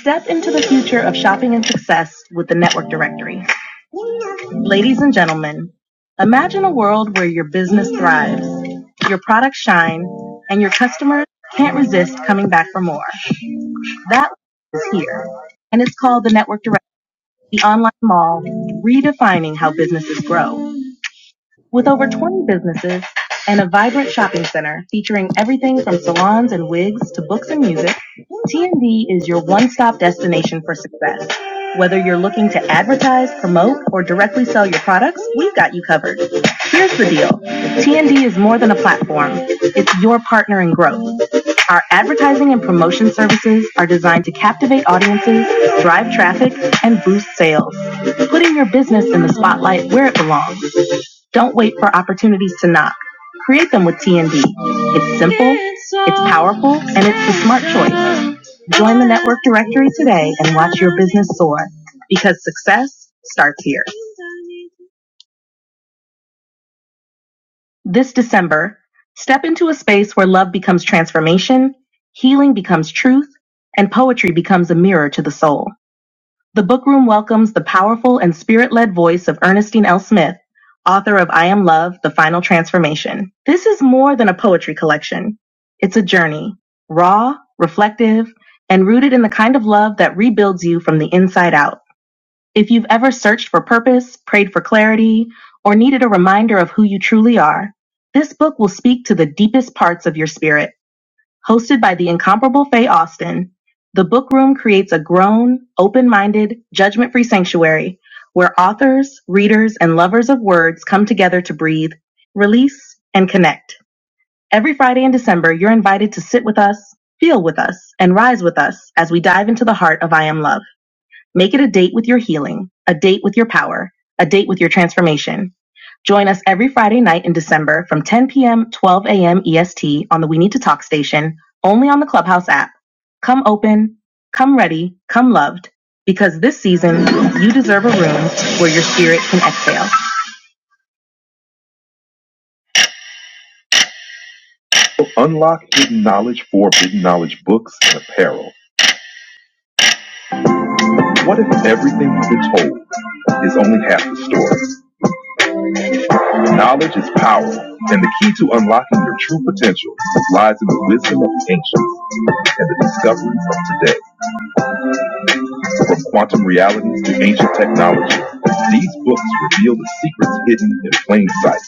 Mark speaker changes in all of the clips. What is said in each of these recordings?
Speaker 1: Step into the future of shopping and success with the Network Directory. Ladies and gentlemen, imagine a world where your business thrives, your products shine, and your customers can't resist coming back for more. That is here, and it's called the Network Directory Online Mall, redefining how businesses grow. With over 20 businesses and a vibrant shopping center featuring everything from salons and wigs to books and music, TND is your one-stop destination for success. Whether you're looking to advertise, promote, or directly sell your products, we've got you covered. Here's the deal. TND is more than a platform. It's your partner in growth. Our advertising and promotion services are designed to captivate audiences, drive traffic, and boost sales, putting your business in the spotlight where it belongs. Don't wait for opportunities to knock. Create them with TND. It's simple, it's powerful, and it's the smart choice. Join the network directory today and watch your business soar because success starts here. This December, step into a space where love becomes transformation, healing becomes truth, and poetry becomes a mirror to the soul. The book room welcomes the powerful and spirit led voice of Ernestine L. Smith, author of I Am Love The Final Transformation. This is more than a poetry collection, it's a journey, raw, reflective, and rooted in the kind of love that rebuilds you from the inside out. If you've ever searched for purpose, prayed for clarity, or needed a reminder of who you truly are, this book will speak to the deepest parts of your spirit. Hosted by the incomparable Faye Austin, the Book Room creates a grown, open minded, judgment free sanctuary where authors, readers, and lovers of words come together to breathe, release, and connect. Every Friday in December, you're invited to sit with us, feel with us, and rise with us as we dive into the heart of I Am Love. Make it a date with your healing, a date with your power, a date with your transformation. Join us every Friday night in December from 10 p.m. 12 a.m. EST on the We Need to Talk station, only on the Clubhouse app. Come open, come ready, come loved, because this season you deserve a room where your spirit can exhale. Unlock hidden knowledge for hidden knowledge books and apparel. What if everything you've been told is only half the story? Knowledge is power, and the key to unlocking your true potential lies in the wisdom of the ancients and the discoveries of today. From quantum realities to ancient technology, these books reveal the secrets hidden in plain sight.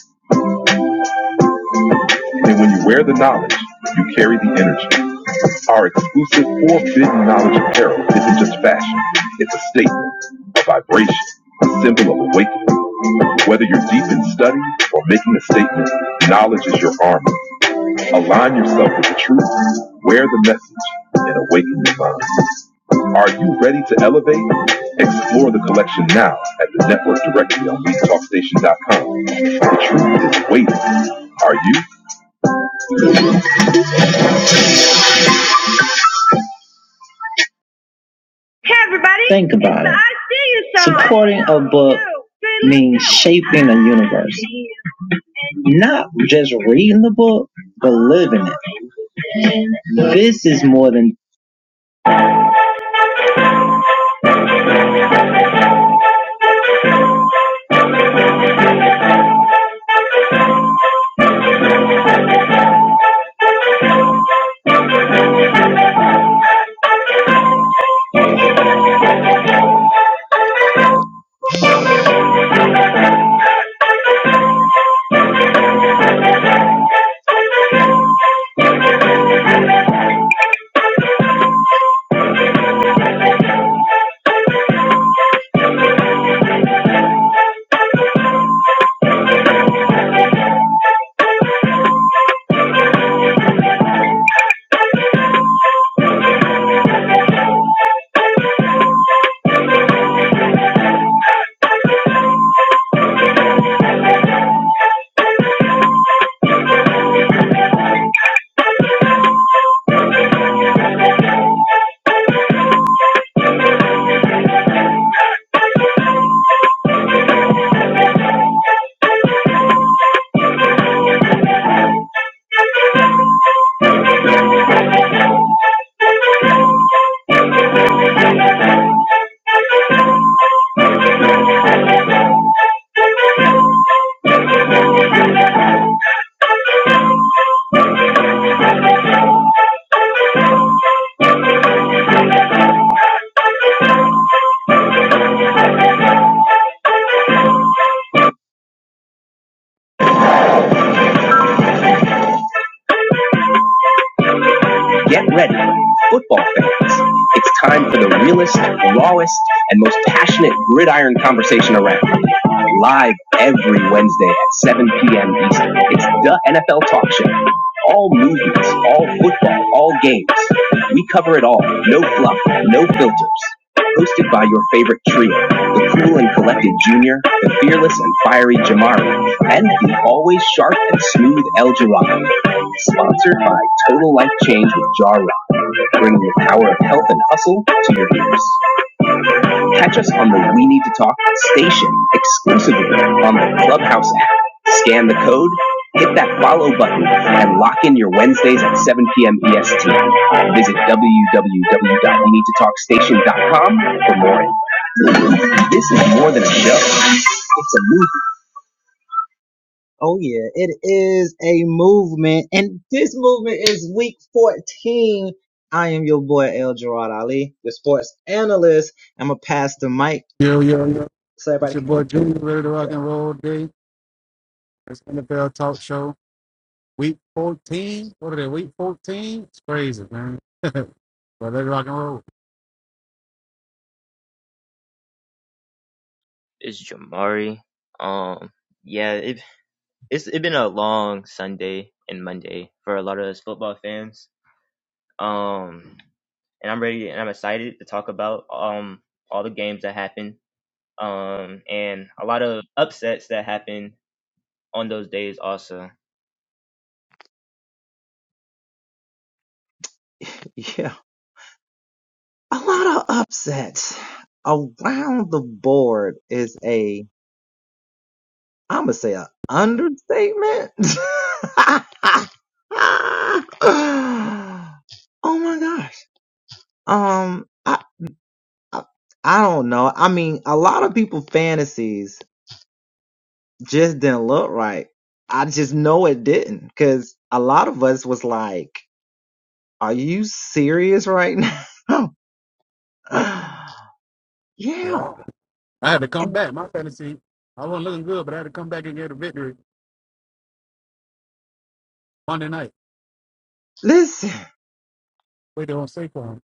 Speaker 1: And when you wear the knowledge, you carry the energy. Our exclusive forbidden knowledge apparel isn't just fashion, it's a statement, a vibration, a symbol of awakening. Whether you're deep in study or making a statement, knowledge is your armor. Align yourself with the truth, wear the message, and awaken your mind. Are you ready to elevate? Explore the collection now at the network directly on BeatTalkStation.com. The truth is waiting. Are you? Hey, everybody. it. shaping universe. Thank you. Thank you. Get ready, football fans. It's time for the realest, rawest, and most passionate gridiron conversation around. Live every Wednesday at 7 p.m. Eastern. It's the NFL Talk Show. All movies, all football, all games. We cover it all. No fluff, no filters hosted by your favorite trio, the cool and collected Junior, the fearless and fiery Jamari, and the always sharp and smooth El Jirado. Sponsored by Total Life Change with Jar Rock, bringing the power of health and hustle to your ears. Catch us on the We Need to Talk station exclusively on the Clubhouse app. Scan the code, hit that follow button, and lock in your Wednesdays at 7 p.m. EST. Visit www.weneedtotalkstation.com for more. This is more than a show.
Speaker 2: Yo, yo, yo. It's your boy Junior, ready to rock and roll day. It's NFL Talk Show, week 14. What are they, week 14? It's crazy, man. but ready to rock and roll.
Speaker 3: It's Jamari. Um, yeah, it, it's it has been a long Sunday and Monday for a lot of us football fans. Um, and I'm ready and I'm excited to talk about um all the games that happened. Um, and a lot of upsets that happened on those days also.
Speaker 2: Yeah. I had to come back. My fantasy, I wasn't looking good, but I had to come back and get a victory Monday night. Wait there on Saquon.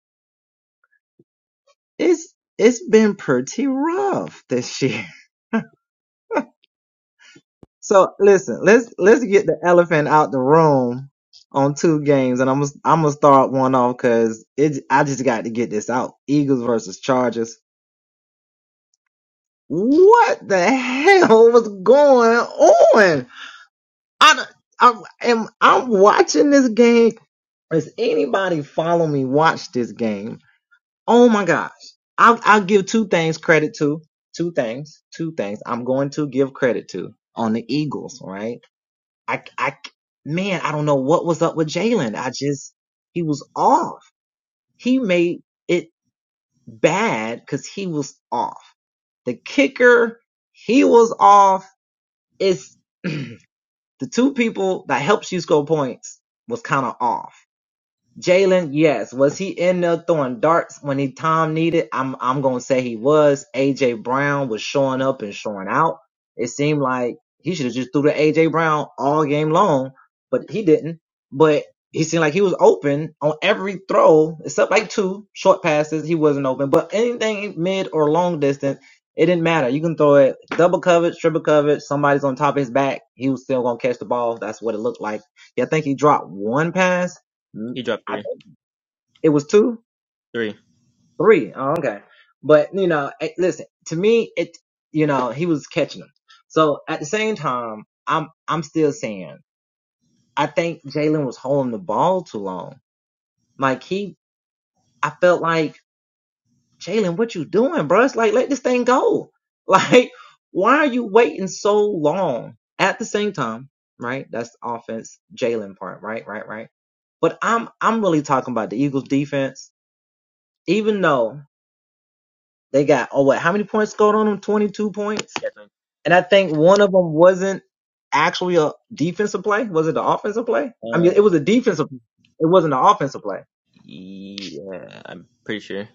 Speaker 3: He dropped three, three. Yeah, three. Uh, yeah, I'm pretty sure.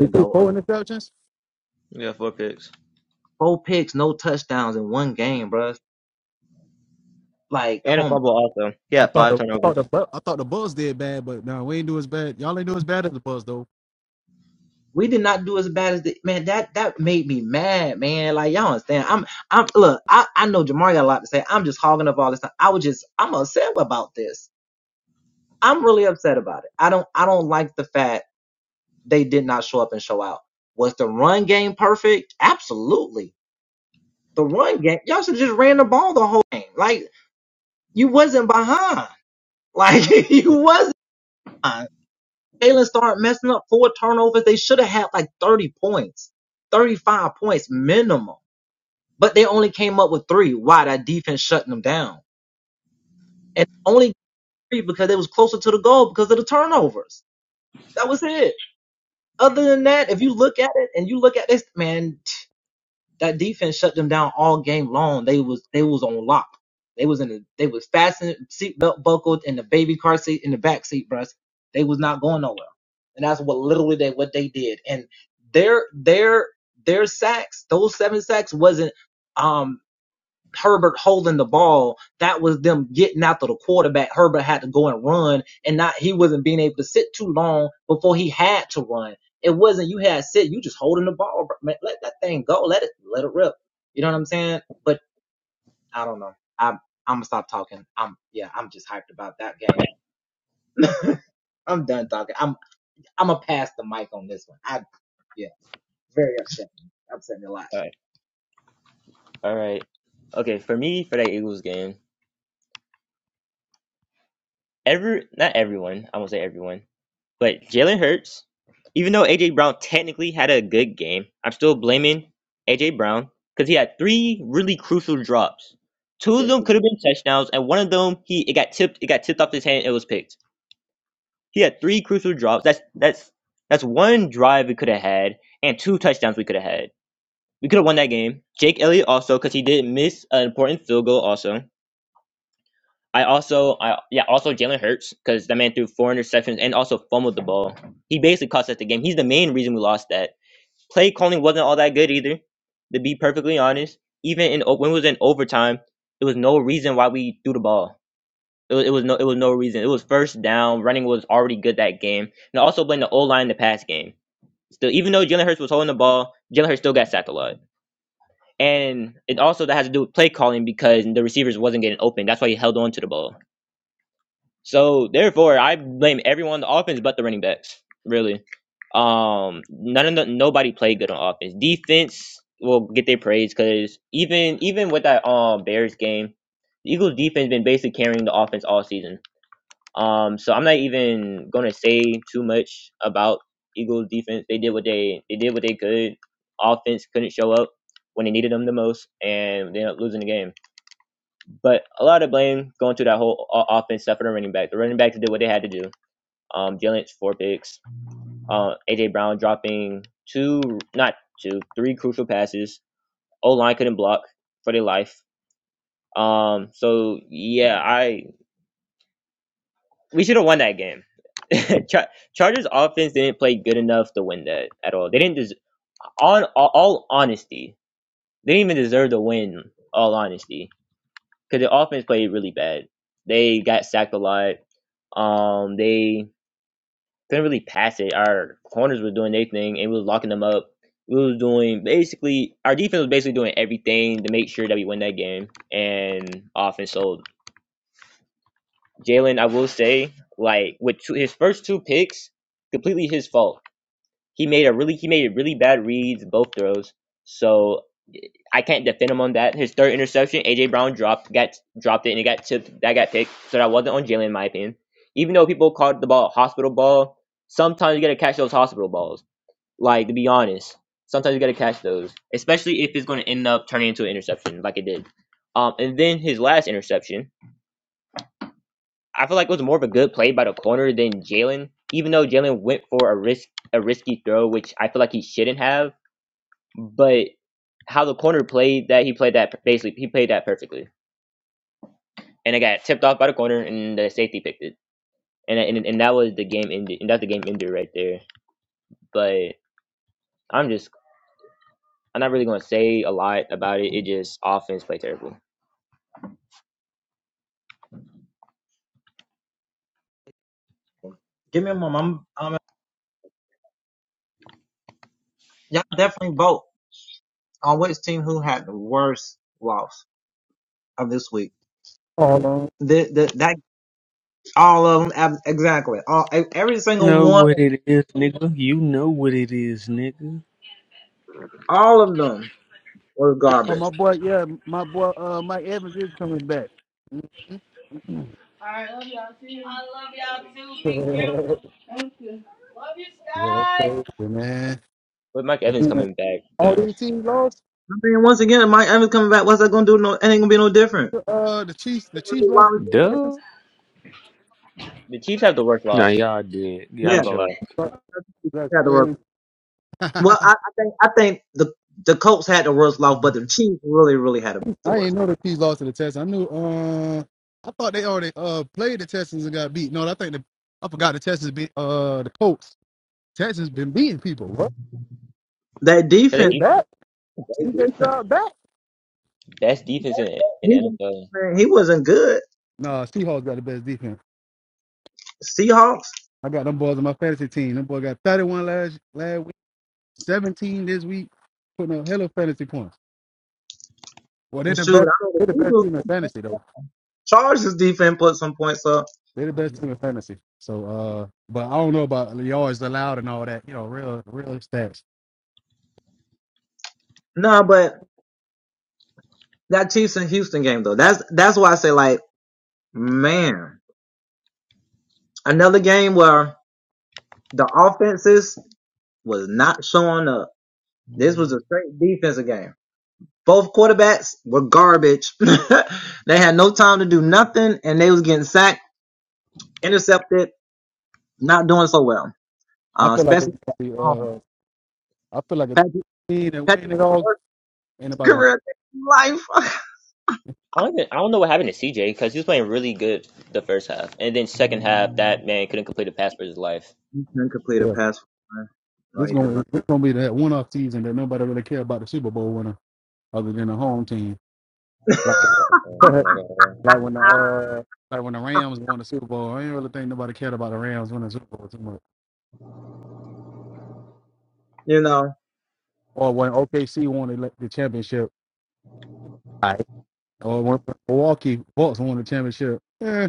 Speaker 2: We threw four interceptions.
Speaker 3: We got four picks and a fumble also.
Speaker 2: I
Speaker 3: Yeah,
Speaker 2: thought
Speaker 3: five
Speaker 2: the I thought the
Speaker 3: turnovers.
Speaker 2: Bu- I thought the Bulls did bad, but no, we ain't do as bad. Y'all ain't do as bad as the Bulls though.
Speaker 3: All right, all right. Okay, for me, for that Eagles game. every not everyone, I won't say everyone, but Jalen Hurts, even though AJ Brown technically had a good game, I'm still blaming AJ Brown because he had three really crucial drops. Two of them could have been touchdowns, and one of them he it got tipped it got tipped off his hand. It was picked. He had three crucial drops. That's that's that's one drive we could have had, and two touchdowns we could have had. We could have won that game. Jake Elliott also because he did miss an important field goal also. I also, I yeah, also Jalen Hurts because that man threw four interceptions and also fumbled the ball. He basically cost us the game. He's the main reason we lost that. Play calling wasn't all that good either. To be perfectly honest, even in o- when it was in overtime, there was no reason why we threw the ball. It was, it was no, it was no reason. It was first down. Running was already good that game, and I also blame the O line in the pass game. Still, even though Jalen Hurts was holding the ball, Jalen Hurts still got sacked a lot, and it also that has to do with play calling because the receivers wasn't getting open. That's why he held on to the ball. So therefore, I blame everyone on the offense but the running backs. Really, um, none of the, nobody played good on offense. Defense will get their praise because even even with that um Bears game, the Eagles defense been basically carrying the offense all season. Um, so I'm not even gonna say too much about Eagles defense. They did what they they did what they could. Offense couldn't show up when they needed them the most, and they ended up losing the game. But a lot of blame going to that whole offense stuff for the running back. The running backs did what they had to do. Um, Jalen four picks. Uh, AJ Brown dropping two, not two, three crucial passes. O line couldn't block for their life. Um, so yeah, I we should have won that game. Char- Chargers offense didn't play good enough to win that at all. They didn't. Des- on all, all honesty, they didn't even deserve to win. All honesty, because the offense played really bad. They got sacked a lot. Um, they couldn't really pass it. Our corners were doing their thing, and we was locking them up. We was doing basically our defense was basically doing everything to make sure that we win that game, and offense. So Jalen, I will say, like with two, his first two picks, completely his fault. He made a really he made a really bad reads both throws. So I can't defend him on that. His third interception, AJ Brown dropped got dropped it and it got tipped. That got picked. So that wasn't on Jalen in my opinion. Even though people called the ball a hospital ball, sometimes you gotta catch those hospital balls. Like to be honest, sometimes you gotta catch those, especially if it's gonna end up turning into an interception, like it did. Um, and then his last interception, I feel like it was more of a good play by the corner than Jalen, even though Jalen went for a risk a risky throw, which I feel like he shouldn't have. But how the corner played that, he played that basically he played that perfectly, and it got tipped off by the corner, and the safety picked it, and and, and that was the game ended, and that's the game ended right there. But I'm just I'm not really gonna say a lot about it. It just offense play terrible.
Speaker 2: Oh, no.
Speaker 4: know what it is, nigga. You know what it is, nigga.
Speaker 2: oh my boy, yeah, my boy uh Mike Evans is coming back. Mhm. Yeah, that's crazy, man.
Speaker 3: With Mike Evans coming back,
Speaker 2: All
Speaker 3: the,
Speaker 2: these teams lost. to, Uh, the Chiefs. The Chiefs lost to the
Speaker 4: Duh.
Speaker 2: Texans.
Speaker 3: the Chiefs have the worst
Speaker 4: Nah,
Speaker 3: loss.
Speaker 4: y'all did.
Speaker 3: I
Speaker 4: Y'all
Speaker 3: ain't gonna
Speaker 4: joke.
Speaker 3: lie.
Speaker 2: That- That's crazy. I didn't know the Chiefs lost to the Texans. I knew. Uh, I thought they already uh played the Texans and got beat. No, I think the I forgot the Texans beat uh the Colts. Texans been beating people. What?
Speaker 3: Cause they
Speaker 2: They
Speaker 3: defense,
Speaker 2: back? CJ Stroud back?
Speaker 3: best defense in in the NFL.
Speaker 2: Nah, Seahawks got the best defense. I got them boys on my fantasy team. Them boy got 31 last last week, 17 this week, putting up hella fantasy points. Well, they're the best. They're the best team in fantasy though. They're the best team in fantasy. So, uh, but I don't know about yards allowed and all that. You know, real, real stats. I feel like it's gonna be. Uh, I feel like a team that win it all. Ain't nobody gonna
Speaker 3: I don't even, I don't know what happened to CJ because he was playing really good the first half, and then second half that man couldn't complete a pass for his life.
Speaker 2: care. Yeah. This is gonna this gonna be that one off season that nobody really care about the Super Bowl winner other than the home team. Like
Speaker 3: Yeah, I'm
Speaker 2: like
Speaker 3: not gonna
Speaker 2: when the uh like when the Rams won the Super Bowl. I ain't really think nobody cared about the Rams winning the Super Bowl too much. Or when OKC won the, the championship. Right. Or when Milwaukee Bucks won the championship. eh?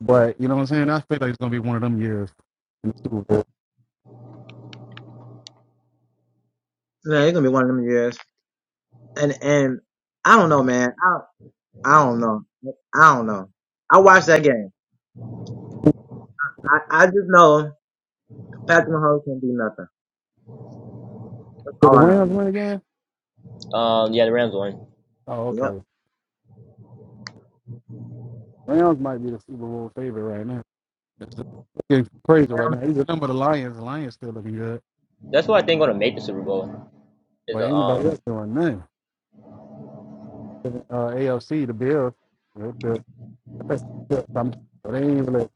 Speaker 2: But you know what I'm saying? I feel like it's gonna be one of them years in the Super Bowl. Did the Rams win again?
Speaker 3: lie. Um, yeah, the Rams won.
Speaker 2: Oh, okay. Rams might be the Super Bowl favorite right now. It's looking crazy right now. Even number the Lions, the Lions still looking good,
Speaker 3: That's what I think gonna make the Super Bowl is
Speaker 2: but
Speaker 3: a,
Speaker 2: ain't
Speaker 3: um.
Speaker 2: nobody else doing nothing. Uh, AFC, the Bills, they're still- they're still something. So they ain't really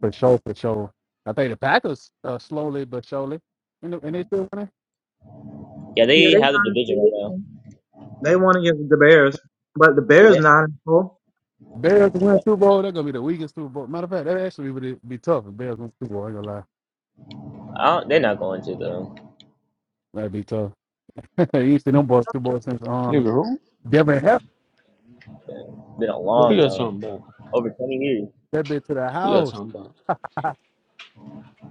Speaker 2: for sure, for sure. I think the Packers uh, slowly but surely, and, the- and they still winning.
Speaker 3: Yeah, they have the division right now. Yeah, they,
Speaker 2: Bears win
Speaker 3: but
Speaker 2: Super Bowl, they're gonna be the weakest Super Bowl. Matter of fact, that actually would be tough if Bears win Super Bowl. I ain't gonna lie,
Speaker 3: I don't, they're not going to though.
Speaker 2: that'd be tough. Hey, you see them boys, two boys since um
Speaker 4: Nigga, who?
Speaker 2: Devin Hester,
Speaker 3: It's been a
Speaker 4: Who
Speaker 3: long
Speaker 4: y'all
Speaker 3: time,
Speaker 4: talking about?
Speaker 3: over twenty years.
Speaker 2: that bitch to the
Speaker 4: Who y'all
Speaker 2: house.
Speaker 4: talking about?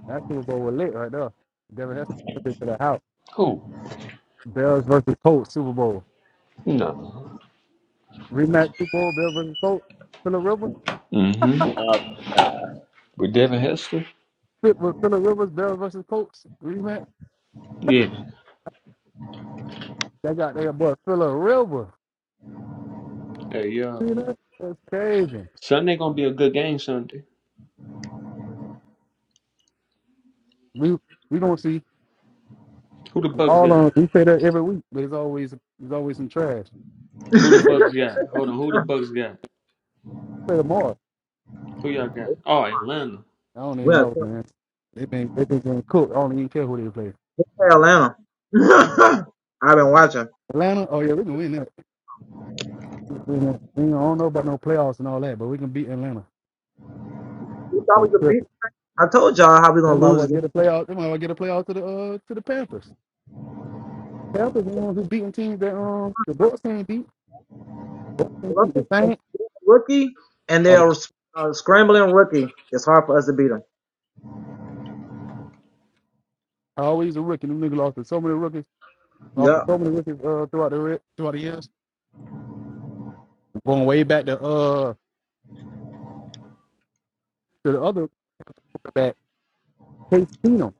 Speaker 2: That Super Bowl was lit right there. Devin Hester, that bitch to the house.
Speaker 4: Who?
Speaker 2: Bears versus Colts Super Bowl
Speaker 4: Nah.
Speaker 2: rematch. Super Bowl Bears versus Colts. Phillip Rivers
Speaker 4: Mm-hmm.
Speaker 3: Um, nah,
Speaker 4: With Devin Hester?
Speaker 2: fit with Phillip Rivers. Bears versus Colts rematch.
Speaker 4: Yeah.
Speaker 2: They got their boy Phillip Rivers.
Speaker 4: Hey, yo.
Speaker 2: See that? That's crazy.
Speaker 4: Sunday gonna be a good game Sunday.
Speaker 2: We we gonna see
Speaker 4: Who the Bucks
Speaker 2: all
Speaker 4: got?
Speaker 2: on. We say that every week, but it's always there's always some trash.
Speaker 4: Who the Bucks got? Hold on. Who the Bucks got?
Speaker 2: Play tomorrow.
Speaker 4: Who y'all got? Oh, Atlanta.
Speaker 2: I don't even know, man. They been they been getting cooked. I don't even care who they play. Atlanta. Oh yeah, we can win We don't we don't know about no playoffs and all that, but we can beat Atlanta. So it's tripping. They might well get a playoff. They might well get a playoff to the uh to the Panthers. Panthers the ones who beating teams that um the Bucks can't beat. Can't beat The Saints are the, always a rookie. Them niggas lost to so many rookies, lost to so many rookies uh throughout the throughout the years. Going way back to uh to the other back, Case Keenum.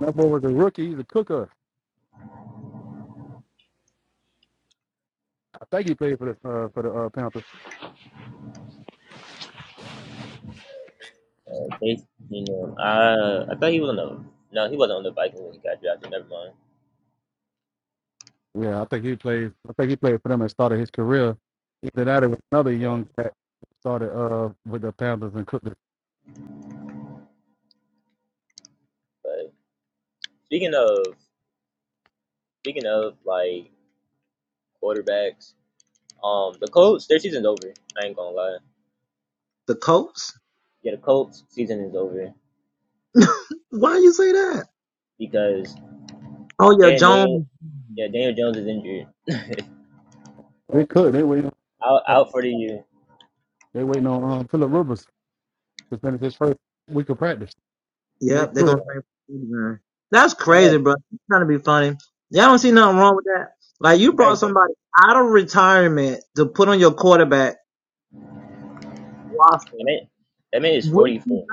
Speaker 2: That boy was a rookie. He's a cooker. I think he played for the uh, for the uh, Panthers.
Speaker 3: They, you know, I I thought he was on the no, he wasn't on the Vikings when he got drafted. Never mind.
Speaker 2: Yeah, I think he played. I think he played for them and started his career. Either that or another
Speaker 3: Yeah,
Speaker 2: young started uh with the Panthers and cooked. It.
Speaker 3: but speaking of speaking of like quarterbacks, um, the Colts their season's over. I ain't gonna lie. Yeah, the Colts season is over because Jaden Daniel, yeah, Daniel Jones is injured.
Speaker 2: They cooked. They waiting.
Speaker 3: out
Speaker 2: On,
Speaker 3: out for the year.
Speaker 2: they waiting on um, Philip Rivers to finish his first week of practice. They cooked.
Speaker 3: That man, everything. That man, that man is forty four.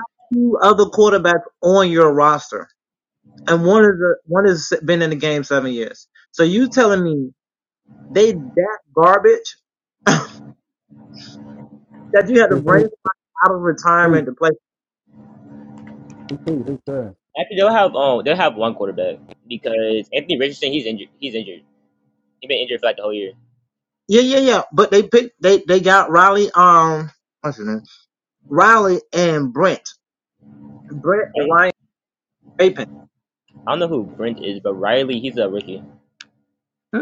Speaker 2: They cooked. They cooked. They tried.
Speaker 3: Actually, they'll have um they'll have one quarterback because Anthony Richardson he's injured. He's injured. He's been injured for like the whole year. I don't I don't know who Brent is, but Riley, he's a rookie.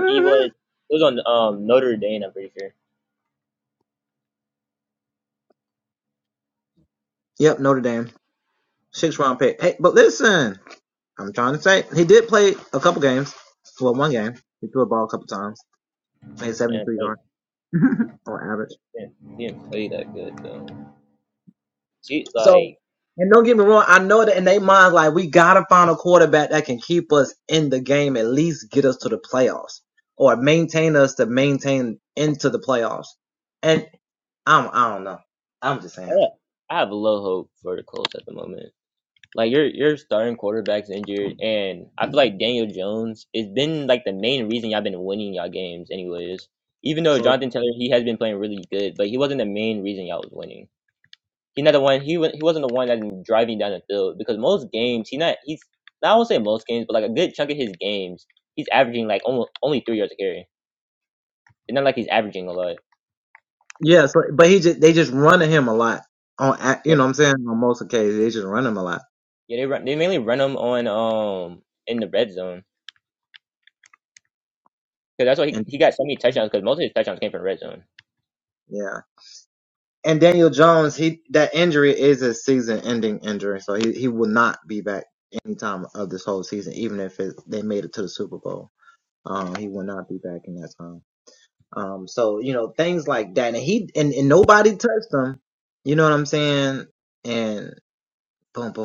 Speaker 3: He was he was on um Notre Dame, I'm pretty sure. And like, man, he didn't play that good though. See, like I have, I have low hope for the Colts at the moment. Like your your starting quarterback's injured, and I feel like Daniel Jones has been like the main reason y'all been winning y'all games, anyways. Even though Jonathan Taylor he has been playing really good, but he wasn't the main reason y'all was winning. He's not the one. He wa- he wasn't the one that's driving down the field because most games he not he's. I won't say most games, but like a good chunk of his games, he's averaging like almost only three yards a carry. It's not like he's averaging a lot. Yeah, yeah. They run. They mainly run him on um in the red zone because that's why he, he got so many touchdowns because most of his touchdowns came from red zone.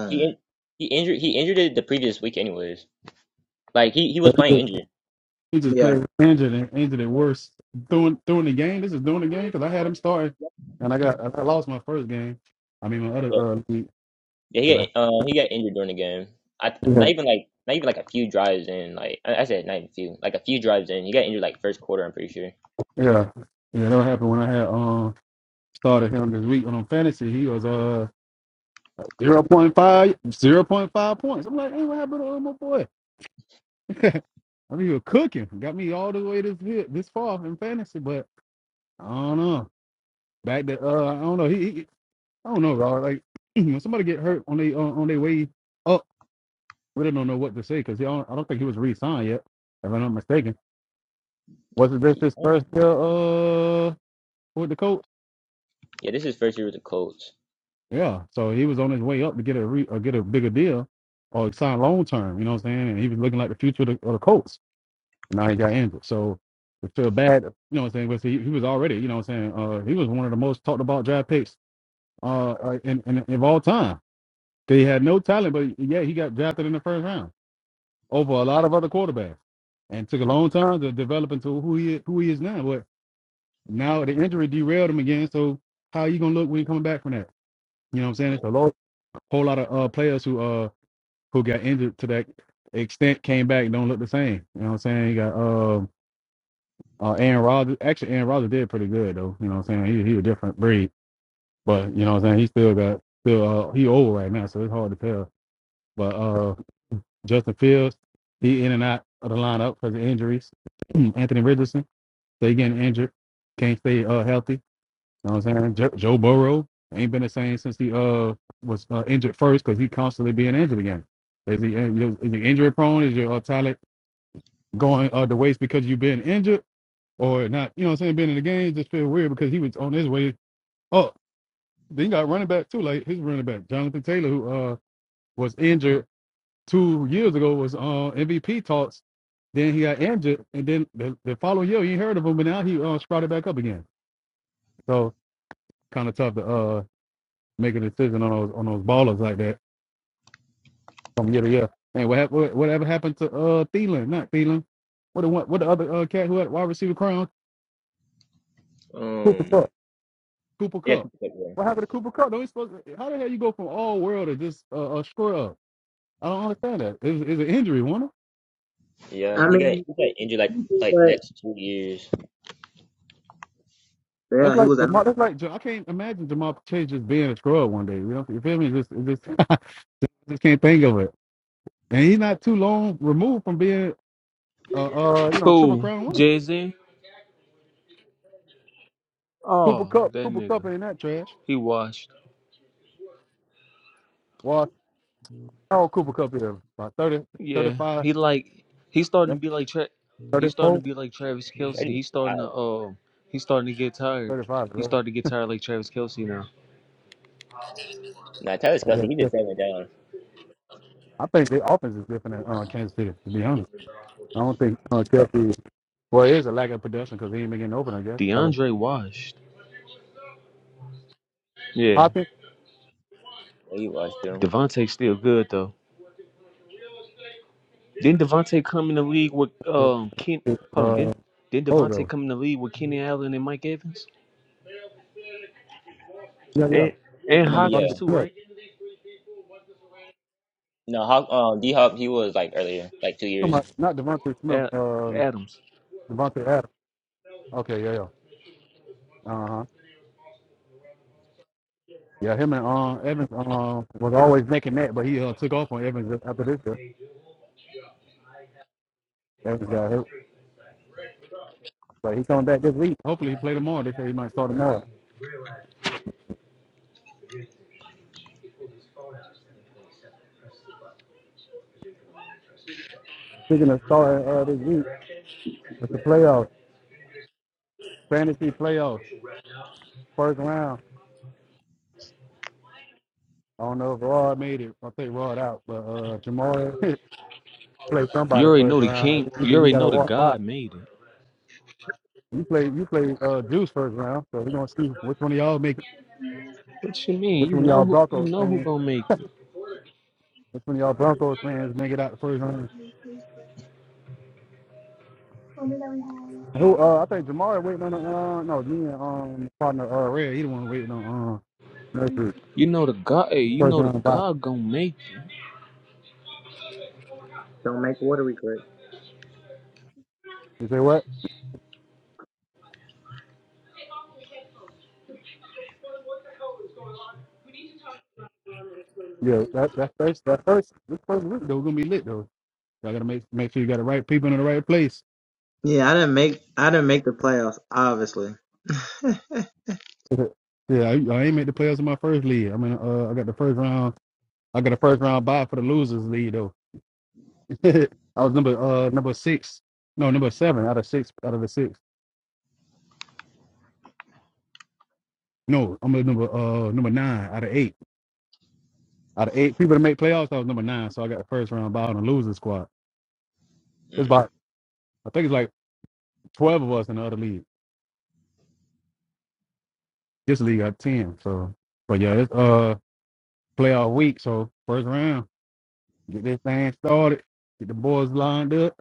Speaker 3: He in- he injured he injured it the previous week anyways. Like he he was
Speaker 2: But he
Speaker 3: playing
Speaker 2: just,
Speaker 3: injured.
Speaker 2: he just played injured and injured it worse during during the game. This is during the game because I had him starting and I got I lost my first game. I mean my other uh league
Speaker 3: Yeah,
Speaker 2: because
Speaker 3: he got uh, he got injured during the game. I
Speaker 2: I yeah
Speaker 3: not even like not even like a few drives in. Like I, I said, not even a few. Like a few drives in, he got injured like first quarter. I'm pretty sure.
Speaker 2: yeah yeah that happened when I had um started him this week on fantasy. He was uh zero point five zero point five points. I'm like, hey, what happened to uh, my boy? I mean, you're cooking. Got me all the way this here, this far in fantasy, but I don't know. Back to uh, I don't know. He, he- I don't know, bro. Like when somebody get hurt on they on, on their way up, we don't know what to say because I don't, I don't think he was re-signed yet, if I'm not mistaken. Was it just
Speaker 3: Yeah,
Speaker 2: his first year uh with the coach?
Speaker 3: yeah this is first year with the Colts.
Speaker 2: Yeah, so he was on his way up to get a re, or get a bigger deal or sign long term. You know what I'm saying? And he was looking like the future of the, of the coach. now he got injured. So we feel bad, you know what I'm saying? But see, he was already, you know what I'm saying? Uh, he was one of the most talked about draft picks uh, uh, in, in, of all time. He had no talent, but yeah, he got drafted in the first round over a lot of other quarterbacks and took a long time to develop into who he who he is now. But now the injury derailed him again. So how you going to look when you coming back from that? You know what I'm saying?
Speaker 3: Yeah.
Speaker 2: It's a lo- whole lot of uh, players who uh who got injured to that extent came back and don't look the same. You know what I'm saying? You got uh, Uh, Aaron Rodgers, actually, Aaron Rodgers did pretty good though. You know what I'm saying? He he a different breed, but you know what I'm saying. He still got still uh, he old right now, so it's hard to tell. But uh, Justin Fields, he in and out of the lineup because of injuries. Anthony Richardson, they getting injured, can't stay uh healthy. You know what I'm saying? Jo- Joe Burrow ain't been the same since he uh was uh, injured first because he constantly being injured again. Is he, is he injury prone? Is your uh, talent going uh, the waste because you've been injured? or not, you know what I'm saying, being in the game just feel weird because he was on his way up. Then you got running back too, like his running back, Jonathan Taylor, who uh was injured two years ago, was on MVP talks. Then he got injured, and then the, the following year you ain't heard of him, but now he uh, sprouted back up again. So kind of tough to uh make a decision on those on those ballers like that from year to year. And what hap- what- whatever happened to uh Thielen, not Thielen, what the one, what the other uh, cat who had wide receiver crown? Cooper Kupp.
Speaker 3: Um.
Speaker 2: Cooper
Speaker 3: Yeah, I
Speaker 2: Cup.
Speaker 3: think he's like
Speaker 2: What
Speaker 3: there.
Speaker 2: happened to Cooper Cup? No, he's supposed to, how the hell you go from all world to just uh, a scrub? I don't understand that. It's, it's an injury, one.
Speaker 3: yeah, he got he got injured like like next two years.
Speaker 2: That's like Jamar. That's like Ja- I can't imagine Jamal Chase just being a scrub one day. You know, you feel me? Just, just, I just can't think of it. And he's not too long removed from being, uh, uh, you know, triple
Speaker 4: Who?
Speaker 2: crown winner.
Speaker 4: Jay-Z?
Speaker 2: Cooper
Speaker 4: Oh,
Speaker 2: Cup,
Speaker 4: that
Speaker 2: Cooper Cup
Speaker 4: nigga.
Speaker 2: ain't that trash.
Speaker 4: He washed.
Speaker 2: Well, how old Cooper Cup is? About 30,
Speaker 4: Yeah,
Speaker 2: 35,
Speaker 4: he like he's starting
Speaker 2: that's
Speaker 4: to be like Tra- he's starting to
Speaker 2: 34,
Speaker 4: be like Travis
Speaker 3: That
Speaker 4: Kelsey.
Speaker 3: dude's
Speaker 4: He's starting
Speaker 3: tired.
Speaker 4: to uh he's starting to get tired.
Speaker 2: thirty-five.
Speaker 4: He's
Speaker 2: right?
Speaker 4: starting to get tired like Travis Kelsey now.
Speaker 3: Nah, Travis
Speaker 2: I
Speaker 3: Kelsey,
Speaker 2: guess.
Speaker 3: he
Speaker 2: yeah.
Speaker 3: just seven down.
Speaker 2: I think the offense is different in uh, Kansas City. To be honest, I don't think uh, Kelsey Well, it is a lack of production because he ain't been getting open, I guess. Probably.
Speaker 4: DeAndre washed. Yeah,
Speaker 2: Hopkins?
Speaker 3: Yeah, you watched him.
Speaker 4: Devontae's still good though. Didn't Devontae come in the league with
Speaker 2: is-
Speaker 4: um Ken?
Speaker 2: is,
Speaker 4: Hold on,
Speaker 2: Uh,
Speaker 4: didn't didn't
Speaker 2: oh,
Speaker 4: Devontae
Speaker 2: though.
Speaker 4: come in the league with Kenny Allen and Mike Evans
Speaker 2: Yeah, yeah.
Speaker 4: and
Speaker 2: You
Speaker 4: and
Speaker 2: talking about
Speaker 3: Yeah,
Speaker 2: Devontae
Speaker 4: Hopkins too,
Speaker 2: Smith?
Speaker 4: right?
Speaker 3: no, Hawk, um, D Hop, he was like earlier, like two
Speaker 2: You talking
Speaker 3: years.
Speaker 2: about, not Devontae Smith,
Speaker 4: Ad,
Speaker 2: uh,
Speaker 4: Adams.
Speaker 2: Devontae Adams. Okay, yeah, yeah. Uh huh. Yeah, him and uh, Evans uh, was always making that, but he uh, took off on Evans after this year. Evans got hurt. But he coming back this week. Hopefully he play tomorrow. They say he might start tomorrow. Speaking of starting uh, this week, it's the playoffs. Fantasy playoffs. First round. I don't know if Rod made it. I think Rod out, but uh, Jamar play
Speaker 4: You
Speaker 2: somebody
Speaker 4: already know
Speaker 2: first
Speaker 4: the king.
Speaker 2: round. Either
Speaker 4: You
Speaker 2: he
Speaker 4: already
Speaker 2: got to
Speaker 4: know the
Speaker 2: walk by.
Speaker 4: God made it.
Speaker 2: You play, you play uh, Juice first round, so we're gonna see which one of y'all make, it,
Speaker 4: What you
Speaker 2: which
Speaker 4: mean? You
Speaker 2: one of
Speaker 4: know
Speaker 2: y'all
Speaker 4: who you
Speaker 2: Broncos
Speaker 4: know who
Speaker 2: fans,
Speaker 4: gonna make it.
Speaker 2: which one of y'all Broncos fans make it out the first round. Who? Uh, I think Jamar waiting on. Uh, no, me and um partner uh Red, he the one waiting on um Murphy.
Speaker 4: You know the God. Hey, you
Speaker 2: first
Speaker 4: know the
Speaker 2: round bye.
Speaker 4: God gonna make you.
Speaker 2: You say what? Yeah, that that first that first this first week though gonna be lit though. Y'all gotta make make sure you got the right people in the right place. yeah, I, I ain't make the playoffs in my first league. I mean, uh, I got the first round. I got a first round bye for the losers league though. I was number uh number six. No, number seven out of six out of the six. No, I'm a number uh number nine out of eight. Out of eight people to make playoffs, I was number nine, so I got the first round bye on the losing squad. It's
Speaker 3: Mm.
Speaker 2: about I think it's like twelve of us in the other league. This league got ten. So but yeah, it's uh playoff week, so first round. Get this thing started. Get the boys lined up.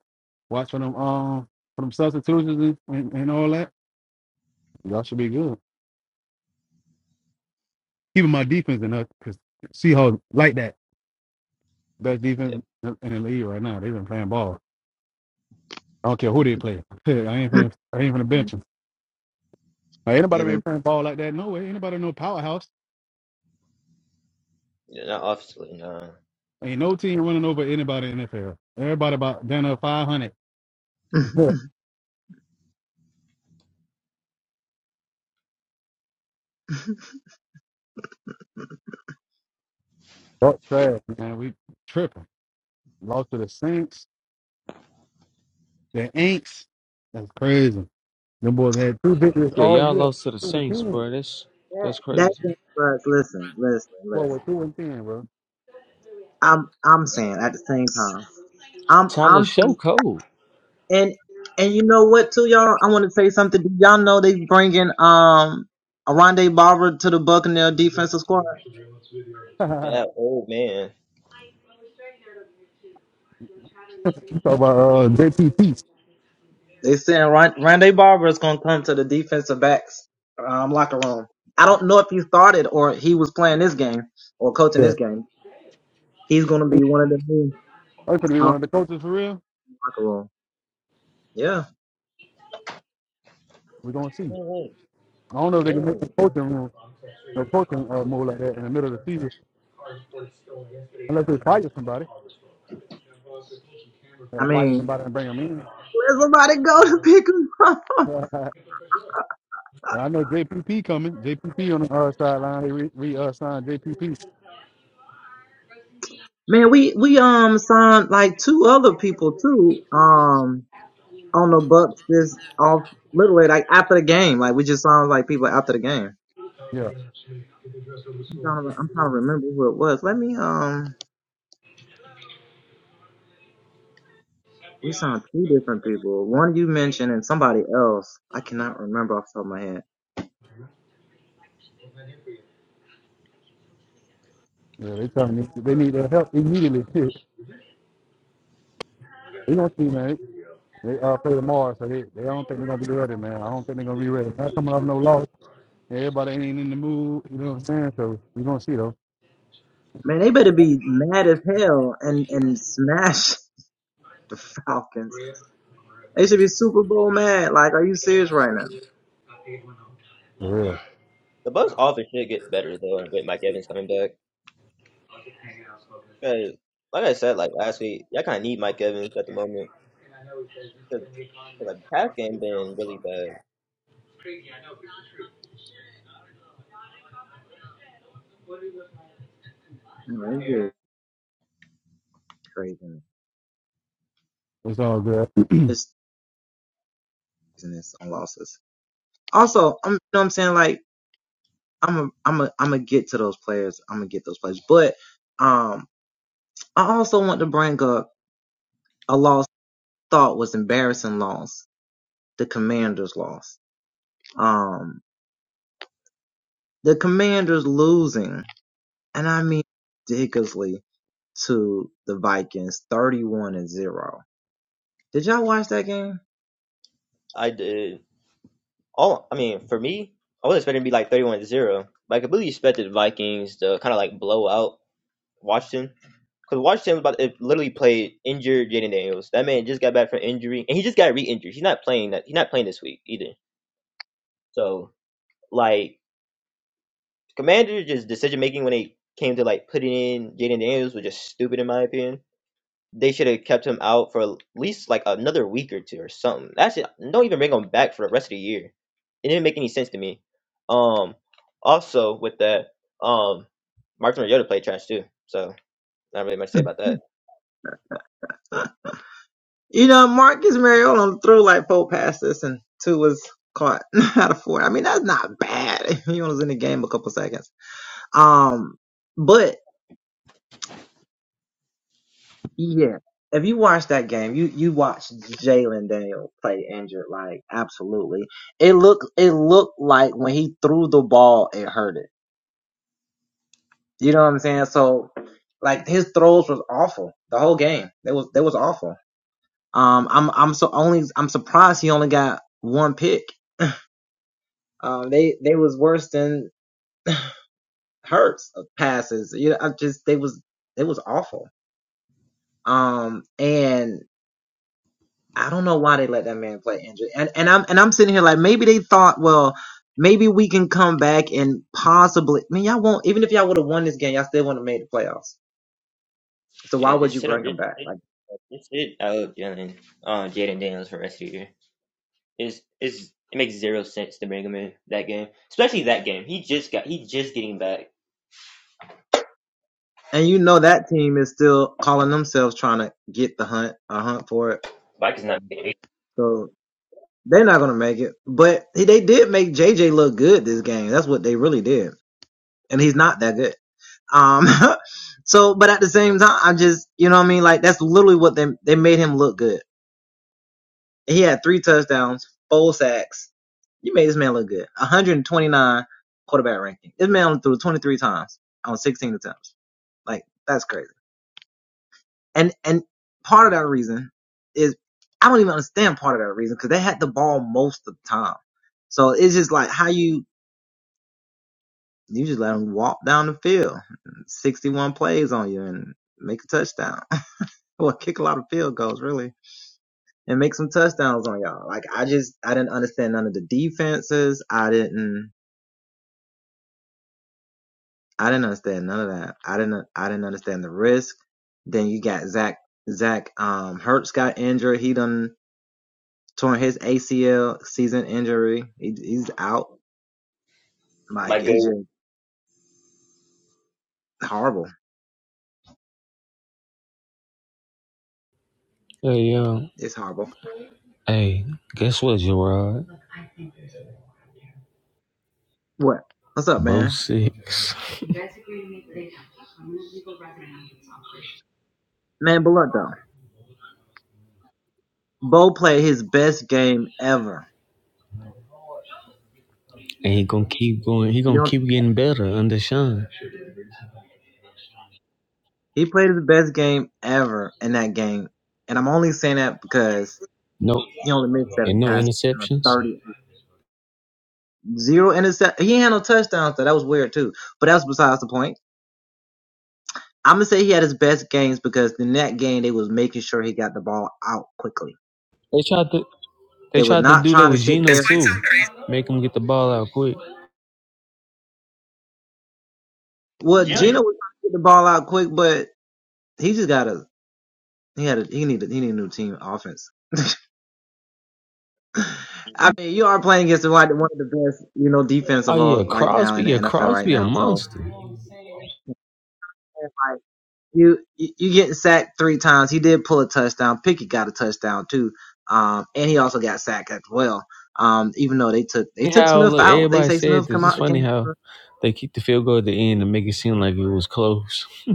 Speaker 2: Watch for them um for them substitutions and, and, and all that. Y'all should be good. Keeping my defense in us because Seahawks like that best
Speaker 3: Yeah,
Speaker 2: defense in the league right now. They've been playing ball. I don't care who they play. I ain't finna, I ain't finna bench them. Like, ain't nobody been playing ball like that. No way. Anybody no powerhouse.
Speaker 3: yeah, not obviously, nah.
Speaker 2: Ain't no team running over anybody in the NFL. Everybody about down to five hundred. That's trash, man. We tripping. Lost to the Saints, the Aints. That's crazy. Them boys had two victories
Speaker 4: Yeah,
Speaker 2: all
Speaker 4: y'all
Speaker 2: year.
Speaker 4: lost to the
Speaker 2: Two and
Speaker 4: Saints,
Speaker 2: ten.
Speaker 4: bro. That's that's crazy.
Speaker 2: Boy, we're two and ten, bro.
Speaker 4: Tyler, show cold.
Speaker 3: Yeah,
Speaker 2: you
Speaker 3: old man.
Speaker 2: talk about uh, JP Peace. Yeah. That's gonna be one of the coaches for real. We're gonna see.
Speaker 3: Twenty-eight,
Speaker 2: I don't know
Speaker 3: you
Speaker 2: if they can make the
Speaker 3: man.
Speaker 2: coaching room. no coaching uh, mode like that in the middle of the season unless they fire somebody. They fire somebody and bring them in. I know JPP coming. JPP on the uh, sideline. They re, re uh, signed JPP. Yeah, yeah. They telling me they need their help immediately. they don't see man. They uh, play tomorrow, so they, they don't think they're gonna be ready, man. I don't think they're gonna be ready. Not coming off no loss. Everybody ain't in the mood. You know what I'm saying? So we are gonna see though. For real,
Speaker 3: The Bucks offense should get better though with Mike Evans coming back. 'Cause, like I said, like last week, y'all kind of need Mike Evans at the moment because like the pass game been really bad.
Speaker 2: it's all good.
Speaker 3: I did all. I mean, for me, I wasn't expecting to be like thirty-one to zero, but I completely expected the Vikings to kind of like blow out Washington because Washington was about it literally played injured Jaden Daniels. That man just got back from injury, and he just got re-injured. He's not playing that. He's not playing this week either. So like. Commanders just decision making when they came to like putting in Jaden Daniels was just stupid in my opinion. They should have kept him out for at least like another week or two or something. Actually, don't even bring him back for the rest of the year. It didn't make any sense to me. Um, also with that, um, Mark Mariota played trash too, so not really much to say about that. Yeah, just sit on just sit, just sit out Jalen, uh, Jaden Daniels for the rest of the year. It's is it makes zero sense to bring him in that game, especially that game. He just got he just getting back. Vikings not My go.
Speaker 4: Hey, yo. Hey, guess what, Gerard? Bo six. And he gonna keep going. He gonna keep getting better under Sean. No, and no interceptions. They tried to. They tried to do that with Geno too. Make him get the ball out quick.
Speaker 3: Jimmy just
Speaker 4: Oh yeah, Crosby. Yeah, Crosby a monster. funny how look everybody said this. It's funny how they keep the field goal at the end and make it seem like it was close.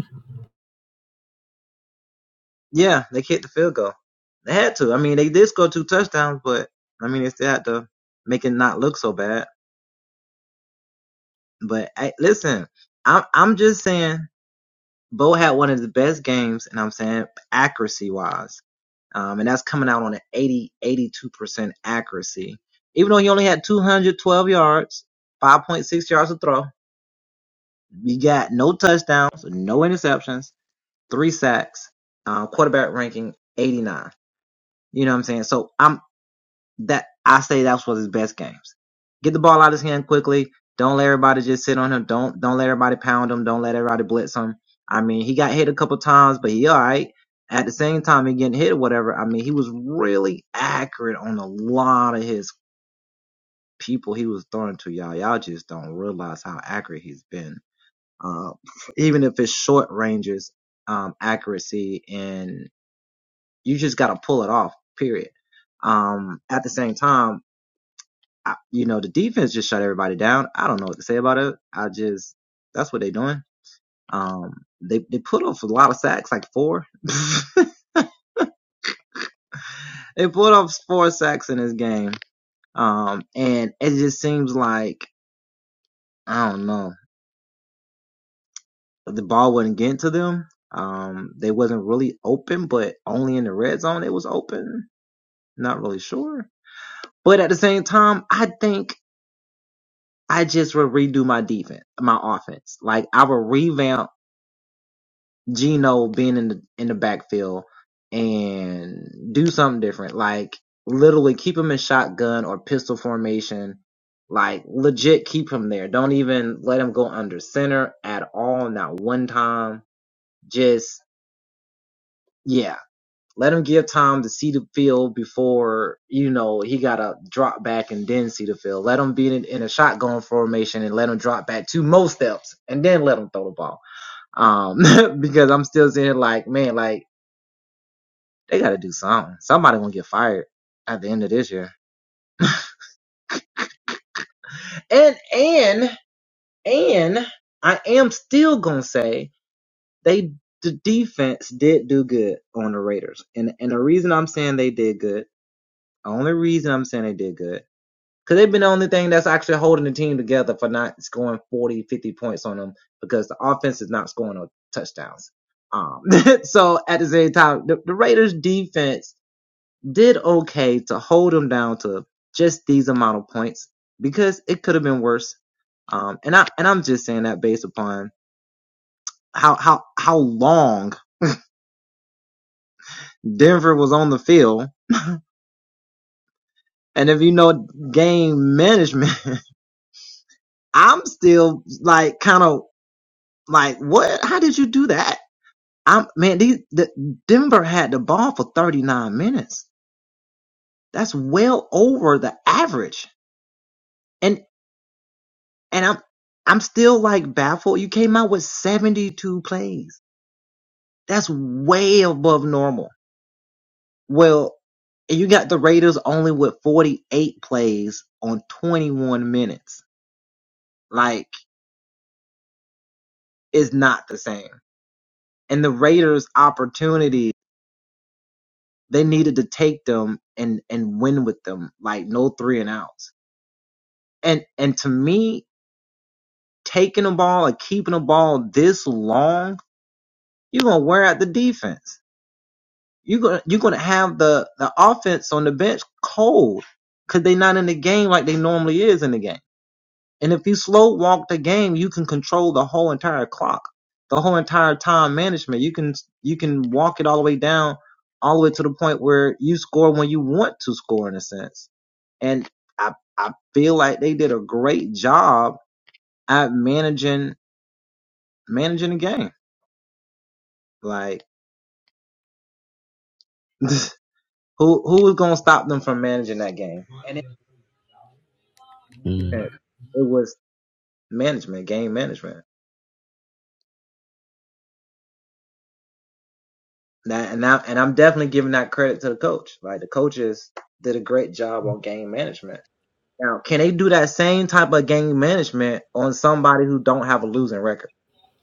Speaker 4: Mm.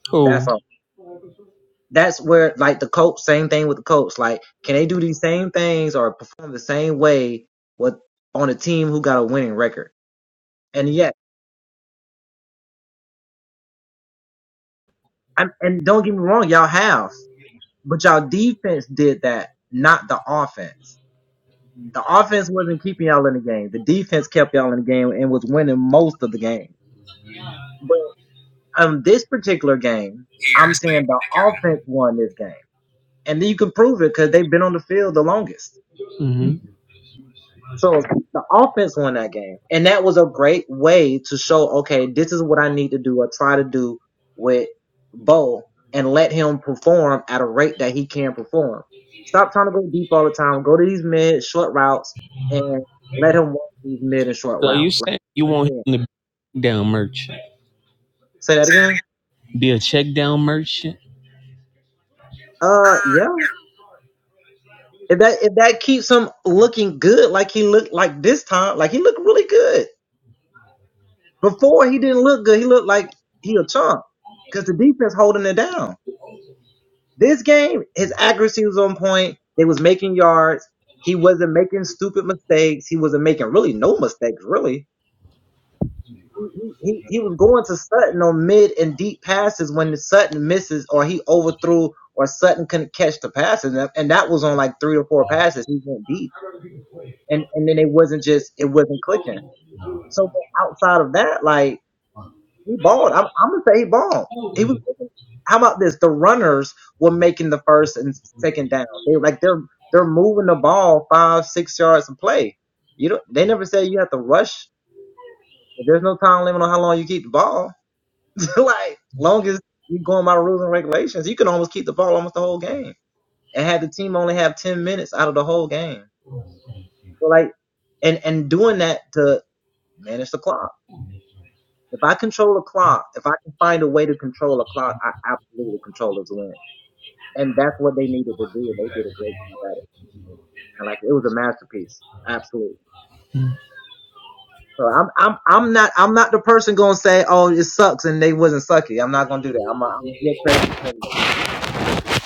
Speaker 4: Cool. hmm So you saying you want him to be down merchant, be a check down merchant?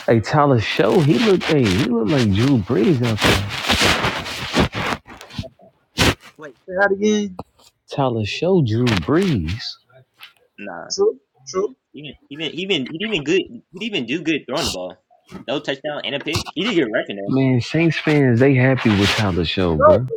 Speaker 4: Hey, Tyler Show, he looked hey, he looked like Drew Brees out there. Tyler Show, Drew Brees.
Speaker 3: Nah, even even even he even good. He even do good throwing the ball. No touchdown and a pick. He did get wrecked in there.
Speaker 4: Man, Saints fans, they happy with Tyler Show, bro.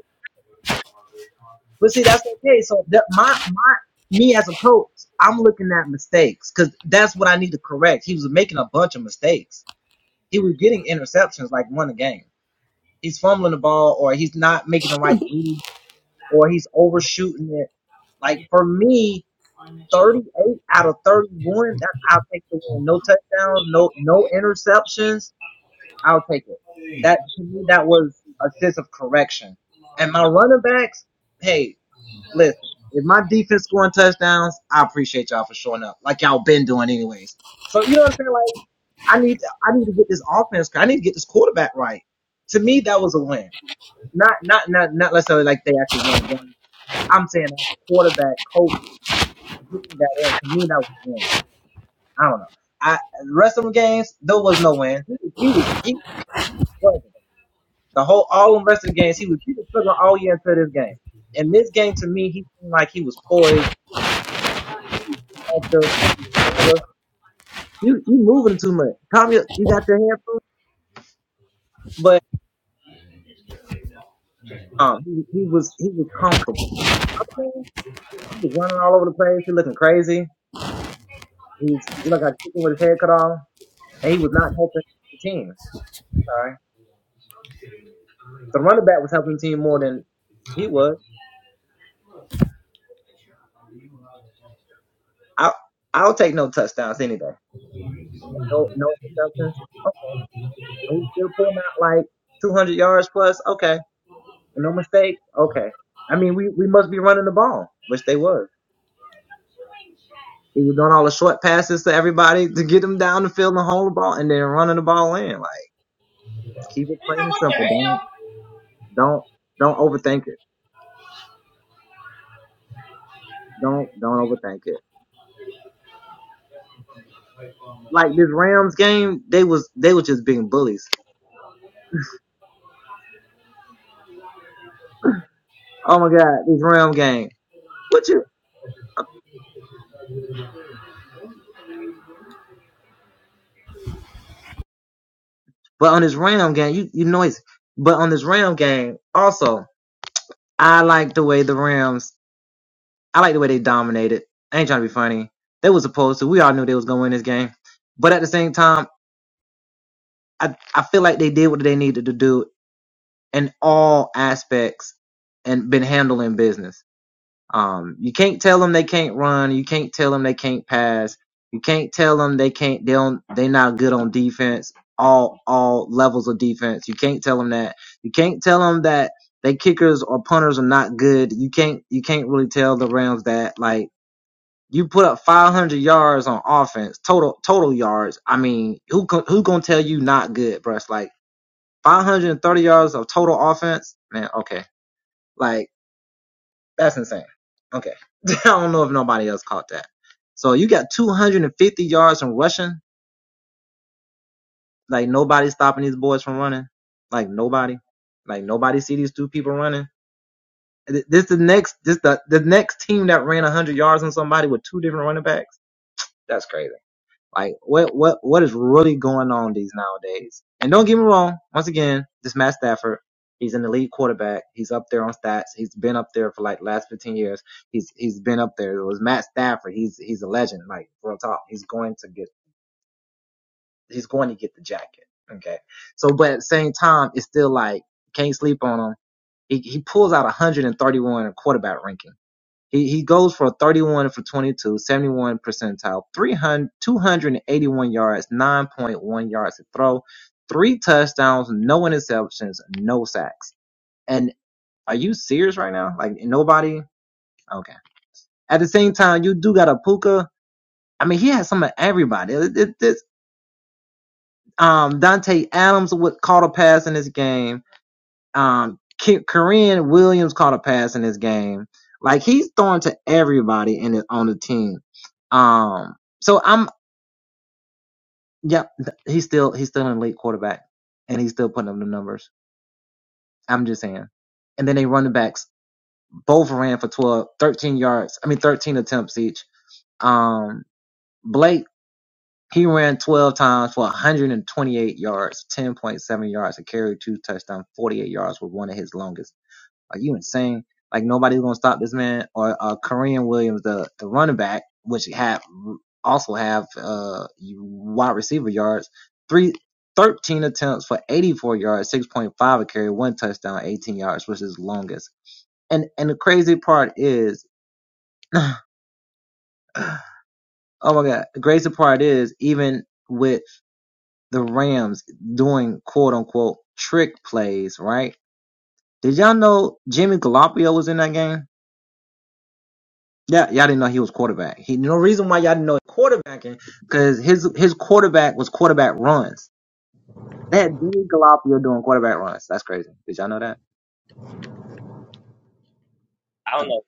Speaker 3: I don't know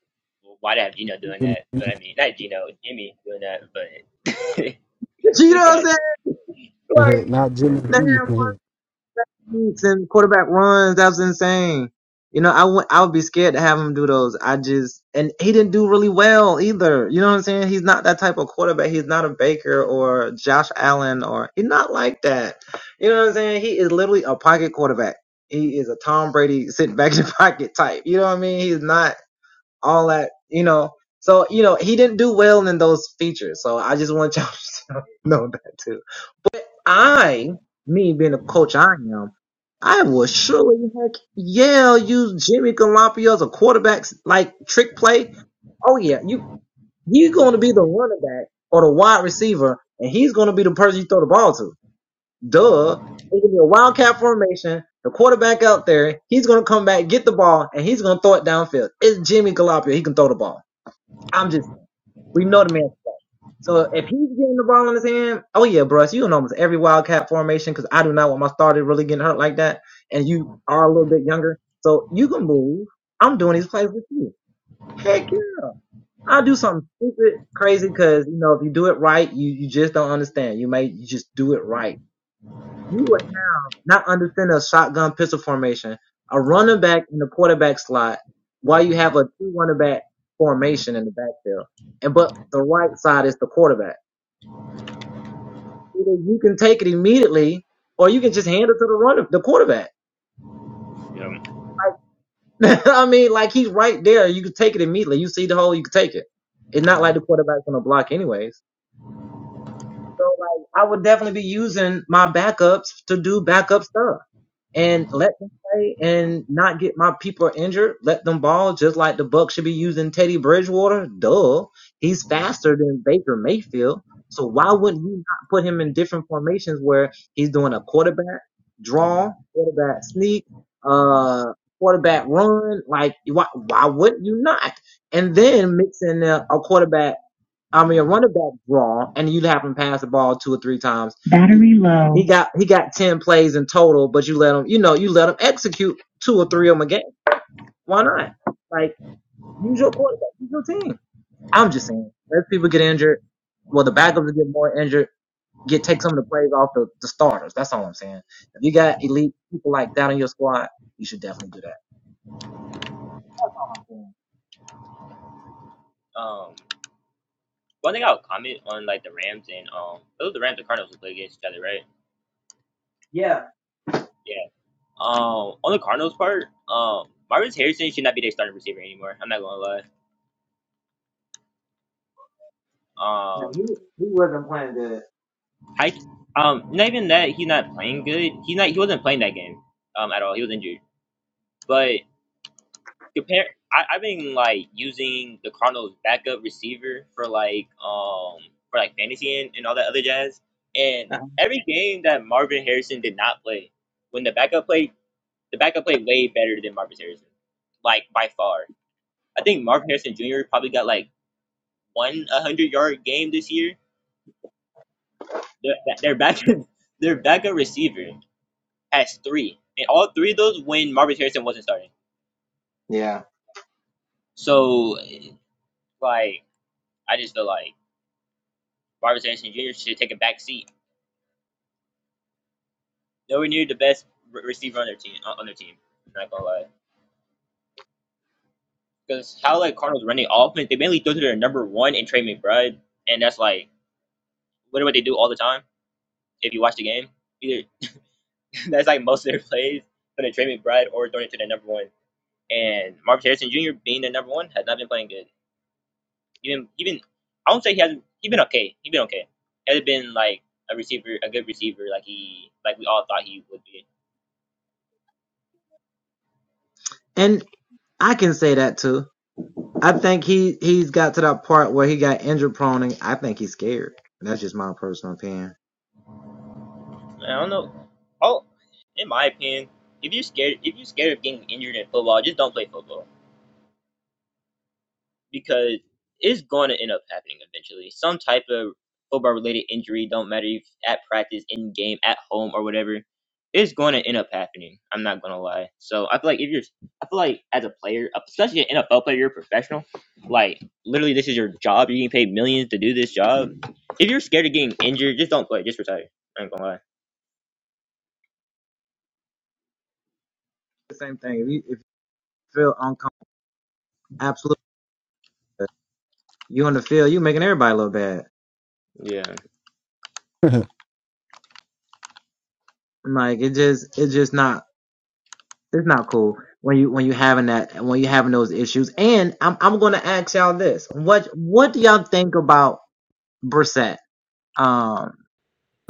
Speaker 3: why they have Gino doing that, but I mean not Gino, Jimmy doing that, but they got
Speaker 2: Not Jimmy B.
Speaker 3: um one thing I'll comment on like the Rams and um it was the Rams and Cardinals who play against each other, right? Yeah. Um on the Cardinals part, um Marvin Harrison should not be their starting receiver anymore. I'm not gonna lie. Um. I um not even that he's not playing good. He's not he wasn't playing that game um at all. He was injured. But compare I, I've been like using the Cardinals backup receiver for like um for like fantasy and, and all that other jazz. And every game that Marvin Harrison did not play, when the backup played the backup played way better than Marvin Harrison. Like by far. I think Marvin Harrison Jr. probably got like one hundred yard game this year. Their, their backup their backup receiver. as three. And all three of those when Marvin Harrison wasn't starting. So like I just feel like Marvin Harrison Jr. should take a back seat. Nowhere near the best receiver on their team. On on their team, I'm not gonna lie. Because how like Cardinals running offense, they mainly throw to their number one and Trey McBride, and that's like literally what they do all the time. If you watch the game, either that's like most of their plays, throwing to Trey McBride or throwing it to their number one. And Marvin Harrison Jr. being their number one has not been playing good. Even even I won't say he hasn't. He's been okay. He's been okay. He hasn't been like a receiver, a good receiver, like he like we all thought he would be. I don't know. Oh, in my opinion, if you're scared, if you're scared of getting injured in football, just don't play football. because it's going to end up happening eventually. Some type of football related injury, don't matter if at practice, in game, at home, or whatever, it's going to end up happening. I'm not going to lie. So I feel like if you're, I feel like as a player, especially an NFL player, you're a professional. Like literally, this is your job. You're getting paid millions to do this job. If you're scared of getting injured, just don't play. Just retire. I ain't gonna lie. Yeah,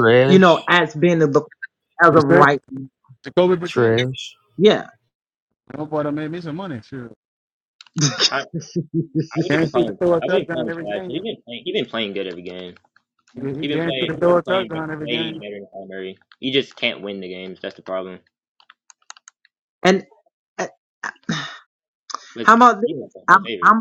Speaker 4: Trash,
Speaker 2: Percent, Jacoby percent.
Speaker 4: trash.
Speaker 2: My boy done made me some money. Sure.
Speaker 3: I, I would even
Speaker 2: Guaranteed
Speaker 3: call
Speaker 2: to
Speaker 3: him.
Speaker 2: throw a
Speaker 3: I would even
Speaker 2: touchdown
Speaker 3: call him
Speaker 2: every
Speaker 3: trash. He's
Speaker 2: game.
Speaker 3: been playing. He's been playing good every game.
Speaker 2: He he
Speaker 3: He been
Speaker 2: guaranteed
Speaker 3: playing.
Speaker 2: to
Speaker 3: He
Speaker 2: throw a
Speaker 3: been playing be-
Speaker 2: touchdown every
Speaker 3: way
Speaker 2: game.
Speaker 3: better than Kyler Murray. You just can't win the games. That's the problem. But he's not doing no favors.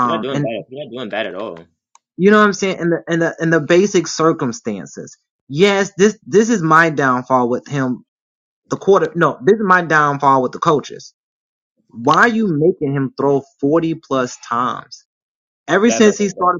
Speaker 3: He's not doing bad. He's not doing bad at all. That's not running back.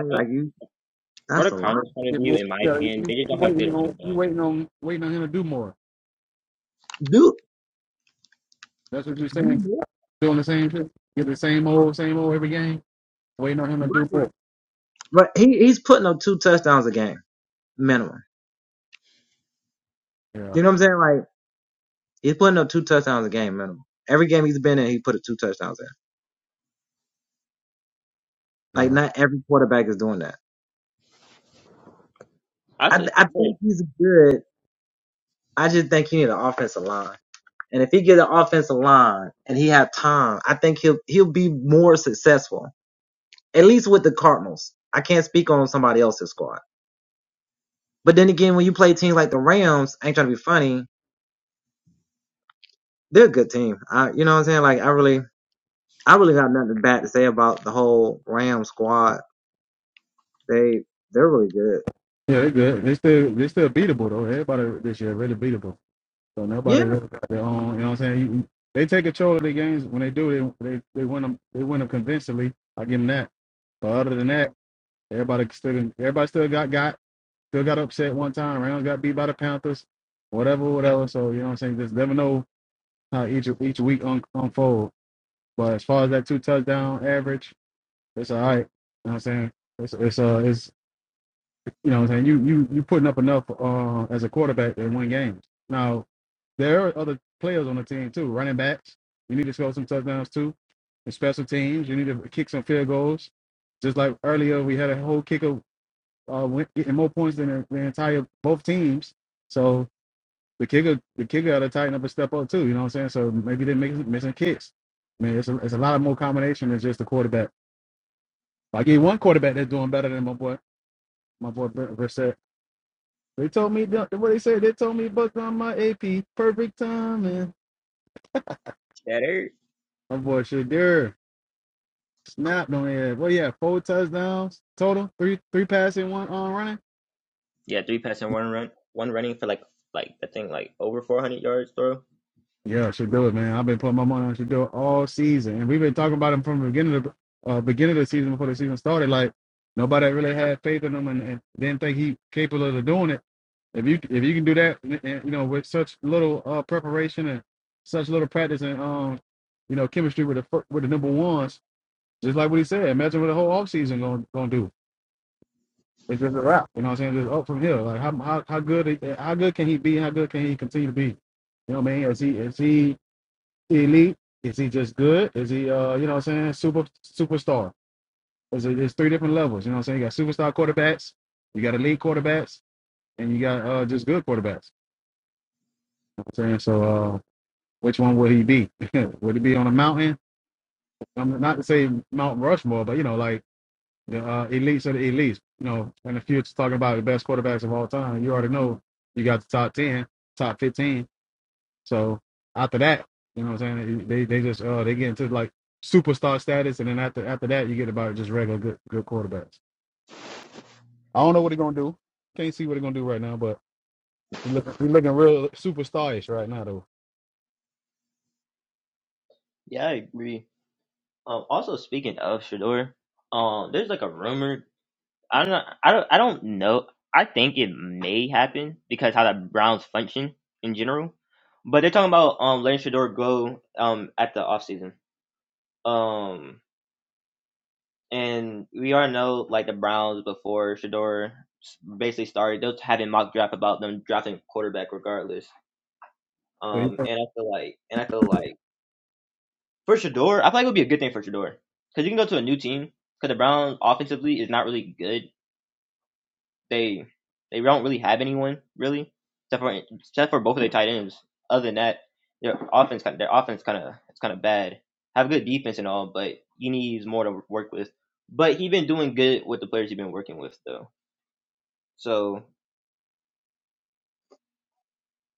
Speaker 3: I think for the Cardinals' point of
Speaker 2: If
Speaker 3: view,
Speaker 2: Mr.
Speaker 3: in my
Speaker 2: Taylor- You,
Speaker 3: opinion,
Speaker 2: you
Speaker 3: they just
Speaker 2: you
Speaker 3: don't have good
Speaker 2: waiting
Speaker 3: running
Speaker 2: on you
Speaker 3: back.
Speaker 2: waiting on waiting on him to do more. That's what you're saying. Doing the same shit. Get the same old same old every game. Waiting on him to do more. Yeah, yeah,
Speaker 3: I say for
Speaker 2: yeah. They're good. They still they still beatable though. Everybody this year really beatable. So nobody really got their own. You know what I'm saying? You, you- they take control of their games when they do. They they they win them. They win them convincingly. I give them that. But other than that, everybody still everybody still got got. Still got upset one time. Round got beat by the Panthers. Whatever, whatever. So you know what I'm saying. Just never know how each each week un- unfold. But as far as that two touchdown average, it's all right. You know what I'm saying. It's it's uh it's you know what I'm saying you you you putting up enough uh as a quarterback to win games. Now there are other players on the team too. Running backs, you need to score some touchdowns too. And special teams, you need to kick some field goals. Just like earlier, we had a whole kicker uh, getting more points than the, the entire both teams. So the kicker, the kicker had to tighten up and step up too. You know what I'm saying? So maybe they're making, missing kicks. I mean, it's a, it's a lot of more combination than just the quarterback. I get one quarterback that's doing better than my boy, my boy Br- Brissett. They told me that- what they said. They told me booked on my AP, perfect timing.
Speaker 3: better.
Speaker 2: My boy Shadur snapped on it. Well, yeah, four touchdowns total, three three passing, one on running.
Speaker 3: Yeah, three passes and one run, one running for like like I think like over four hundred yards throw.
Speaker 2: Yeah, should do it, man. I've been putting my money on should do it all season, and we've been talking about him from the beginning of the uh, beginning of the season before the season started. Like nobody really had faith in him, and, and didn't think he capable of doing it. If you if you can do that, and, and, you know, with such little uh, preparation and such little practice and um, you know, chemistry with the fir- with the number ones, just like what he said. Imagine what the whole offseason gonna gonna do. It's just a wrap. You know what I'm saying? Just up from here. Like how how how good how good can he be? How good can he continue to be? You know what I mean? Is he is he elite? Is he just good? Is he uh you know what I'm saying super superstar? Is it's three different levels. You know what I'm saying? You got superstar quarterbacks, you got elite quarterbacks, and you got uh just good quarterbacks. You know what I'm saying so. uh Which one will he be? Would it be on a mountain? I'm not to say Mount Rushmore, but you know like the uh, elites are the elites. You know, and if you're talking about the best quarterbacks of all time, you already know you got the top ten, top fifteen. So after that, you know what I'm saying? They they just uh they get into like superstar status, and then after after that, you get about just regular good good quarterbacks. I don't know what they're gonna do. Can't see what they're gonna do right now, but he's looking, he looking real superstarish right now though.
Speaker 3: Yeah, I agree. Um, also speaking of Shador, um, there's like a rumor I don't know. I don't I don't know. I think it may happen because how the Browns function in general. But they're talking about um letting Shador go um at the offseason. Um and we already know like the Browns before Shador s- basically started, they're having mock draft about them drafting quarterback regardless.
Speaker 2: So he,
Speaker 3: Um and I feel like and I feel like for Shador, I feel like it would be a good thing for Shador. Because you can go to a new team because the Browns offensively is not really good they they don't really have anyone really, except for except for both of their tight ends. Other than that, their offense their offense kind of it's kind of bad. Have good defense and all, but he needs more to work with. But he's been doing good with the players he's been working with though. So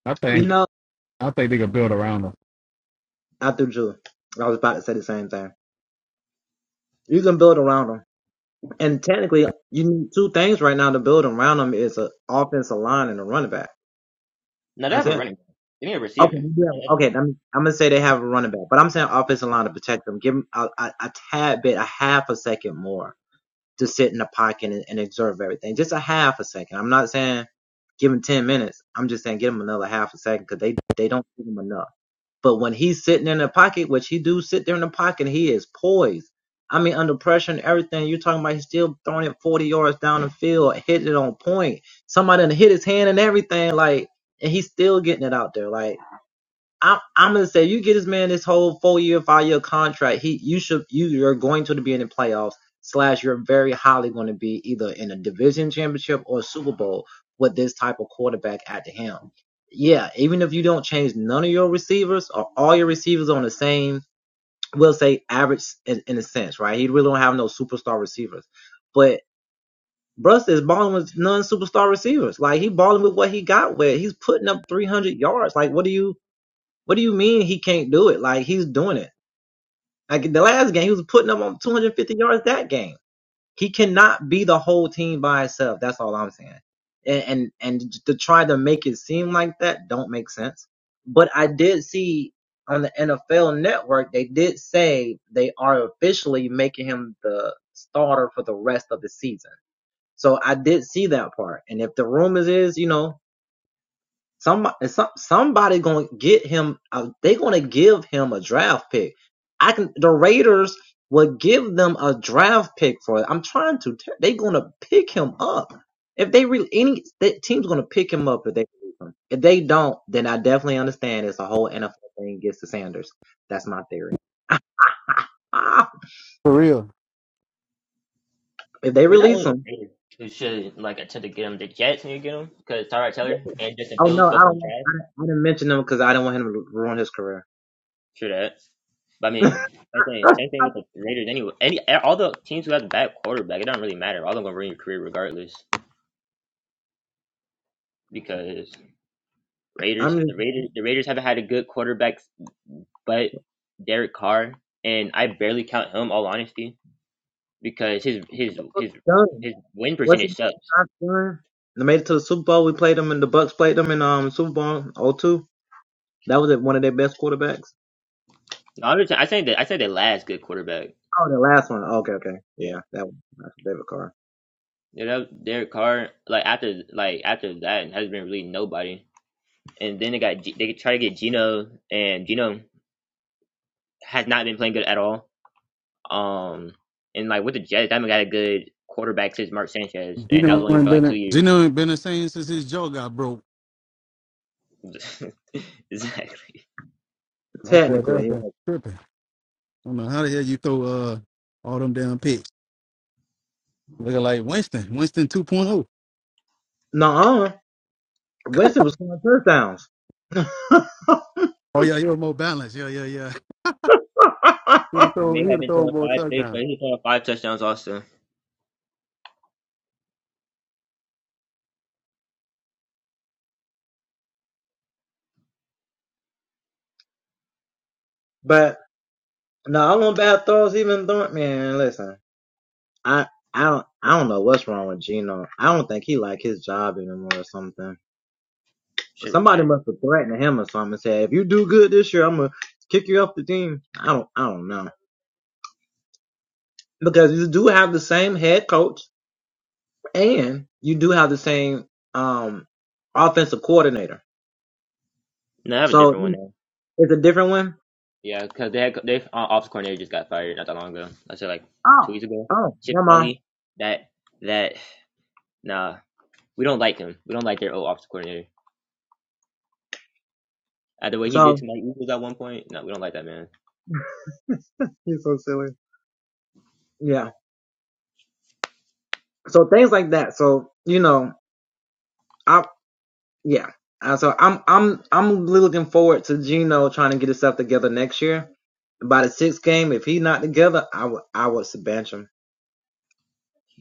Speaker 2: I think I think they can build around him
Speaker 3: now they have a running back. They need a receiver, another one.
Speaker 2: for real.
Speaker 3: But not only the Raiders who should like attempt to get him. The Jets need to get him because Tyrod Taylor and Justin Fields both on trash. True that. But I mean, same thing. Same thing with the Raiders. Anyway, any all the teams who have a bad quarterback, it don't really matter. All of them gonna ruin your career regardless. Because Raiders, the Raiders, the Raiders haven't had a good quarterback, but Derek Carr, and I barely count him. All honesty, because his his his his win percentage sucks. No, I'm just, I say that I say the last good quarterback. Yeah, yeah. That Derek Carr, like after like after that, has been really nobody. And then they got G- they try to get Gino and Gino. has not been playing good at all. Um, and like with the Jets, they haven't got a good quarterback since Mark Sanchez, and that was
Speaker 2: Gino
Speaker 3: only
Speaker 2: ain't
Speaker 3: for
Speaker 2: been
Speaker 3: like two
Speaker 2: in-
Speaker 3: years.
Speaker 2: Gino ain't been the same since his jaw got broke.
Speaker 3: exactly.
Speaker 2: That's what happened. Tripping. I don't know how the hell you throw uh all them damn picks. Looking like Winston, Winston 2.0. Oh Oh yeah, you're more balanced. Yeah, Yeah, yeah, He would
Speaker 3: He
Speaker 2: throw.
Speaker 3: may
Speaker 2: he
Speaker 3: have
Speaker 2: would
Speaker 3: been
Speaker 2: throw
Speaker 3: throwing
Speaker 2: more
Speaker 3: five picks,
Speaker 2: touchdowns.
Speaker 3: but he's throwing five touchdowns also. Should retire. No, I have a different one now. Yeah, because they had they uh, office coordinator just got fired not that long ago. I said like two weeks ago. Chip Kelly, that that nah, we don't like him. We don't like their old office coordinator. Uh, the way he did to my Eagles at one point, no, we don't like that man.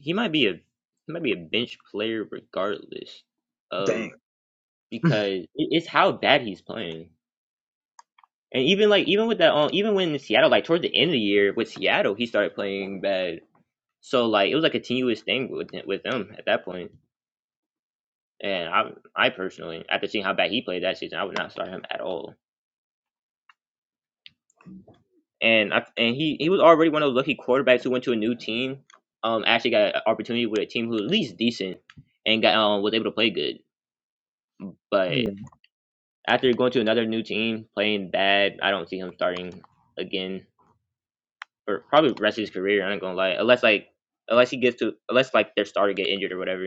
Speaker 3: he might be a he might be a bench player regardless of because it- it's how bad he's playing. And even like even with that um, even when Seattle like towards the end of the year with Seattle he started playing bad. So like it was like a continuous thing with with them at that point. And I I personally after seeing how bad he played that season I would not start him at all. And I and he he was already one of those lucky quarterbacks who went to a new team. Um actually got an opportunity with a team who was at least decent and got um was able to play good. but. after going to another new team, playing bad, I don't see him starting again for probably the rest of his career. I ain't gonna lie, unless like unless he gets to unless like their starter get injured or whatever.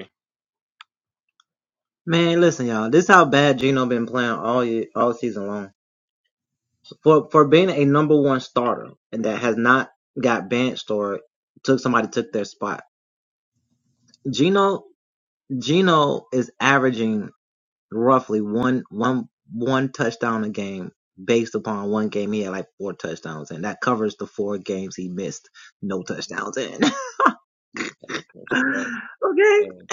Speaker 3: That makes no sense. But, um,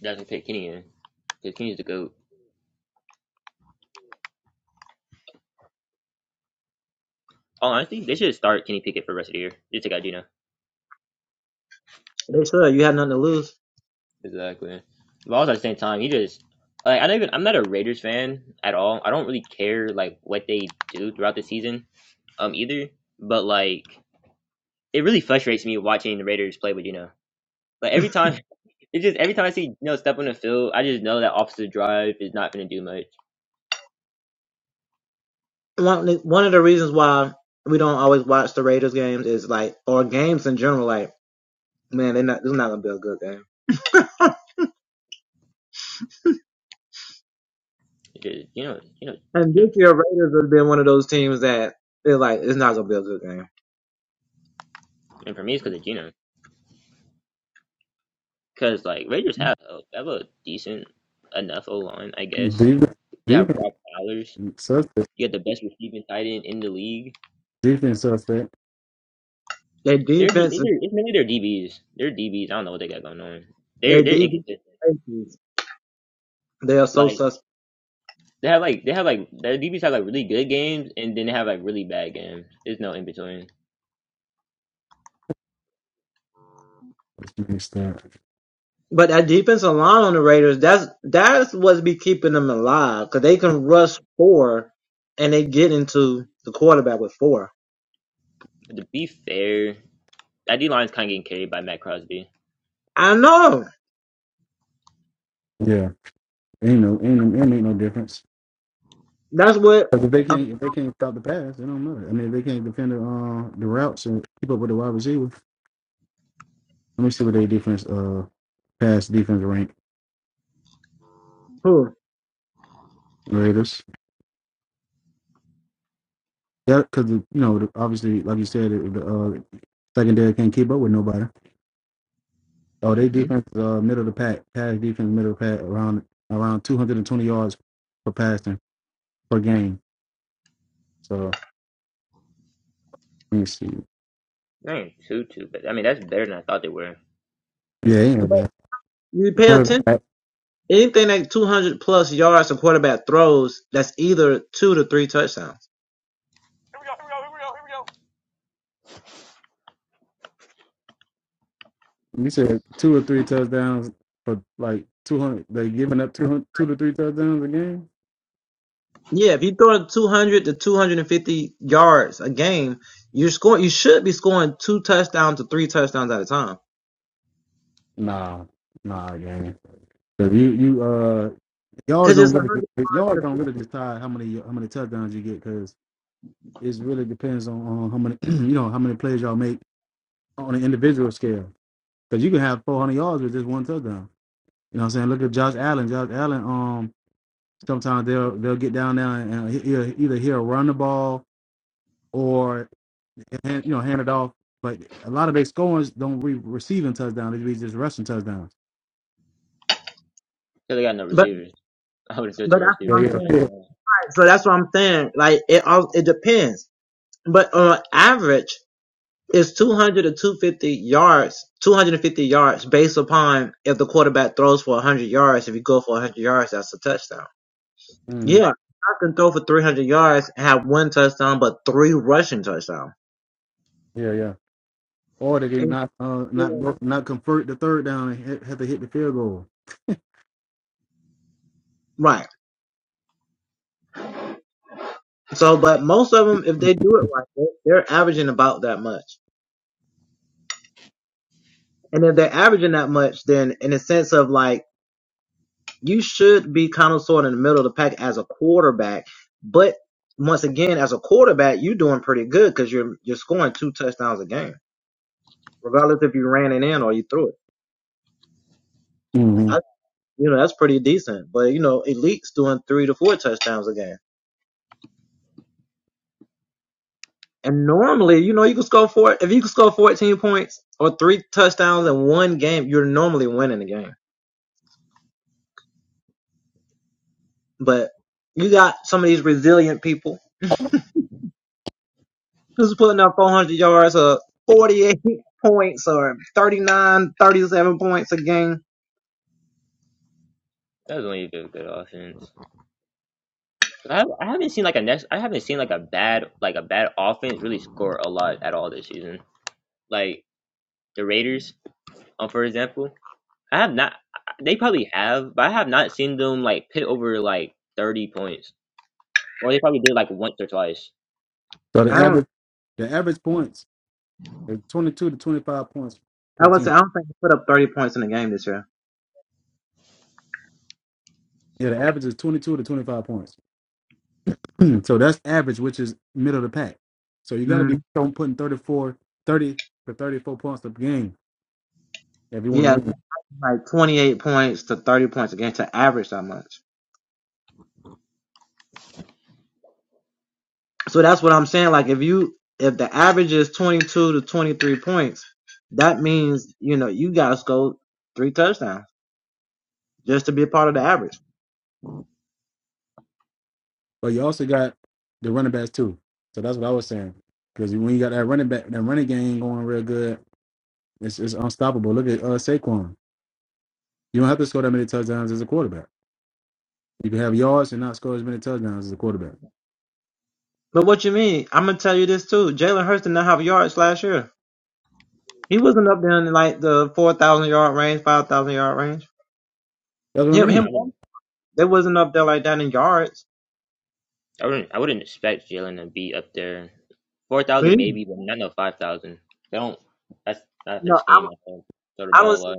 Speaker 3: that's gonna Kenny in because Kenny's the goat. Oh, honestly, they should start Kenny Pickett for the rest of the year. Just take out Gino. Exactly. But also at the same time, he just like I don't even I'm not a Raiders fan at all. I don't really care like what they do throughout the season um either. But like it really frustrates me watching the Raiders play with Gino. Like every time It's just every time I see you know step on the field, I just know that offensive Drive is not going to do much. It is you know you know you know, Trav. and for me it's because of Gino. Because like Raiders have a, have a decent enough O line, I guess.
Speaker 2: Defense,
Speaker 3: You have
Speaker 2: defense,
Speaker 3: Brock Bowers.
Speaker 2: suspect,
Speaker 3: You got the best receiving tight end in the league.
Speaker 2: defense, suspect.
Speaker 3: They're D, it's their- it's mainly their DBs. Their DBs. I don't know what they got going on. They're they're inconsistent. Like they have like they have like their DBs have like really good games and then they have like really bad games. There's no in between.
Speaker 2: Let's make that.
Speaker 3: To be fair, that D line's kind of getting carried by Matt Crosby.
Speaker 2: Yeah, ain't no, ain't, ain't make no difference. Because if they can't, if they can't stop the pass, it don't matter. I mean, if they can't defend the uh, the routes and keep up with the wide receiver. Let me see what they defense, uh, pass defense rank Raiders. Yeah, because you know, the- obviously, like you said, the the, uh, secondary can't keep up with nobody. Oh, they defense, uh, middle of the pack, pass defense, middle of the pack, around around 220 yards per passing per game. So let me see.
Speaker 3: They ain't two two, but I mean that's better than I thought they were.
Speaker 2: Yeah, he ain't bad. Matter of fact, You said two or three touchdowns for like two hundred. They giving up 200, two to three touchdowns a game. Nah, nah, game. Cause you you uh yards don't really yards don't really decide how many how many touchdowns you get because it really depends on, on how many you know how many plays y'all make on an individual scale. Cause you can have four hundred yards with just one touchdown. You know what I'm saying? Look at Josh Allen. Josh Allen. Um, sometimes they'll they'll get down there and he'll either he'll run the ball or you know hand it off. But a lot of their scorers don't be receiving touchdowns; they be just rushing touchdowns.
Speaker 3: Cause they got no receivers. I would have threw it to my
Speaker 2: Yeah,
Speaker 3: receivers too.
Speaker 2: yeah,
Speaker 3: I ain't
Speaker 2: yeah,
Speaker 3: gonna lie.
Speaker 2: hmm yeah, yeah. Or they did not uh, not go- not convert the third down and ha- have to hit the field goal. hmm
Speaker 3: That was only a good, good offense. 'Cause I, have, I haven't seen like a next. I haven't seen like a bad like a bad offense really score a lot at all this season. Like the Raiders, um, for example, I have not. They probably have, but I have not seen them like pit over like thirty points, or they probably did like once or twice.
Speaker 2: So the average the average points is twenty two to twenty five points per team. Yeah, the average is twenty two to twenty five points. Hmm. so that's average, which is middle of the pack. So you got to be putting thirty four, thirty 30 to thirty four points a game if you want to win. But you also got the running backs too. So that's what I was saying. Because when you got that running back, that running game going real good, it's, it's unstoppable. Look at uh, Saquon. You don't have to score that many touchdowns as a quarterback. You can have yards and not score as many touchdowns as a quarterback. That's what I
Speaker 3: I mean,
Speaker 2: mean.
Speaker 3: I wouldn't. I wouldn't I wouldn't expect Jalen to be up there. Four thousand maybe, but not no five thousand. They don't that's not their scheme, I think. Throw the ball a lot.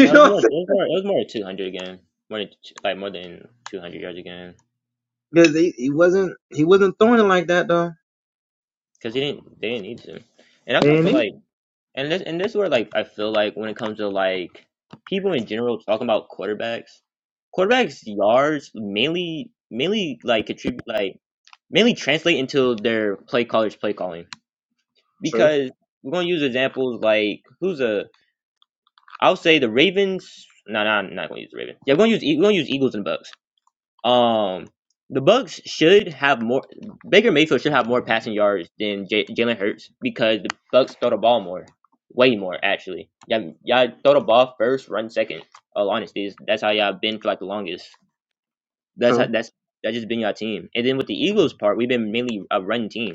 Speaker 3: No, it was more it was more it was more than two hundred again. More than two, like more than two hundred yards again. Because they didn't they didn't need to. And that's what I feel like and this and this is where like I feel like when it comes to like people in general talking about quarterbacks, quarterbacks yards mainly mainly like contribute like mainly translate into their play callers play calling because we're gonna use examples like who's a I'll say the Ravens. No, no, I'm not gonna use the Ravens. Yeah, we're gonna use E- we're gonna use Eagles and Bucks. Um, the Bucks should have more. Baker Mayfield should have more passing yards than J- Jalen Hurts because the Bucks throw the ball more, way more actually. Yeah, y'all throw the ball first, run second. All honesty, that's how y'all been for like the longest. That's how, that's that's just been our team. And then with the Eagles part, we've been mainly a run team.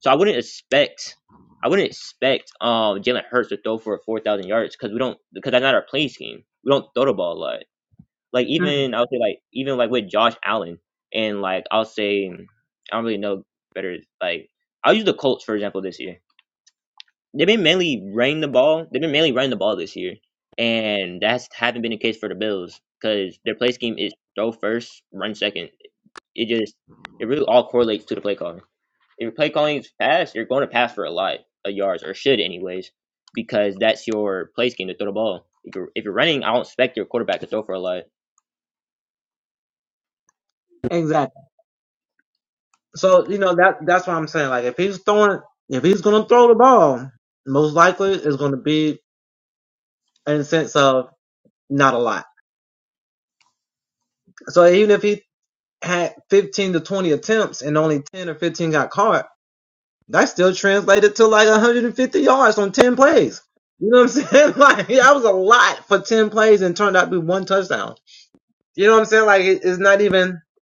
Speaker 3: So I wouldn't expect I wouldn't expect um Jalen Hurts to throw for four thousand yards because we don't because that's not our play scheme. We don't throw the ball a lot. Like even I would say like even like with Josh Allen and like I'll say I don't really know better like I'll use the Colts for example this year. They've been mainly running the ball. They've been mainly running the ball this year. And that's haven't been the case for the Bills because their play scheme is throw first, run second. It just it really all correlates to the play calling. If your play calling is fast, you're going to pass for a lot of yards or should anyways, because that's your play scheme to throw the ball. If you're, if you're running, I don't expect your quarterback to throw for a lot.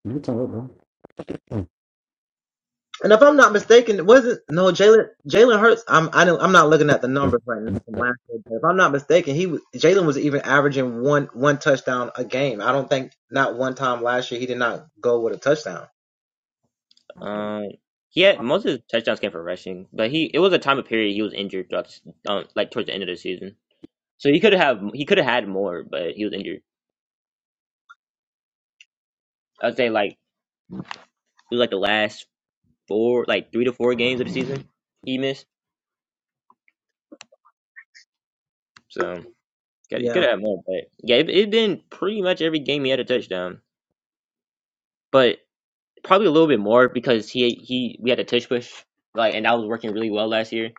Speaker 2: You talking about, bro?
Speaker 3: Um, he had most of his touchdowns came from rushing, but he it was a time of period he was injured throughout, the um, like towards the end of the season. So he could have he could have had more, but he was injured. I'd say like it was like the last four, like three to four games of the season he missed. So. Got he could have had more, but yeah, it it been pretty much every game he had a touchdown, but probably a little bit more because he he we had a touch push like, and that was working really well last year.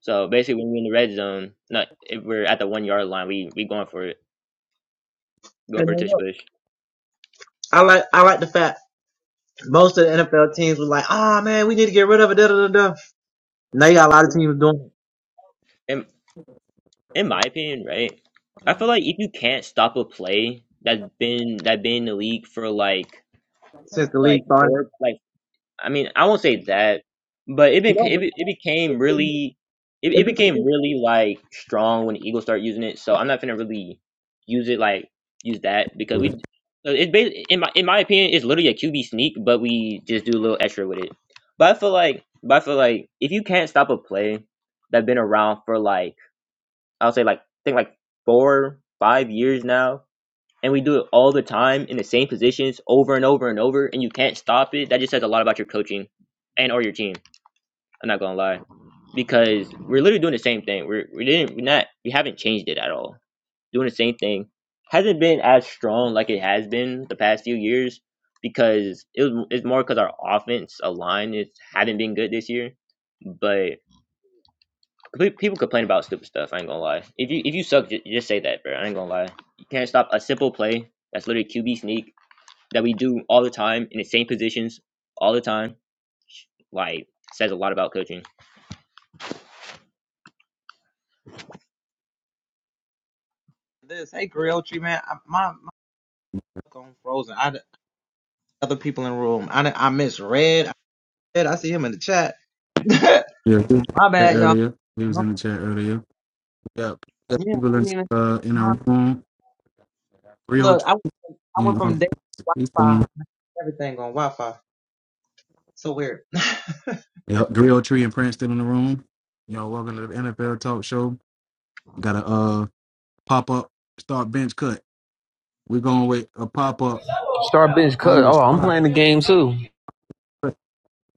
Speaker 3: So basically, when we're in the red zone, not if we're at the one yard line, we we going for it, go for a touch push. In in my opinion, right, I feel like if you can't stop a play that's been that been in the league for like like four like I mean, I won't say that, but it been it, be- it became really it, it became really like strong when the Eagles start using it. So I'm not gonna really use it like use that because we so it basi- in my in my opinion it's literally a QB sneak, but we just do a little extra with it. But I feel like but I feel like if you can't stop a play that's been around for like I'll say like I think like four five years now, and we do it all the time in the same positions over and over and over and you can't stop it that just says a lot about your coaching and or your team i'm not gonna lie because we're literally doing the same thing we're we didn't we're not we haven't changed it at all doing the same thing hasn't been as strong like it has been the past few years because it was, it's more because our offense line is haven't been good this year but people complain about stupid stuff i ain't gonna lie if you if you suck just, just say that bro i ain't gonna lie you can't stop a simple play that's literally qb sneak that we do all the time in the same positions all the time like says a lot about coaching
Speaker 2: Yeah, we earlier. He was in the chat earlier. Yep. Got people in uh in our room. Rio you know, um, he's still in, yep. Rio Tree and Prince still in the room. You know, welcome to the NFL talk show. Got a uh pop up, start bench cut. We're going with a pop up
Speaker 4: Star bench
Speaker 2: on
Speaker 4: cut.
Speaker 2: the
Speaker 4: Oh, I'm
Speaker 2: spot,
Speaker 4: playing the game too.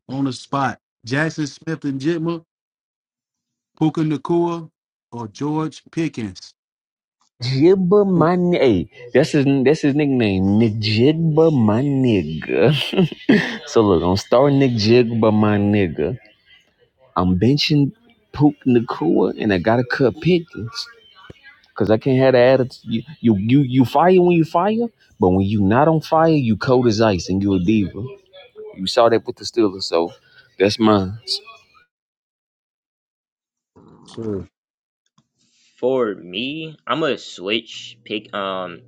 Speaker 2: on the spot. Jackson Smith and Jitma, Puka Nakua, or George Pickens.
Speaker 4: Jibba my ni- hey, that's his that's his nickname, Nick Jigba my nigga. so look, I'm star Nick Jigba my nigga. I'm benching Pook Nakua and I gotta cut pickings. Cause I can't have the attitude. You, you you you fire when you fire, but when you not on fire, you cold as ice and you a diva. You saw that with the Steelers, so that's mine.
Speaker 2: Sure.
Speaker 3: for me i'm gonna switch pick um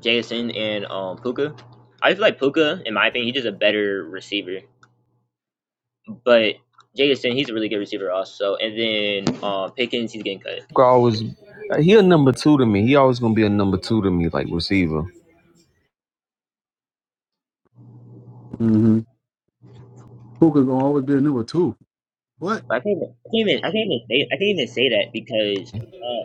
Speaker 3: jason and um puka i feel like puka in my opinion he's just a better receiver but jason he's a really good receiver also and then um pickens he's getting cut
Speaker 4: Pook always uh, he a number two to me. He always gonna be a number two to me, like receiver.
Speaker 2: Mm-hmm. Puka gonna always be a number two. What?
Speaker 3: but i can't even i can't even i can't even say, I can't even say that because uh,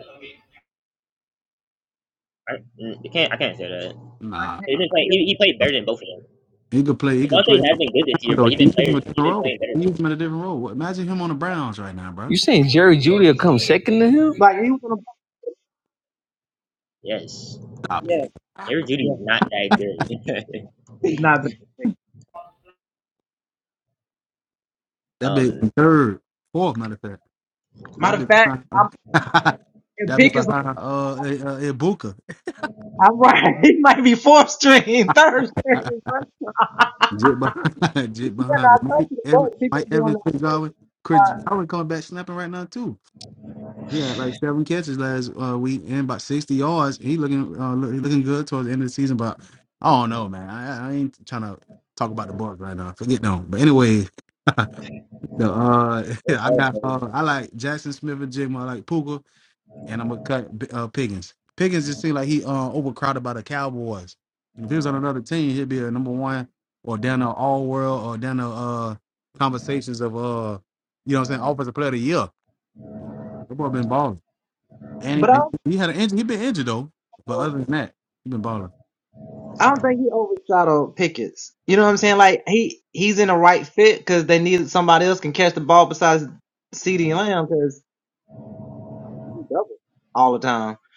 Speaker 3: I, mm, I can't i can't say that
Speaker 2: Nah,
Speaker 3: he's been playing he, he played better than both of them
Speaker 2: he could play. He could play.
Speaker 3: Devontae has been good this
Speaker 2: around,
Speaker 3: year
Speaker 2: Though
Speaker 3: but he's
Speaker 2: he
Speaker 3: been
Speaker 2: use him in
Speaker 3: players
Speaker 2: a different
Speaker 3: he's been
Speaker 2: role.
Speaker 3: playing better
Speaker 2: He
Speaker 3: than them.
Speaker 2: use him in a different role. Imagine him on the Browns right now, bro.
Speaker 4: You saying Jerry Judy will come second to him?
Speaker 3: yes
Speaker 2: Stop it.
Speaker 3: Jerry Judy is not that good.
Speaker 2: That be
Speaker 3: um,
Speaker 2: third, fourth, matter of fact. That be that be behind uh, uh, uh Ibuka. Jit behind, Jit behind. Mike Evans, Mike Evans, Chris Godwin, Chris Godwin coming back snapping right now too. He had like seven catches last uh, week and about sixty yards. He looking, uh, look, he looking good towards the end of the season. But I don't know, man. I, I ain't trying to talk about the Bucks right now. Forget them. But anyway, the uh,
Speaker 3: it's
Speaker 2: I
Speaker 3: hard,
Speaker 2: got uh, I like Jackson Smith and Jigma. I like Puka and I'm gonna cut uh, Piggins. Piggins just seemed like he uh, overcrowded by the Cowboys. If he was on another team, he'd be a number one or down the All World or down the uh, conversations of uh, you know what I'm saying, Offensive Player of the Year. That boy been balling, and he, and he had an injury. He been injured though, but other than that, he been balling.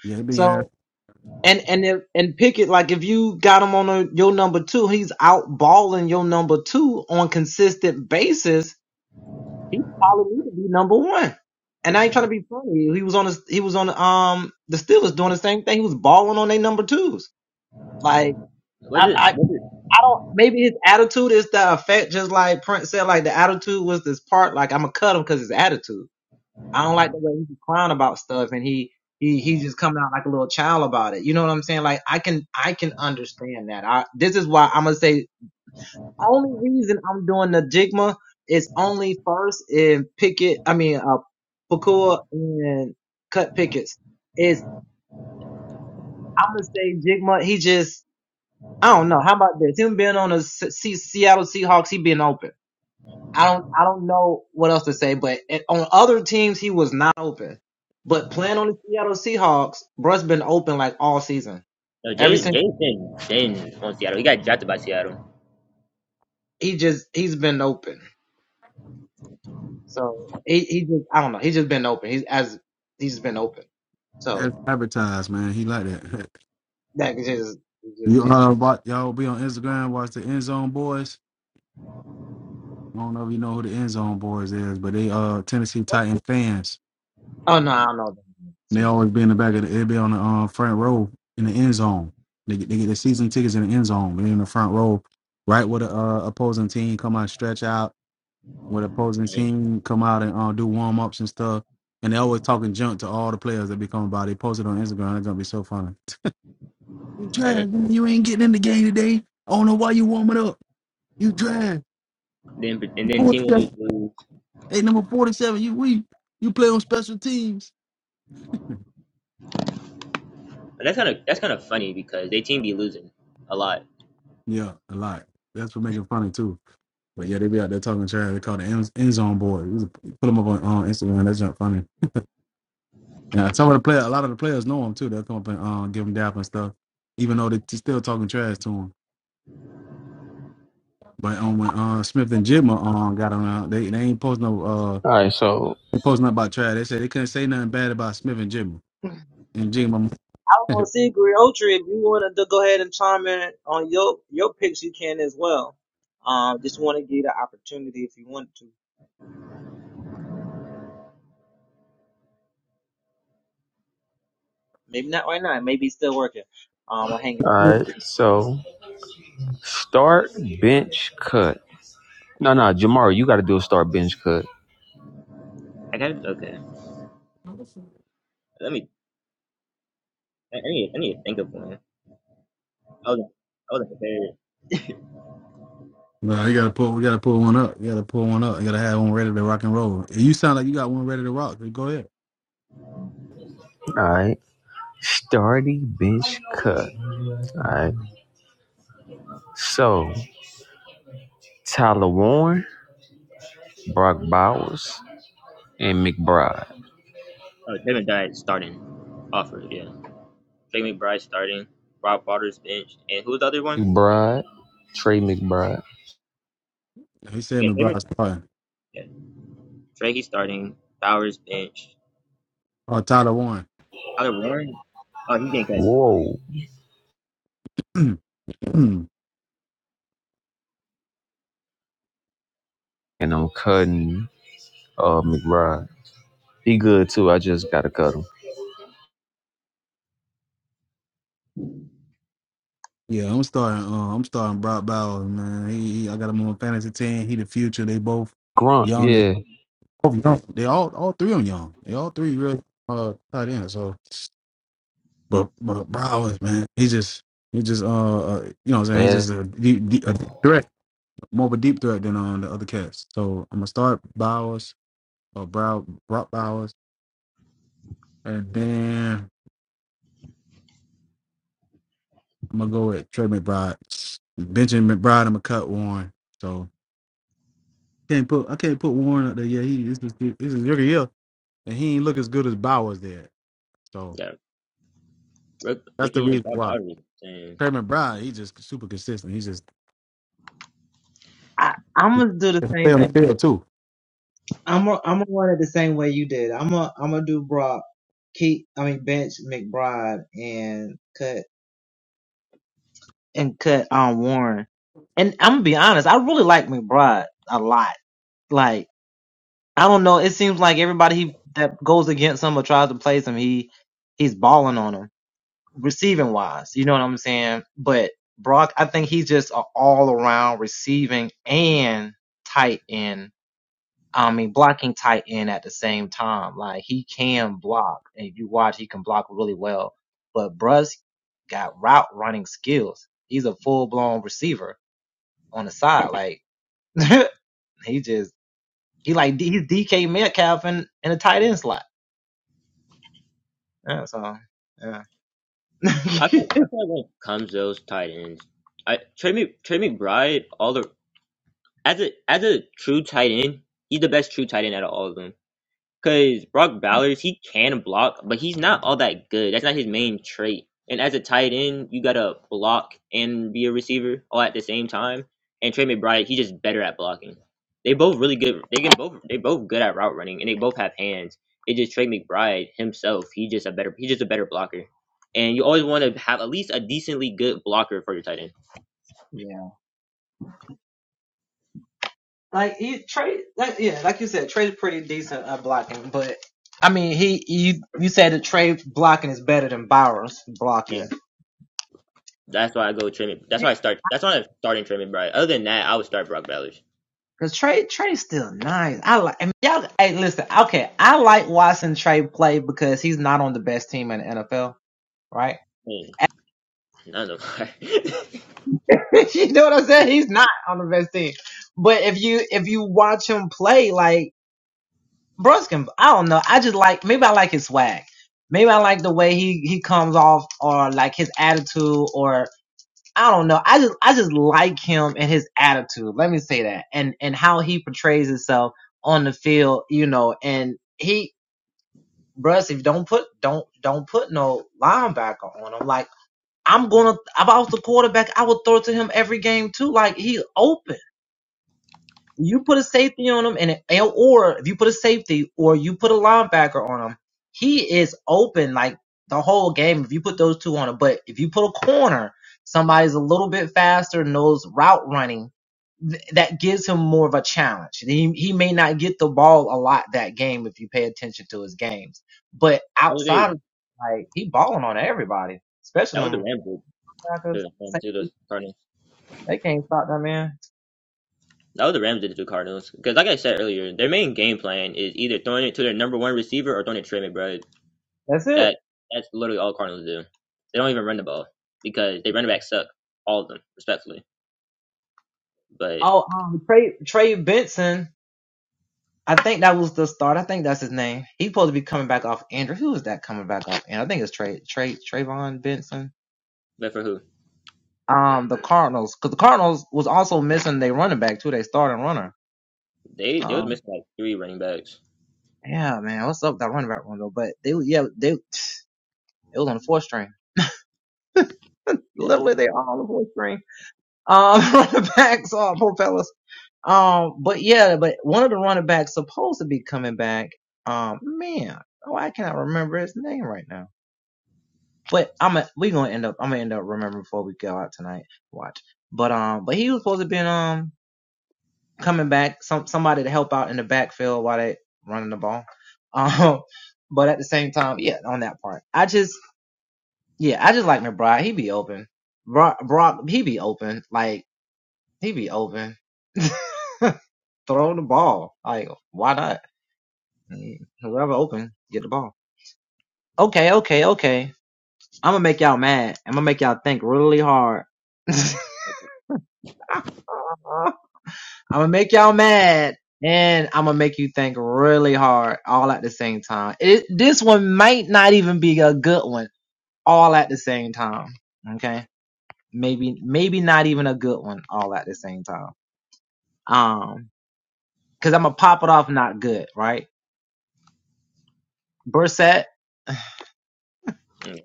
Speaker 2: Yeah, he been ad-
Speaker 3: was it? Was it? No, Jay Jay been been on Seattle. He got drafted by Seattle,
Speaker 2: ad- advertised, man. He like that. you uh, watch, y'all be on Instagram, watch the End Zone Boys. I don't know if you know who the End Zone Boys is, but they uh Tennessee Titan fans They always be in the back of the, they be on the uh, front row in the end zone. They get, they get the season tickets in the end zone. They in the front row, right where the uh, opposing team come out, and stretch out, where the opposing
Speaker 3: and,
Speaker 2: team come out and uh, do warm ups and stuff. And they always talking junk to all the players that be coming by. They post it on Instagram. It's gonna be so funny. You
Speaker 3: and
Speaker 2: trash.
Speaker 3: it,
Speaker 2: man. You ain't getting in the game today. I don't know why you warming up. You trash.
Speaker 3: then and then team will
Speaker 2: Forty-seven.
Speaker 3: just lose.
Speaker 2: Hey, number forty-seven. You weak. You play on special teams.
Speaker 3: But that's kind of that's kind of funny because they team be losing a lot.
Speaker 2: Yeah, a lot. That's what make it funny too. But yeah, they be out there talking trash. They call the end, end zone boy. You put them up on uh, Instagram. That's not funny. And some of the player, a lot of the players know him too. They'll come up and uh, give him dap and stuff, even though they still talking trash to him. But um, when uh, Smith and Jigma um, got around, they they ain't post no uh
Speaker 4: All right, so
Speaker 2: they post nothing about trash. They said they couldn't say nothing bad about Smith and Jigma. And Jigma,
Speaker 4: all right, so start bench cut. No, no, Jamar, you got to do a start bench cut.
Speaker 3: I got okay. Let me. I I need, I need to think of one. I was I was prepared.
Speaker 2: no, you gotta pull, we gotta pull one up. You gotta pull one up. You gotta have one ready to rock and roll. And you sound like you got one ready to rock. then Go ahead.
Speaker 4: All right, starting bench cut. All right, so Tyler Warren, Brock Bowers, and McBride.
Speaker 3: Oh, Kevin Diet starting offer. Yeah, Trey McBride starting. Rob Waters bench, and who's the other one?
Speaker 4: McBride, Trey McBride.
Speaker 2: He said,
Speaker 3: Yeah,
Speaker 2: "Me,
Speaker 3: Trey
Speaker 2: bro,
Speaker 3: Mc-
Speaker 2: sorry.
Speaker 3: yeah, Trey he's starting. Bowers bench.
Speaker 2: Oh, Tyler Warren."
Speaker 3: Tyler Warren. Oh, he didn't cut.
Speaker 4: Whoa, and I'm cutting uh McBride. He good too. I just gotta cut him.
Speaker 2: Yeah, I'm starting. Uh, I'm starting Brock Bowers, man. He, he, I got him on fantasy team. He the future. They both
Speaker 4: Grunt,
Speaker 2: young. They
Speaker 4: yeah,
Speaker 2: both young. They all, all three of them young. They all three real uh tight ends. So, but but Bowers, man, he just he just uh, uh you know what I'm saying. He's
Speaker 4: that
Speaker 2: just a deep, deep a threat, more of a deep threat than on the other cats. So I'm gonna start Bowers or Brow Brock Bowers, and then I'm gonna go with Trey McBride, Benching McBride. I'm gonna cut Warren. So. Can't put I can't put Warren up there. Yeah, he this is this is rookie year, and he ain't look as good as Bowers did. So
Speaker 3: Yeah, Rick,
Speaker 2: that's the
Speaker 3: Ricky or
Speaker 2: reason
Speaker 3: Bob
Speaker 2: why.
Speaker 3: Bowden. Dang.
Speaker 2: Trey McBride, he's just super consistent. He's just he can stay on the field too.
Speaker 3: I feel, I feel like when it comes to those tight ends, I Trey, Mc, Trey McBride, all the as a as a true tight end, he's the best true tight end out of all of them. Cause Brock Bowers, he can block, but he's not all that good. That's not his main trait. And as a tight end, you gotta block and be a receiver all at the same time. And Trey McBride, he's just better at blocking. They both really good. They can both. They both good at route running, and they both have hands. It just Trey McBride himself. He's just a better. He's just a better blocker. And you always want to have at least a decently good blocker for your tight end. Yeah, that's why I go Trey. Mc- That's why I start. That's why I'm starting Trey McBride. Other than that, I would start Brock Bowers. Hmm, None of them. That was, they, that was the Rams did to, um, to the Cardinals. That was the Rams did to the Cardinals. Because, like I said earlier, their main game plan is either throwing it to their number one receiver or throwing it to Trey McBride. That that's literally all Cardinals do. They don't even run the ball because they running backs suck, all of them, respectfully. But but for who? They they was missing like three running backs. That was bad.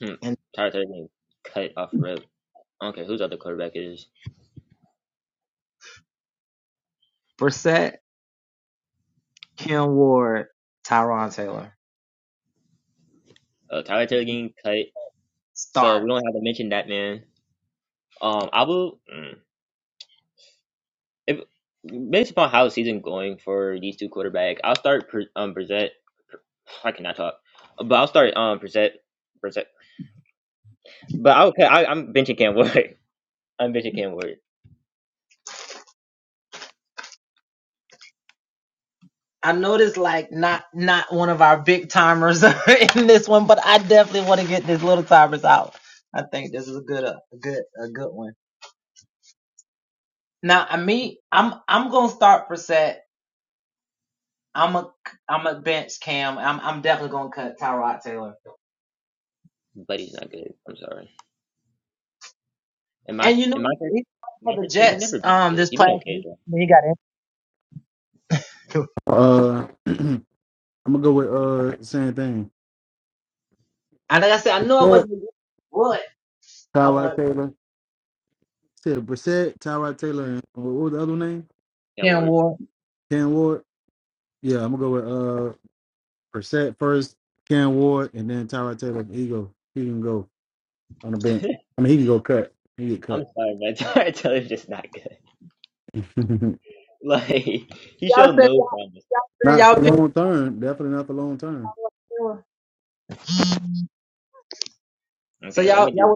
Speaker 3: Mm-hmm. Tyler Taylor getting cut off rip. I don't care whose other quarterback it is. Uh, Tyler Taylor getting cut. So we don't have to mention that man. Um, I will. mm, if based upon how the season going for these two quarterbacks, I'll start Pre- um Brissett. I cannot talk, but I'll start um Brissett. Brissett. But I, will I, I'm benching Cam Ward. I'm benching Cam Ward, but he's not good. I'm sorry. In my in my first in my first thing, he's never been good. He's been okay though.
Speaker 2: Uh, I'm gonna go with uh the same thing. Brissett, Tyrod Taylor, said Brissett, Tyrod Taylor, and what was the other name?
Speaker 3: Cam Ward.
Speaker 2: Cam Ward. Yeah, I'm gonna go with uh Brissett first, Cam Ward, and then Tyrod Taylor. He go, he can go on the bench. I mean, he can go cut. He get
Speaker 3: I'm
Speaker 2: cut.
Speaker 3: sorry, but I tell just not good. Like he showed no promise.
Speaker 2: Not the long term. Definitely not the long term.
Speaker 3: Okay, let me do.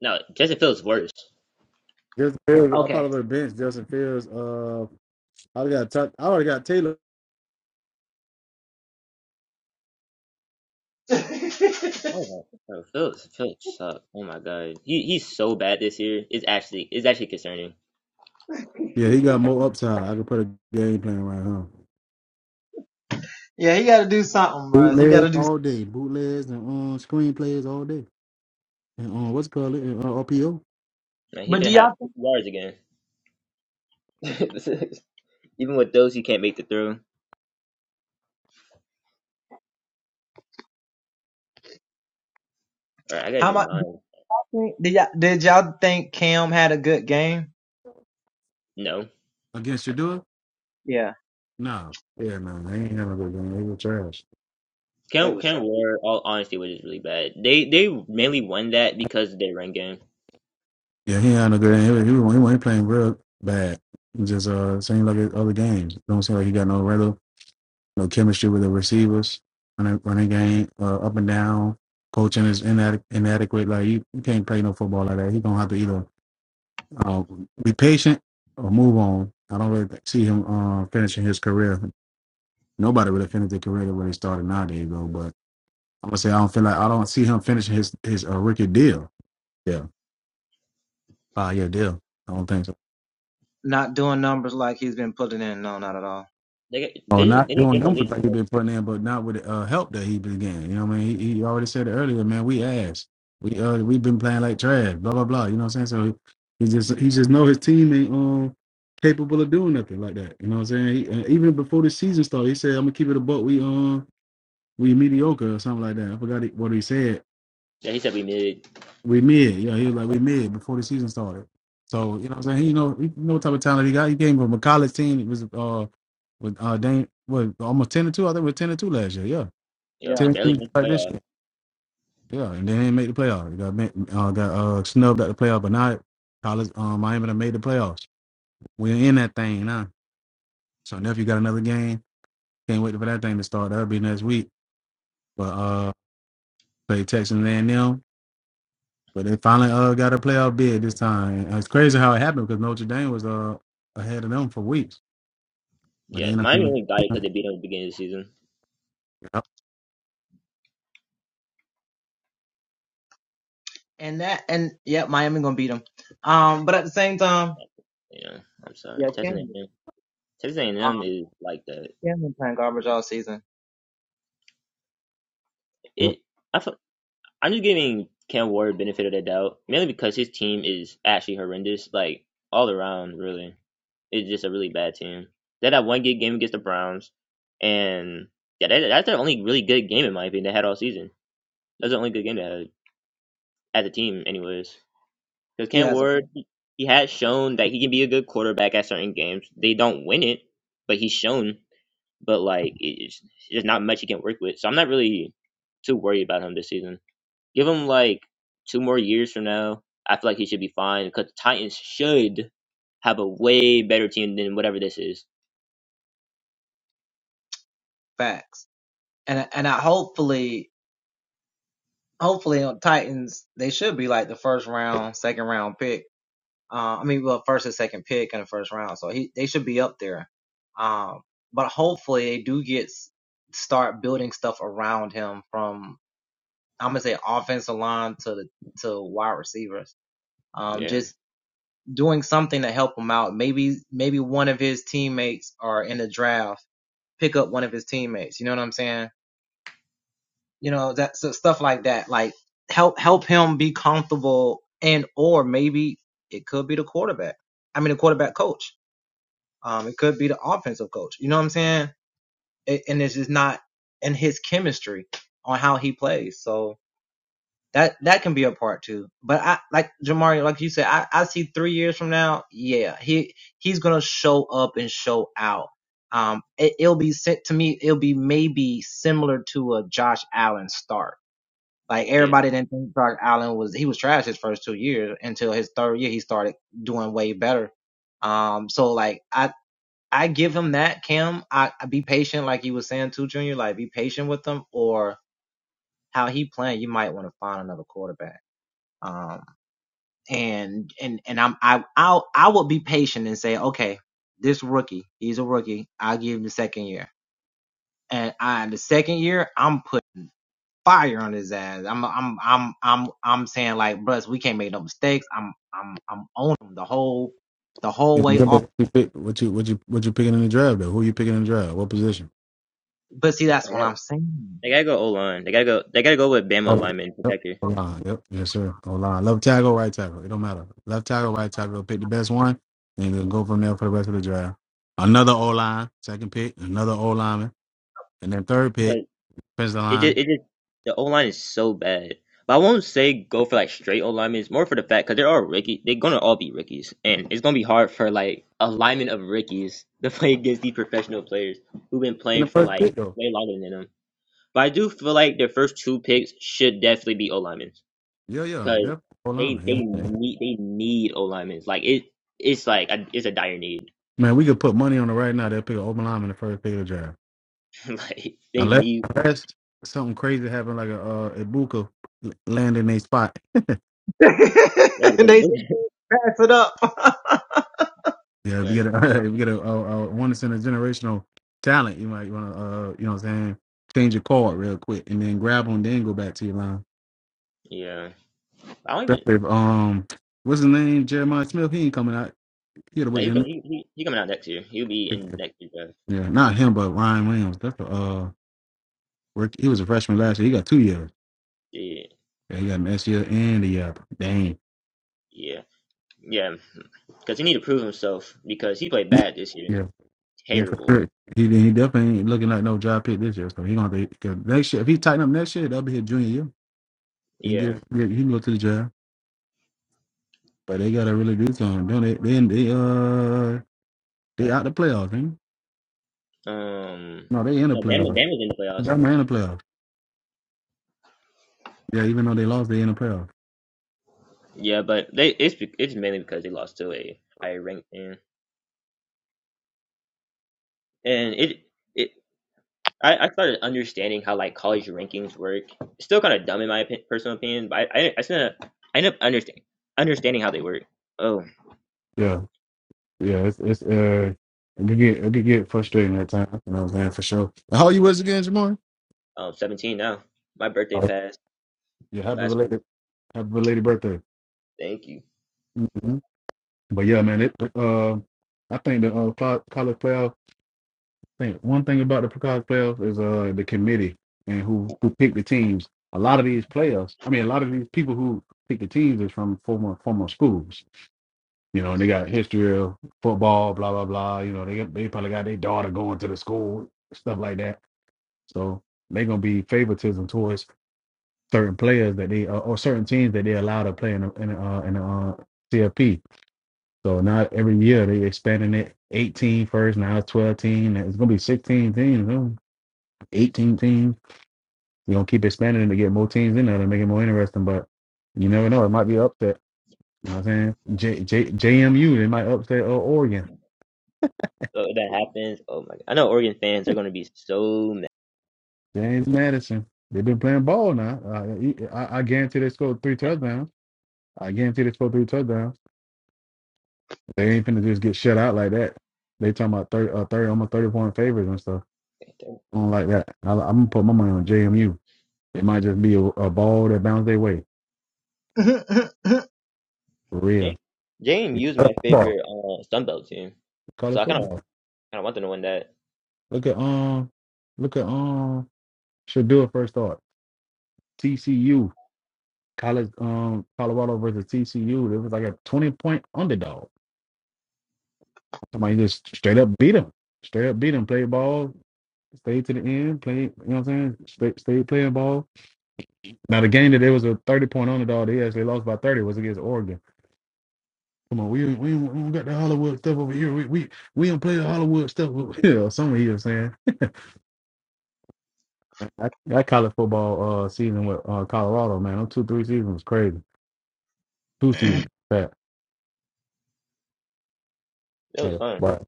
Speaker 3: No, Justin Fields worse.
Speaker 2: Justin Fields, I probably would have benched Justin Fields. Uh, I got Tuck- I already got Taylor.
Speaker 3: Oh, no. Phillips, Phillips suck. Oh my God, he he's so bad this year. It's actually it's actually concerning.
Speaker 2: Yeah, he got more upside. I could put a game plan around him. Bootlegs all day. Bootlegs and um, screen plays all day. And um, what's it called it? And, uh, RPO
Speaker 3: Like he finna have 50 yards again. Even with those, he can't make the throw. All right, I gotta do mine. No,
Speaker 2: against Shadua? Nah. Yeah, man. He ain't having a good game. He was trash.
Speaker 3: Cam Cam Ward. All honesty, was just really bad. They they mainly won that because of their run game.
Speaker 2: Yeah, he ain't having a good game. He, was- he, was- he, was- he playing real bad. He Just uh, seemed like his other games. Don't seem like he got no regular no chemistry with the receivers. Running, running game uh, up and down. Coaching is inadequ- inadequate. Like you, you can't play no football like that. He's gonna have to either uh, be patient or move on. I don't really see him uh, finishing his career. Nobody really finished their career the way they started nowadays, though. But I'm gonna say I don't feel like I don't see him finishing his his uh, rookie deal. Yeah, five yeah, deal. I don't think so.
Speaker 3: They got-
Speaker 2: Oh,
Speaker 3: they just
Speaker 2: not
Speaker 3: any
Speaker 2: doing
Speaker 3: given league
Speaker 2: numbers like
Speaker 3: from
Speaker 2: he
Speaker 3: the-
Speaker 2: been putting in, but not with the uh, help that he been getting. You know what I mean? He, he already said it earlier, man. We ass. We uh we've been playing like trash, blah blah blah. You know what I'm saying? So he, he just he just know his team ain't um capable of doing nothing like that. You know what I'm saying? He, and even before the season started, he said I'm gonna keep it a buck. We um we mediocre or something like that. I forgot he- what he said,
Speaker 3: that he said we made.
Speaker 2: we mid. You know, he was like, we mid before the season started. So, you know what I'm saying? He, you know, he know what type of talent he got. He came from a college team. It was uh with uh Dane what almost ten to two. I think it was ten to two last year, yeah.
Speaker 3: You know,
Speaker 2: Ten to
Speaker 3: barely
Speaker 2: two
Speaker 3: missed
Speaker 2: like this
Speaker 3: playoff.
Speaker 2: year. Yeah. And they didn't make the playoff. He got ma- uh got uh snubbed at the playoff, but not college um Miami done made the playoffs. We're in that thing now. So nephew got another game. Can't wait for that thing to start. That'll be next week. But uh play Texas A and M. But they finally uh, got a playoff bid this time. And it's crazy how it happened because Notre Dame was uh, ahead of them for weeks. But they
Speaker 3: Yeah,
Speaker 2: ended up
Speaker 3: Miami
Speaker 2: giving.
Speaker 3: only got it because they beat them at the beginning of the season.
Speaker 2: Yep.
Speaker 3: You know, I'm sorry. Texas A&M. Texas A&M is like the
Speaker 2: Yep.
Speaker 3: it. I feel. I'm just giving Cam Ward benefit of the doubt, mainly because his team is actually horrendous, like all around. Really, it's just a really bad team. They had that one good game against the Browns, and yeah, that, that's their only really good game in my opinion they had all season. That's the only good game they had as a team, anyways. Because Cam Ward, he has shown that he can be a good quarterback at certain games. They don't win it, but he's shown. But like, it's, there's not much he can work with, so I'm not really too worried about him this season. Give him like two more years from now. I feel like he should be fine because the Titans should have a way better team than whatever this is. Yeah, yeah.
Speaker 2: If what you pick, what you what you what you picking in the draft though? Who you picking in the draft? What position?
Speaker 3: They got they gotta go O line. They gotta go. They gotta go with Bama
Speaker 2: Oh,
Speaker 3: lineman
Speaker 2: yep.
Speaker 3: protector.
Speaker 2: O line. Yep. Yes, sir. O line. Left tackle, right tackle. It don't matter. Left tackle, right tackle. Pick the best one, and then go from there for the rest of the draft. Another O line, second pick, another O lineman, and then third pick,
Speaker 3: 'Cause
Speaker 2: defensive
Speaker 3: It just
Speaker 2: line.
Speaker 3: it just the O line is so bad. But I won't say go for like straight O linemen. It's more for the fact because they're all rookie. They're gonna all be rookies, and it's gonna be hard for like a lineman of rookies to play against these professional players who've been
Speaker 2: In
Speaker 3: playing
Speaker 2: the
Speaker 3: for
Speaker 2: first
Speaker 3: like
Speaker 2: pick though.
Speaker 3: way longer than them. But I do feel like their first two picks should definitely be O linemen
Speaker 2: Yeah, yeah.
Speaker 3: because
Speaker 2: Yep. O
Speaker 3: they they
Speaker 2: lineman. Yeah.
Speaker 3: need they need O linemen. Like it it's like a, it's a dire need.
Speaker 2: Man, we could put money on it right now. They'll pick an open lineman in the first pick of the draft.
Speaker 3: like they
Speaker 2: Unless,
Speaker 3: need
Speaker 2: unless something crazy happened, like a uh, Ibuka landing land a spot.
Speaker 3: yeah because
Speaker 2: Yeah, if you
Speaker 3: because
Speaker 2: get
Speaker 3: like,
Speaker 2: a if you get a, a, a once in a generational talent, you might want to uh you know what I'm saying change your card real quick and then grab on, then go back to your line.
Speaker 3: yeah I don't even
Speaker 2: Especially if, um what's his name Jeremiah Smith? He ain't coming out. He had to wait.
Speaker 3: like he,
Speaker 2: till next
Speaker 3: he he he coming out next year. He'll be in
Speaker 2: year.
Speaker 3: next year draft.
Speaker 2: Yeah, not him, but Ryan Williams. That's the uh rookie- he was a freshman last year. He got two years.
Speaker 3: Yeah
Speaker 2: Yeah, he got an S year and a year. after. Dang.
Speaker 3: yeah yeah because he need to prove himself because he played bad this year.
Speaker 2: Yeah. Yeah, for
Speaker 3: Terrible.
Speaker 2: sure. He he definitely ain't looking like no job pick this year. So he gonna have to 'cause next year. If he tighten up next year, that'll be his junior year. He get,
Speaker 3: Yeah.
Speaker 2: get he can go to the job. But they gotta really do something. Don't they? Then they uh they out the playoffs, ain't?
Speaker 3: Um.
Speaker 2: they? No, they in the
Speaker 3: No, Bama
Speaker 2: playoffs.
Speaker 3: Bama's in the playoffs.
Speaker 2: They're in the playoffs. Yeah, even though they lost, they in the playoffs.
Speaker 3: Yeah, but they it's be- it's mainly because they lost to a higher ranked team. and it it I, I started understanding how like college rankings work. It's still kind of dumb in my opi- personal opinion, but I I, I, still, I ended up understanding understanding how they work. Oh,
Speaker 2: Yeah, yeah. It's it's uh it could get it could get frustrating at times. You know what I'm saying for sure. How old you was again, Jamar?
Speaker 3: um, 17 now. My birthday
Speaker 2: Oh,
Speaker 3: passed
Speaker 2: yeah, happy
Speaker 3: last week.
Speaker 2: related happy belated birthday.
Speaker 3: Thank you.
Speaker 2: hmm But yeah, man, it uh I think the uh, co- college playoff. think one thing about the college playoffs is uh the committee and who who pick the teams. A lot of these players, I mean, a lot of these people who pick the teams is from former former schools, you know, and they got history of football, blah blah blah. You know, they they probably got their daughter going to the school, stuff like that. So they are gonna be favoritism towards certain players that they uh, or certain teams that they allow to play in the, in the, uh, in the uh, CFP. So now every year they expanding it 18 first now it's 12 team. It's gonna be 16 teams. Huh? 18 teams. We're going to keep expanding them to get more teams in there to make it more interesting. But you never know. It might be an upset. You know what I'm saying? J, J, JMU, they might upset uh, Oregon.
Speaker 3: So if that happens. Oh my god! I know Oregon fans are gonna be so mad.
Speaker 2: James Madison. They've been playing ball now. Uh, I, I guarantee they scored three touchdowns. I guarantee they scored three touchdowns. They ain't finna just get shut out like that. They talking about 30, uh, 30 almost 30 point favorites and stuff.
Speaker 3: Jam-
Speaker 2: I don't like that. I, I'm going to put my money on JMU. It might just be a, a ball that bounced their way. For real. It's
Speaker 3: JMU is
Speaker 2: college
Speaker 3: my
Speaker 2: football.
Speaker 3: favorite uh, Sun team,
Speaker 2: It's
Speaker 3: so
Speaker 2: College
Speaker 3: I kind
Speaker 2: football.
Speaker 3: of kind of want them to win that.
Speaker 2: Look at um, look at um, should do it first thought. TCU college um Colorado versus TCU. It was like a twenty point underdog. Somebody just straight up beat them. Straight up beat them. Played ball. Stayed to the end. Played. You know what I'm saying? Stayed, stayed playing ball. Now the game that they was a thirty point underdog. They actually lost by thirty. Was against Oregon. Come on, we we, we don't got the Hollywood stuff over here. We we we don't play the Hollywood stuff. You know, some of you are saying. That, that college football uh, season with uh, Colorado, man, them two three seasons was crazy. two seasons back.
Speaker 3: It was
Speaker 2: Had,
Speaker 3: fun. It
Speaker 2: right,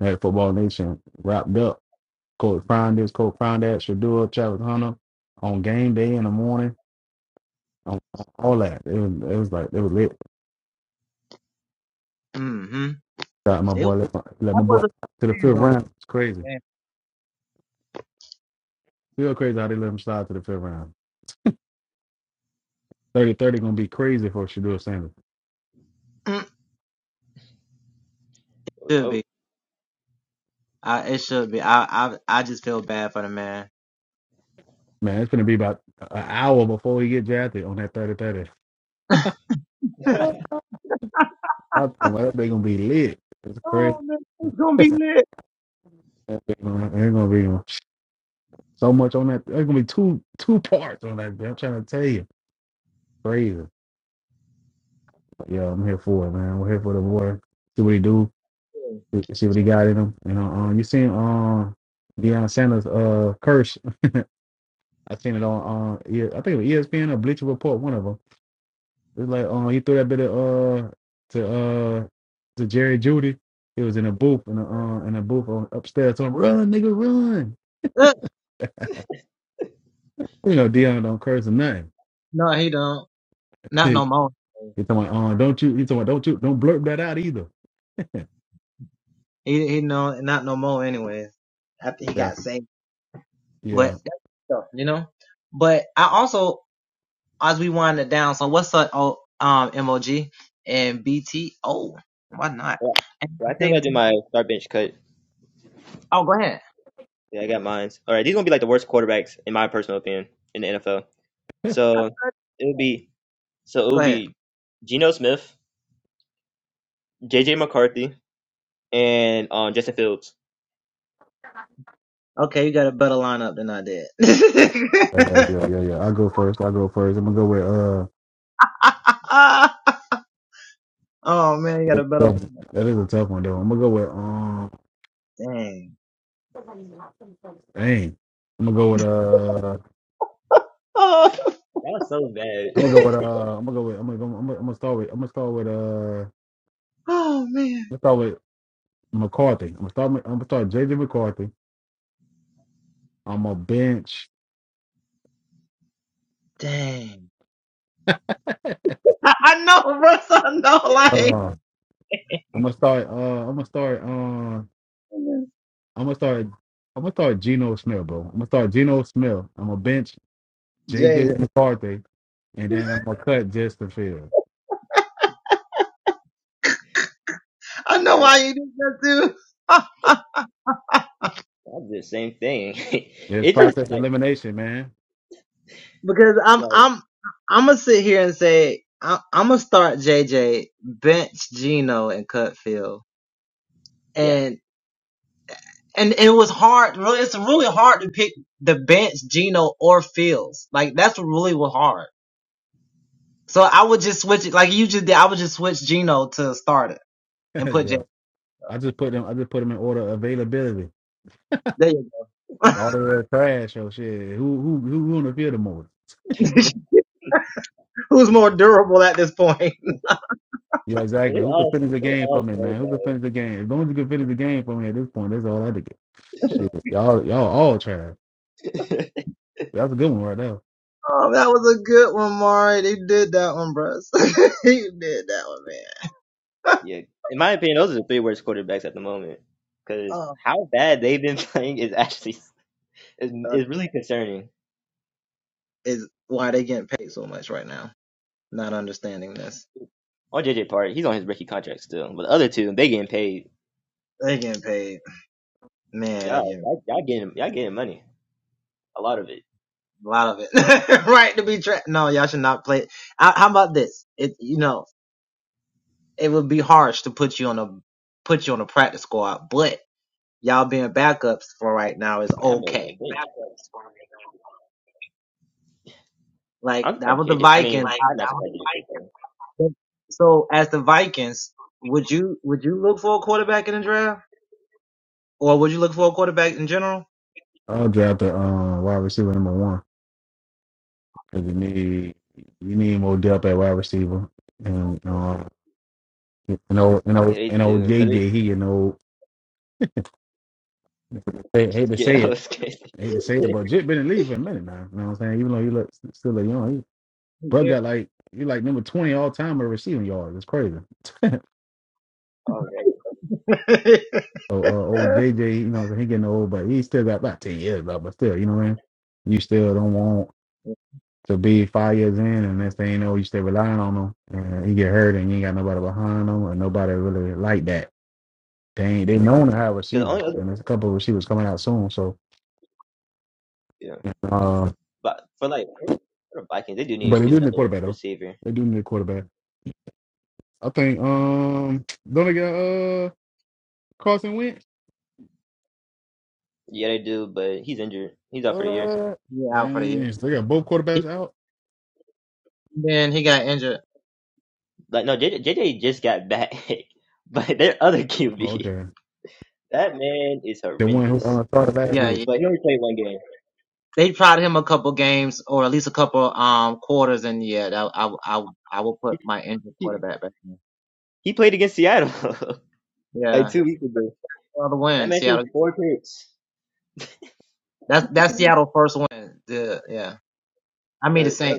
Speaker 2: had Football Nation wrapped up. Coach Prime this, Coach Prime that, Shadua, Travis Hunter on game day in the morning, on, on all that. It was, it was like, it was lit. Got my boy, let my, let my boy to the fifth round. It's crazy. Feel crazy how they let him slide to the fifth round. Thirty thirty going to be crazy for Shadua Sanders.
Speaker 3: was hope.
Speaker 2: Man, it's going to be about an hour before he get drafted on that 30 30. I don't know, that they going to be lit. It's crazy. It's going to be. So much on that. There's gonna be two two parts on that. bitch. I'm trying to tell you, crazy. But, yeah, I'm here for it, man. We're here for the boy. See what he do. See what he got in him. You know, um, you seen um Deion Sanders uh curse. I seen it on uh yeah, I think it was ESPN or Bleacher Report, one of them. It's like um he threw that bit of uh to uh to Jerry Judy. He was in a booth in a uh, in a booth on upstairs. So run, nigga, run. You know, Deion don't curse or nothing. He talking about, uh, don't you? He talking about, don't you? Don't blurt that out either. Yeah, yeah,
Speaker 3: Yeah. But I still gotta do my start bench cut. Yeah, I got mines. All right, these gonna be like the worst quarterbacks in my personal opinion in the NFL. So it would be so it would be Geno Smith, JJ McCarthy, and um Justin Fields.
Speaker 2: yeah, yeah, yeah, yeah. i go first. I go first. I'm gonna go with uh that, that is a tough one though. I'm gonna go with um dang. I'm gonna go with uh
Speaker 3: That's so bad.
Speaker 2: I'm gonna go with uh I'm gonna go with I'm gonna I'm gonna, I'm gonna start with I'm gonna start with uh let's start with McCarthy. I'm gonna start with- I'm gonna start JJ McCarthy. I'm a bench uh I'm gonna start uh I'm gonna start uh I'm gonna start I'm gonna start Geno Smith, bro. I'm gonna start Geno Smith. I'm gonna bench JJ McCarthy and then I'm gonna cut Justin Fields.
Speaker 3: yeah, that's the same thing.
Speaker 2: Yeah, It's
Speaker 3: it just
Speaker 2: process
Speaker 3: like
Speaker 2: elimination, man.
Speaker 3: like yeah, 'Cause
Speaker 2: yeah. I just put them I just put them in order of availability. All the other trash or shit. Who who who who on the field the most? Yeah, exactly.
Speaker 3: they
Speaker 2: Who can
Speaker 3: all
Speaker 2: finish the
Speaker 3: they
Speaker 2: game for
Speaker 3: all
Speaker 2: me, man? Who can finish the game? As long as you can finish the game for me at this point, that's all I have to get. Shit. Y'all y'all all trash.
Speaker 3: so bad.
Speaker 2: That's a good one right there.
Speaker 3: yeah, in my opinion, those are the three worst quarterbacks at the moment. Because how bad they've been playing is actually is, is really concerning. On JJ part, he's on his rookie contract still, but the other two they getting paid. Yeah, y'all, y'all getting y'all getting money. A lot of it. Man, that boy went big. I'm surprised JJ. I mean, I'm not surprised
Speaker 2: I'll draft the um wide receiver number one. Cause you need you need more depth at wide receiver. And uh you know, you know,
Speaker 3: Yeah, they
Speaker 2: you know,
Speaker 3: do because it
Speaker 2: JJ, he, you know, they hate to say
Speaker 3: yeah,
Speaker 2: it,
Speaker 3: it was crazy.
Speaker 2: I hate to say it, but Jit been in the league for a minute now. You know what I'm saying? Even though he looks still look young, he, bro got like he like number twenty all time in receiving yards. It's crazy.
Speaker 3: oh,
Speaker 2: So uh, old JJ, you know, he getting old, but he still got about ten years left. But still, you know what I mean? You still don't want to be five years in, and next thing you know, you still relying on them." and he get hurt, and you ain't got nobody behind them and nobody really like that. They ain't, they known to have
Speaker 3: because the only
Speaker 2: receivers,
Speaker 3: other
Speaker 2: and there's a couple of receivers coming out soon. So,
Speaker 3: yeah,
Speaker 2: uh,
Speaker 3: but for like for the Vikings, they do need
Speaker 2: but
Speaker 3: to
Speaker 2: they
Speaker 3: get
Speaker 2: do need a
Speaker 3: another
Speaker 2: quarterback though.
Speaker 3: receiver.
Speaker 2: They do need a quarterback. I think um don't they got uh Carson Wentz?
Speaker 3: Yeah, they do, but he's injured. He's out for a year.
Speaker 2: What? Dang, so they got both quarterbacks out.
Speaker 3: Like no, JJ, JJ just got back, but their other
Speaker 2: Oh,
Speaker 3: QB,
Speaker 2: okay.
Speaker 3: that man is
Speaker 2: The one who
Speaker 3: horrendous.
Speaker 2: uh, started last week.
Speaker 3: But he only played one game. He, he played against Seattle like two weeks ago. That makes you four picks. Uh, uh,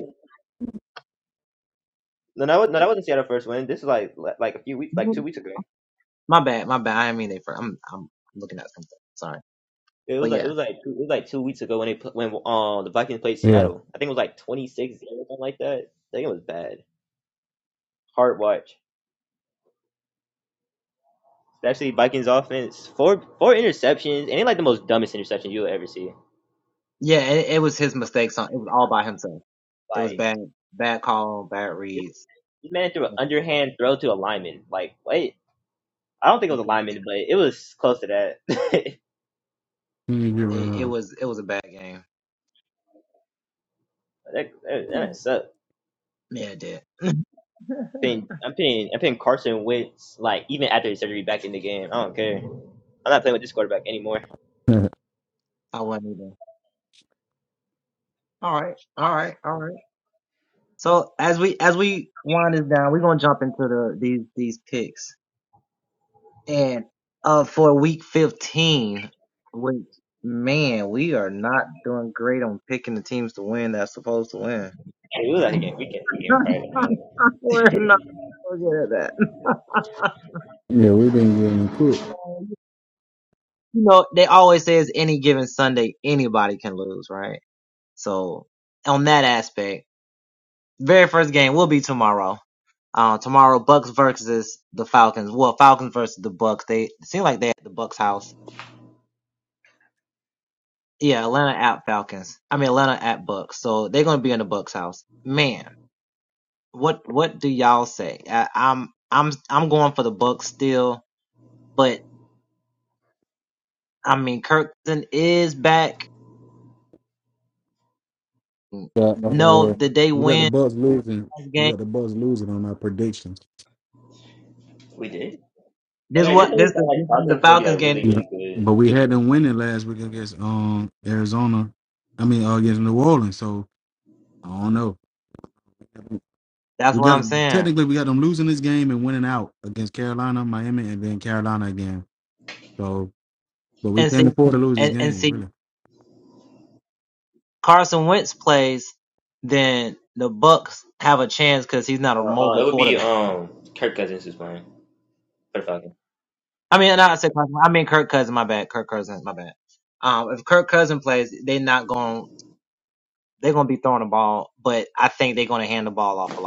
Speaker 3: no, that was no, that wasn't Seattle first win. This is like li- like a few weeks, like two weeks ago. It was like it was like two, it was like two weeks ago when they pl- when uh, the Vikings played
Speaker 2: Yeah.
Speaker 3: Seattle. I think it was like twenty six zero something like that. I think it was bad. Hard watch, especially Vikings offense. Four four interceptions, and they like the most dumbest interception you'll ever see. Like this, this man threw an underhand throw to a lineman. Like wait, I don't think it was a lineman, but it was close to that. that,
Speaker 2: He didn't get rid of
Speaker 3: that, that sucks. putting I'm playing. I'm playing Carson Wentz like even after his surgery back in the game. I don't care. I'm not playing with this quarterback anymore.
Speaker 2: him.
Speaker 3: Hey, we was out here we can we can fight.
Speaker 2: yeah, we've been getting cooked. But, uh, we got the Bucks losing. We got the Bucks losing on our predictions.
Speaker 3: We did. Oh yeah, didn't we thought like Carson was gonna be like really
Speaker 2: Yeah.
Speaker 3: really good.
Speaker 2: But we
Speaker 3: this
Speaker 2: had
Speaker 3: year?
Speaker 2: them winning last week against um Arizona. I mean, uh, against New Orleans. So I don't know. We got technically we got them losing this game and winning out against Carolina, Miami, and then Carolina again. So, but we can't afford to lose this game, really.
Speaker 3: Uh, uh, it would be um Kirk Cousins is playing for the Falcons.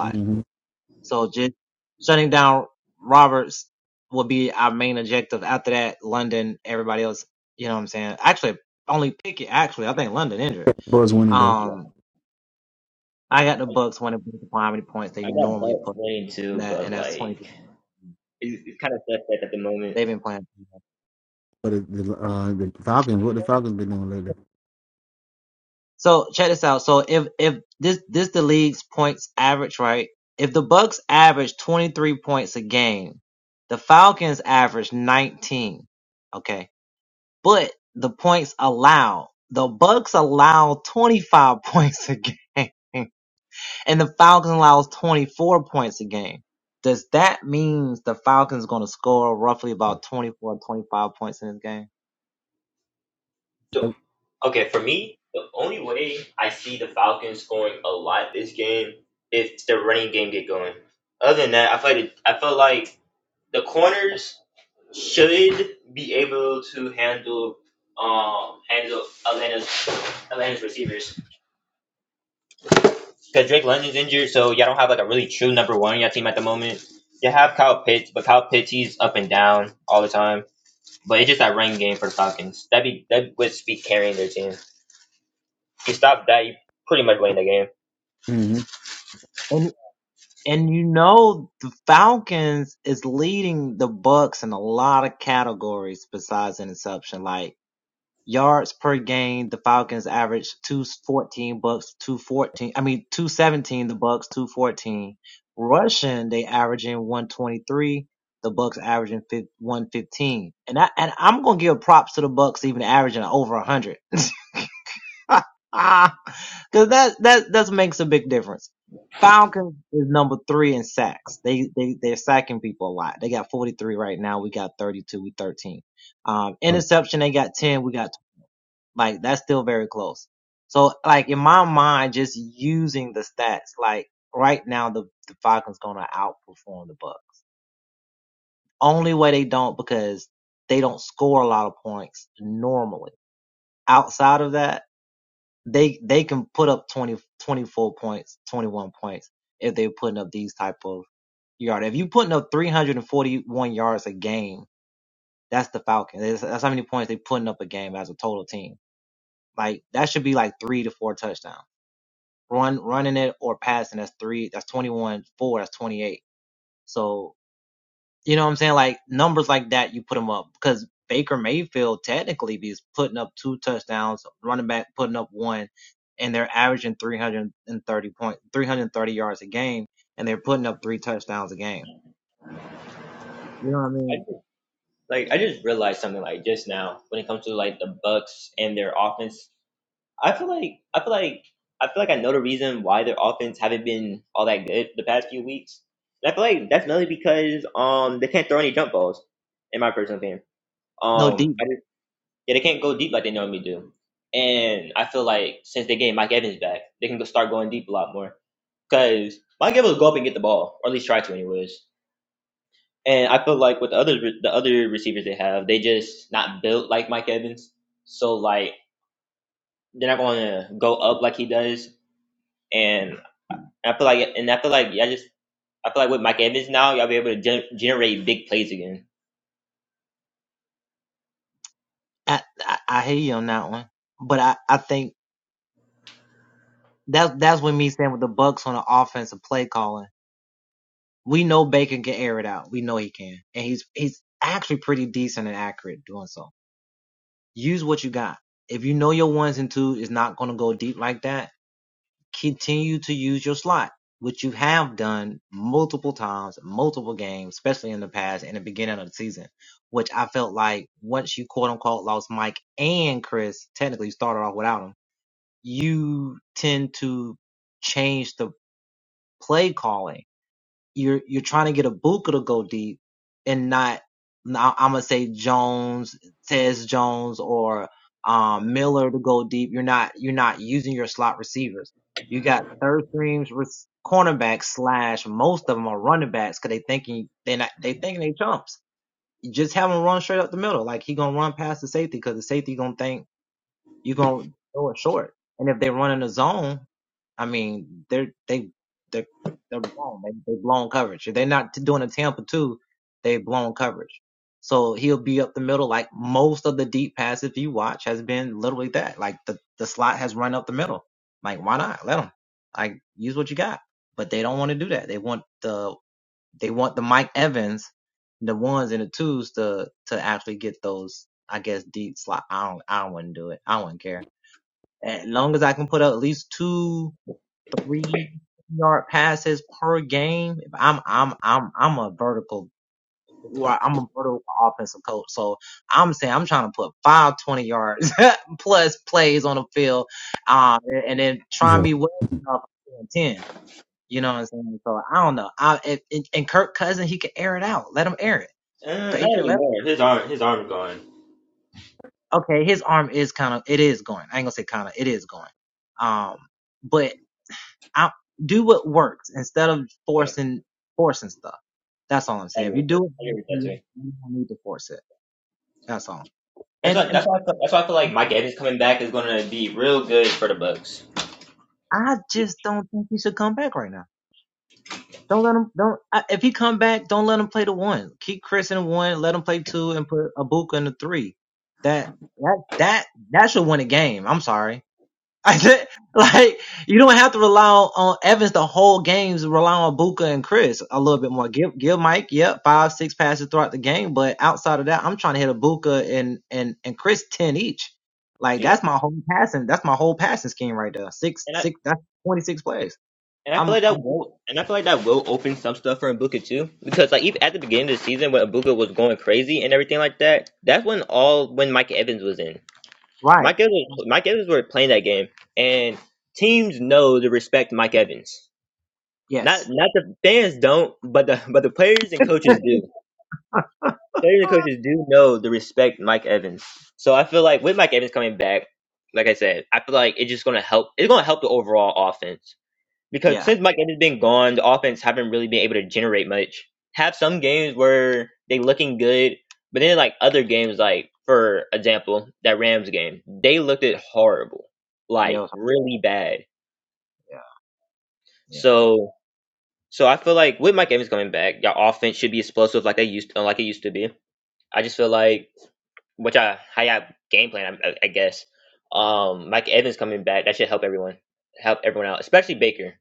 Speaker 2: Mm-hmm. Buzz winning though,
Speaker 3: Yeah, I, I got Bucks playing too, but like it's, it's kind of suspect at the moment.
Speaker 2: but the, the, uh, the Falcons, what the Falcons been doing lately?
Speaker 3: The, okay, for me, the only way I see the Falcons scoring a lot this game if the running game get going. Other than that, I feel like, I feel like the corners should be able to handle um handle Atlanta's Atlanta's receivers because Drake London's injured, so y'all don't have like a really true number one on your team at the moment. You have Kyle Pitts, but Kyle Pitts he's up and down all the time. But it's just that running game for the Falcons. That'd be that would be carrying their team. you stop that, you pretty much win the game.
Speaker 2: Mm-hmm. Oh,
Speaker 3: I just, like I just realized something like just now when it comes to like the Bucks and their offense. I feel like I feel like I feel like I know the reason why their offense haven't been all that good the past few weeks. And I feel like that's mainly because um they can't throw any jump balls, in my personal opinion. Um, I just, yeah, they can't go deep like they normally do. And I feel like since they get Mike Evans back, they can go start going deep a lot more. Cause Mike Evans will go up and get the ball, or at least try to, anyways. And I feel like with the other the other receivers they have, they just not built like Mike Evans. So like they're not going to go up like he does. And I feel like and I feel like yeah, I just I feel like with Mike Evans now, y'all be able to gen- generate big plays again.
Speaker 2: yeah,
Speaker 3: Uh, not anymore. His arm his arm has gone. Yeah, I agree with that. I agree with that too. That's why that's why I feel, that's why I feel like Mike Evans coming back is going to be real good for the Bucks. Yeah. and I. And I feel like that will and I feel like that will open some stuff for Ibuka too. Because like even at the beginning of the season when Ibuka was going crazy and everything like that, that's when all when Mike Evans was in. Mike Evans Mike Evans were playing that game and teams know to respect Mike Evans. Not not the fans don't, but the but the players and coaches do. Players and coaches do know to respect Mike Evans. So I feel like with Mike Evans coming back, like I said, I feel like it's just gonna help it's gonna help the overall offense because since Mike Evans has been gone, the offense haven't really been able to generate much. Have some games where they looking good, but then like other games, like for example, that Rams game, they looked it horrible, like really bad. So so I feel like with Mike Evans coming back, your offense should be explosive like they used to, like it used to be. I just feel like which I how y'all game plan, I, I guess. Um, Mike Evans coming back, that should help everyone, help everyone out, especially Baker.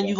Speaker 3: Yeah,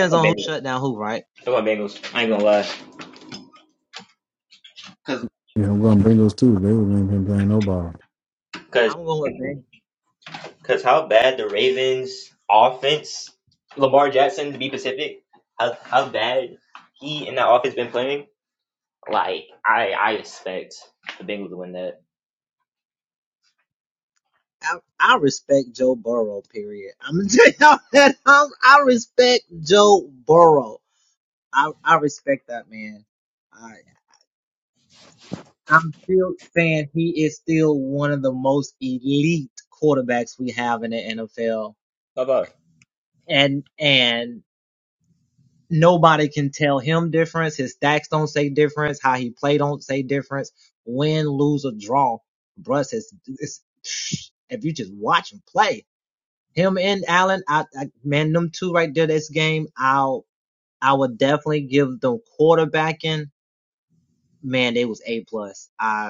Speaker 3: I'm going Bengals. I'm going Bengals. I ain't gonna lie.
Speaker 2: yeah, I'm gonna bring those two. They haven't been playing no ball.
Speaker 3: Cause, cause how bad the Ravens offense, Lamar Jackson to be specific, how how bad he and that offense been playing. Like I I expect the Bengals to win that. How about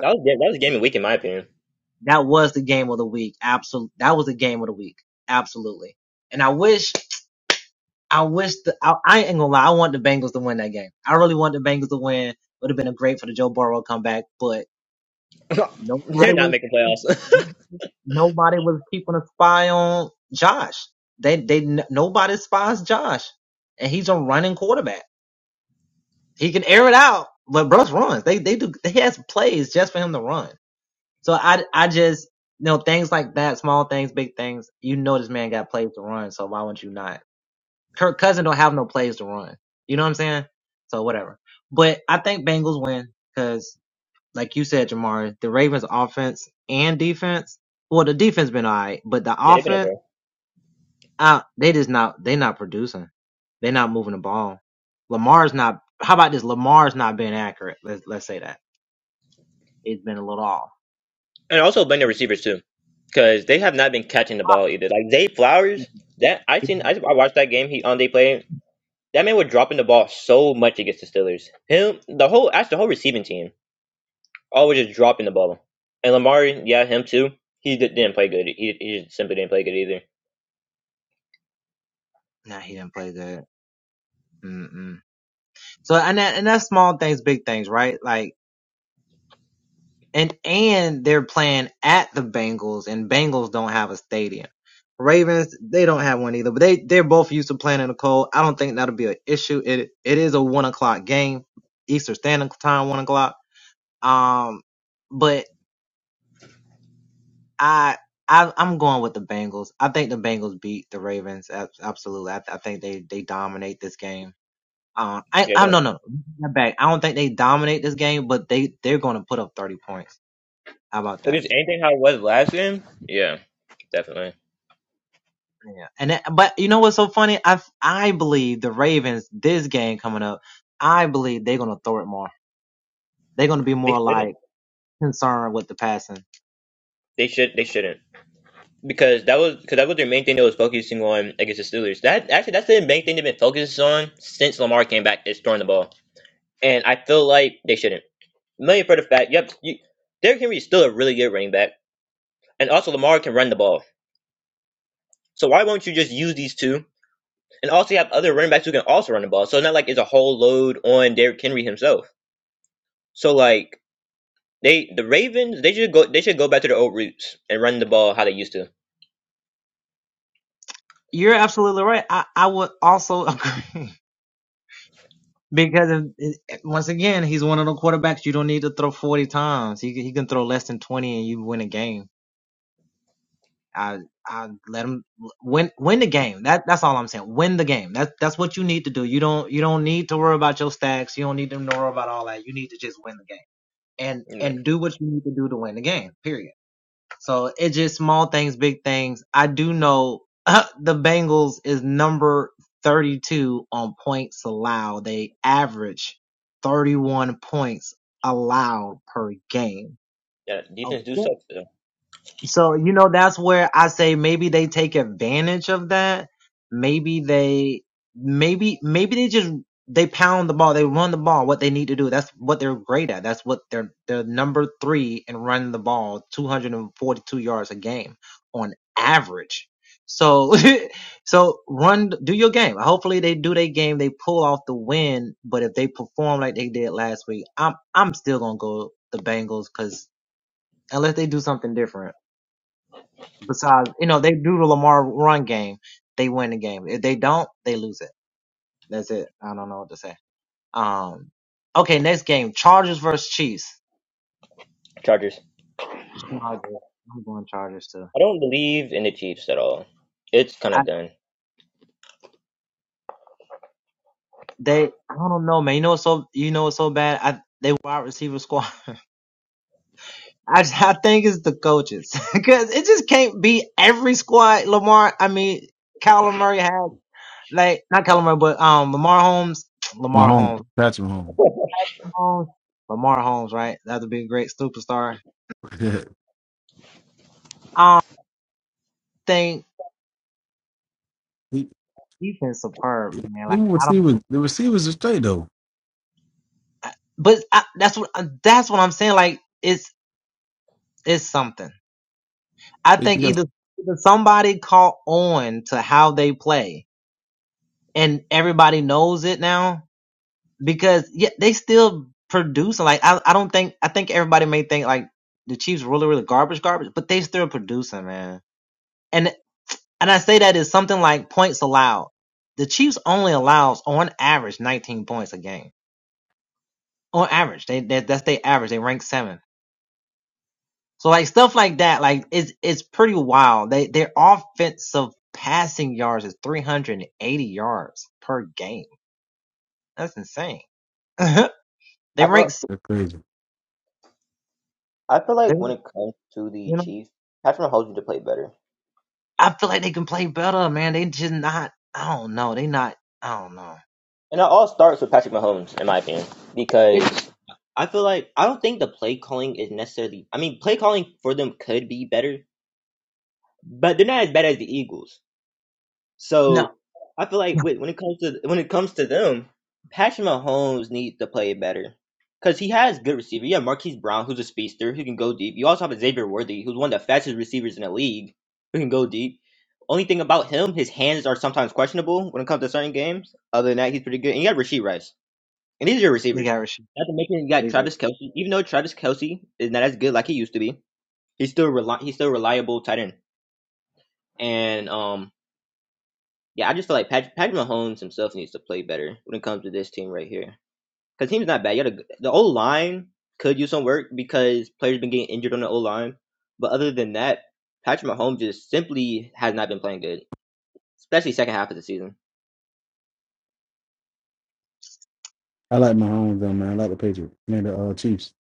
Speaker 3: that was that was a game of the week in my opinion. They're not making playoffs. yeah, they've been up and also been their receivers too, because they have not been catching the ball either. Like Zay Flowers, that I seen I, I watched that game he on they played. That man was dropping the ball so much against the Steelers. Him, the whole that's the whole receiving team. always just dropping the ball. And Lamar, yeah, him too. He di- didn't play good. He, he just simply didn't play good either. Yeah, no. if it's anything how it was last game, yeah, definitely they shouldn't. They should. They shouldn't because that was because that was their main thing that was focusing on against the Steelers. That actually that's the main thing they've been focused on since Lamar came back is throwing the ball. And I feel like they shouldn't. Mainly for the fact, yep, you, Derrick Henry is still a really good running back, and also Lamar can run the ball. So why won't you just use these two And also, you have other running backs who can also run the ball. So it's not like it's a whole load on Derrick Henry himself. So like they, the Ravens, they should go. They should go back to their old roots and run the ball how they used to. Mm. Yeah, defense do suck. Though. Chargers. I don't believe in the Chiefs at all. It's kind of done.
Speaker 2: Mahomes, Patrick Mahomes. he, them receivers, the receivers are straight though. They just got-
Speaker 3: I feel.
Speaker 2: That's crazy.
Speaker 3: I feel like when it comes to the Chiefs, Patrick Mahomes need to play better. And it all starts with Patrick Mahomes, in my opinion, because I feel like I don't think the play calling is necessarily. I mean, play calling for them could be better, but they're not as bad as the Eagles. So I feel like when when it comes to when it comes to them, Patrick Mahomes needs to play better because he has good receiver. You have Marquise Brown, who's a speedster who can go deep. You also have Xavier Worthy, who's one of the fastest receivers in the league, who can go deep. Only thing about him, his hands are sometimes questionable when it comes to certain games. Other than that, he's pretty good. And you got Rasheed Rice, and these are your receivers. Not to mention you got Travis Kelsey. Even though Travis Kelsey is not as good like he used to be, he's still reli- he's still reliable tight end. And um, yeah, I just feel like Patrick, Patrick Mahomes himself needs to play better when it comes to this team right here. Because team's not bad. You got a, the O line could use some work because players been getting injured on the O line. But other than that, Patrick Mahomes just simply has not been playing good, especially second half of the season.
Speaker 2: I like Mahomes though, man. I like the Patriots, man. The uh, Chiefs.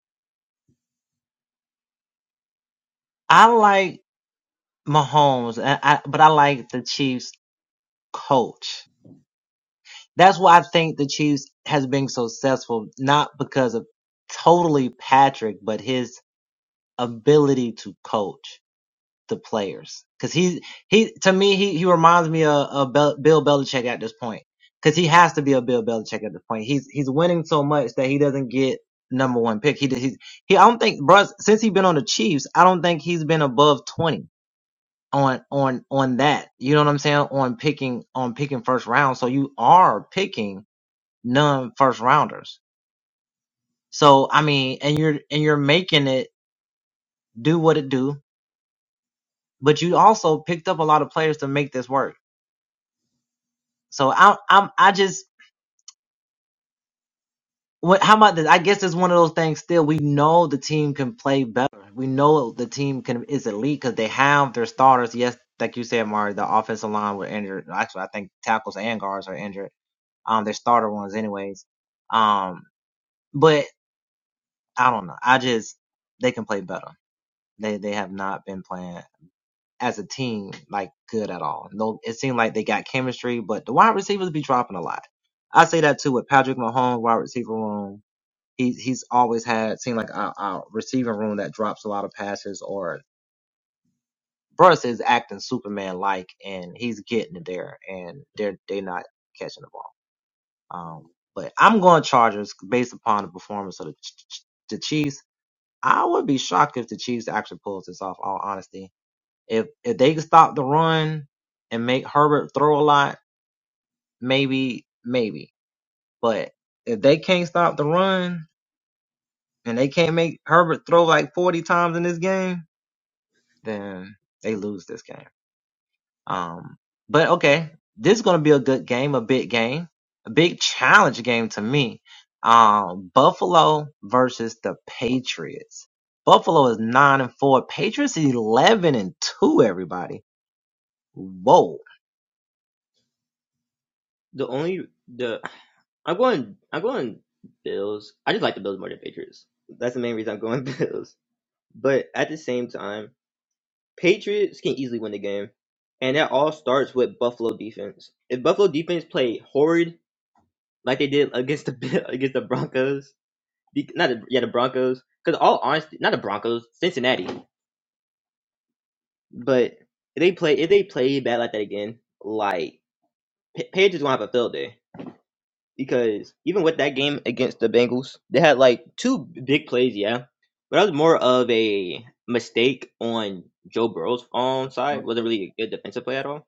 Speaker 3: The only the I'm going I'm going Bills. I just like the Bills more than Patriots. That's the main reason I'm going Bills. But at the same time, Patriots can easily win the game. And that all starts with Buffalo defense. If Buffalo defense played horrid like they did against the Bill- against the Broncos. Be- Not the, yeah, the Broncos. Because all honesty, not the Broncos, Cincinnati. But if they play if they play bad like that again, like Pa- Page is gonna have a field day because even with that game against the Bengals, they had like two big plays, yeah. But that was more of a mistake on Joe Burrow's own side. wasn't really a good defensive play at all.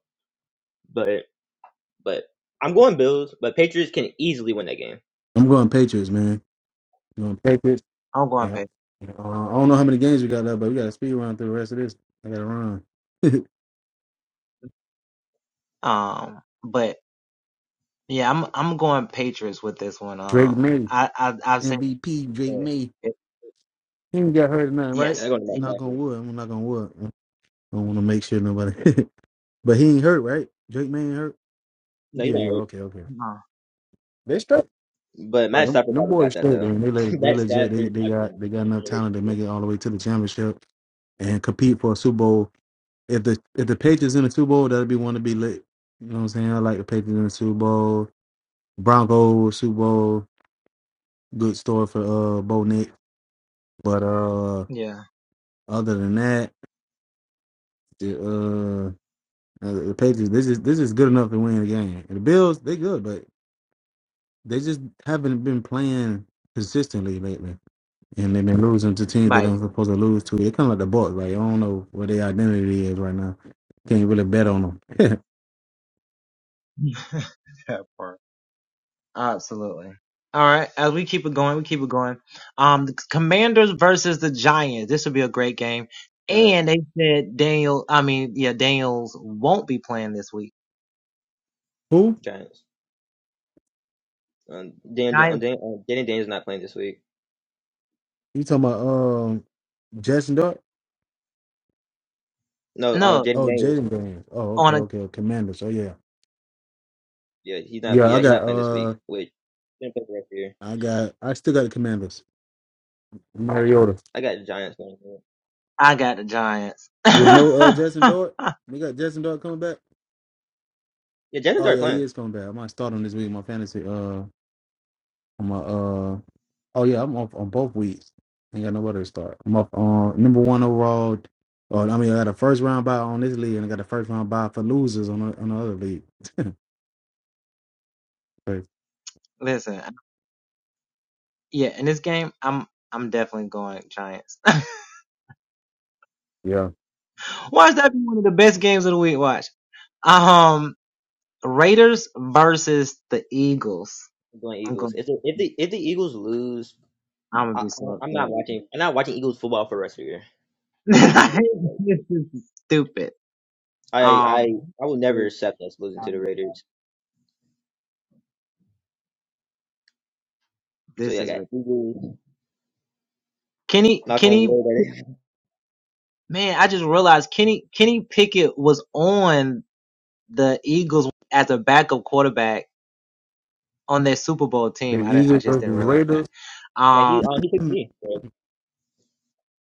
Speaker 3: But but I'm going Bills. But Patriots can easily win that game.
Speaker 2: I'm going Patriots, man. You know, Patriots. Yeah. Uh, I don't know how many games we got left, but we got a speed run through the rest of this. I got to run. Drake May, MVP, Drake May. He ain't got hurt or nothing, right?
Speaker 3: They're going to
Speaker 2: Knock
Speaker 3: back.
Speaker 2: on wood. I'm knock on wood. I don't want to make sure nobody. but he ain't hurt, right? Drake May ain't hurt.
Speaker 3: No, you're
Speaker 2: Yeah,
Speaker 3: not.
Speaker 2: yeah,
Speaker 3: right.
Speaker 2: okay, okay. They straight.
Speaker 3: But Matt
Speaker 2: Them,
Speaker 3: Stafford
Speaker 2: them
Speaker 3: probably
Speaker 2: boys
Speaker 3: got that
Speaker 2: straight. They,
Speaker 3: though.
Speaker 2: they, le- they
Speaker 3: Matt
Speaker 2: legit. They,
Speaker 3: Stafford,
Speaker 2: they
Speaker 3: I've
Speaker 2: got
Speaker 3: been
Speaker 2: they got
Speaker 3: a
Speaker 2: enough talent
Speaker 3: generation
Speaker 2: to
Speaker 3: leader.
Speaker 2: make it all the way to the championship and compete for a Super Bowl. If the if the Patriots in the Super Bowl, that'd be one to be lit. You know what I'm saying? I like the Patriots in the Super Bowl. Broncos Super Bowl, good story for uh Bo Nick. But uh, other than that, the uh, uh, the Patriots this is this is good enough to win the game. And the Bills they good, but they just haven't been playing consistently lately, and they've been losing to teams that they're supposed to lose to. They're kind of like the Bucks. Like I don't know what their identity is right now. Can't really bet on them.
Speaker 3: Giants,
Speaker 2: Who
Speaker 3: Giants. Um, Dan, um, Dan, um, Jaden Daniels not playing this week.
Speaker 2: you talking about? Um, Jason Dart.
Speaker 3: No, um, Jaden
Speaker 2: Oh,
Speaker 3: Daniels.
Speaker 2: Jaden Daniels. Oh, okay, okay, okay, Commanders. Oh yeah,
Speaker 3: Yeah, he's not.
Speaker 2: yeah. I
Speaker 3: Yeah, he's not
Speaker 2: got
Speaker 3: playing this
Speaker 2: uh.
Speaker 3: week. Which didn't play the rest of the year.
Speaker 2: I got. I still got the Commanders. Mariota
Speaker 3: I got the Giants playing. here.
Speaker 2: with no uh Jason Dort. We got Jason Dort coming back.
Speaker 3: Yeah, Jalen
Speaker 2: Oh
Speaker 3: Dart
Speaker 2: yeah,
Speaker 3: playing.
Speaker 2: he is coming back. I might start him this week. in My fantasy. Uh, on my uh. Oh yeah, I'm off on both weeks. Ain't got nobody to start. I'm off on number one overall. Oh, I mean, I got a first round bye on this league, and I got a first round bye for losers on the, on the other league. Crazy. yeah,
Speaker 3: I'm going Eagles. If the if the if the Eagles lose, I, I- I'm not watching. I'm not watching Eagles football for the rest of the year. If we lose against the Raiders, I I I will never accept us losing to the Raiders. So yeah, I got Eagles. Knock on wood.
Speaker 2: the Eagles versus Raiders.
Speaker 3: Yeah, he um, he picked me.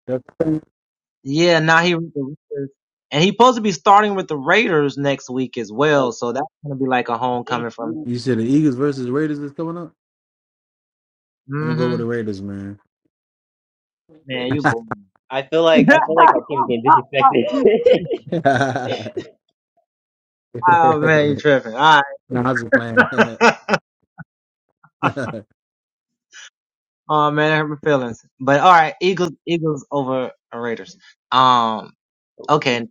Speaker 2: That's cool.
Speaker 3: So, They do
Speaker 2: you
Speaker 3: beat
Speaker 2: said the Eagles versus Raiders is coming up. I'm gonna go with the Raiders, man.
Speaker 3: the Raiders. I feel like I feel like our team's getting disrespected.
Speaker 2: No, I was just playing.
Speaker 3: Hopefully,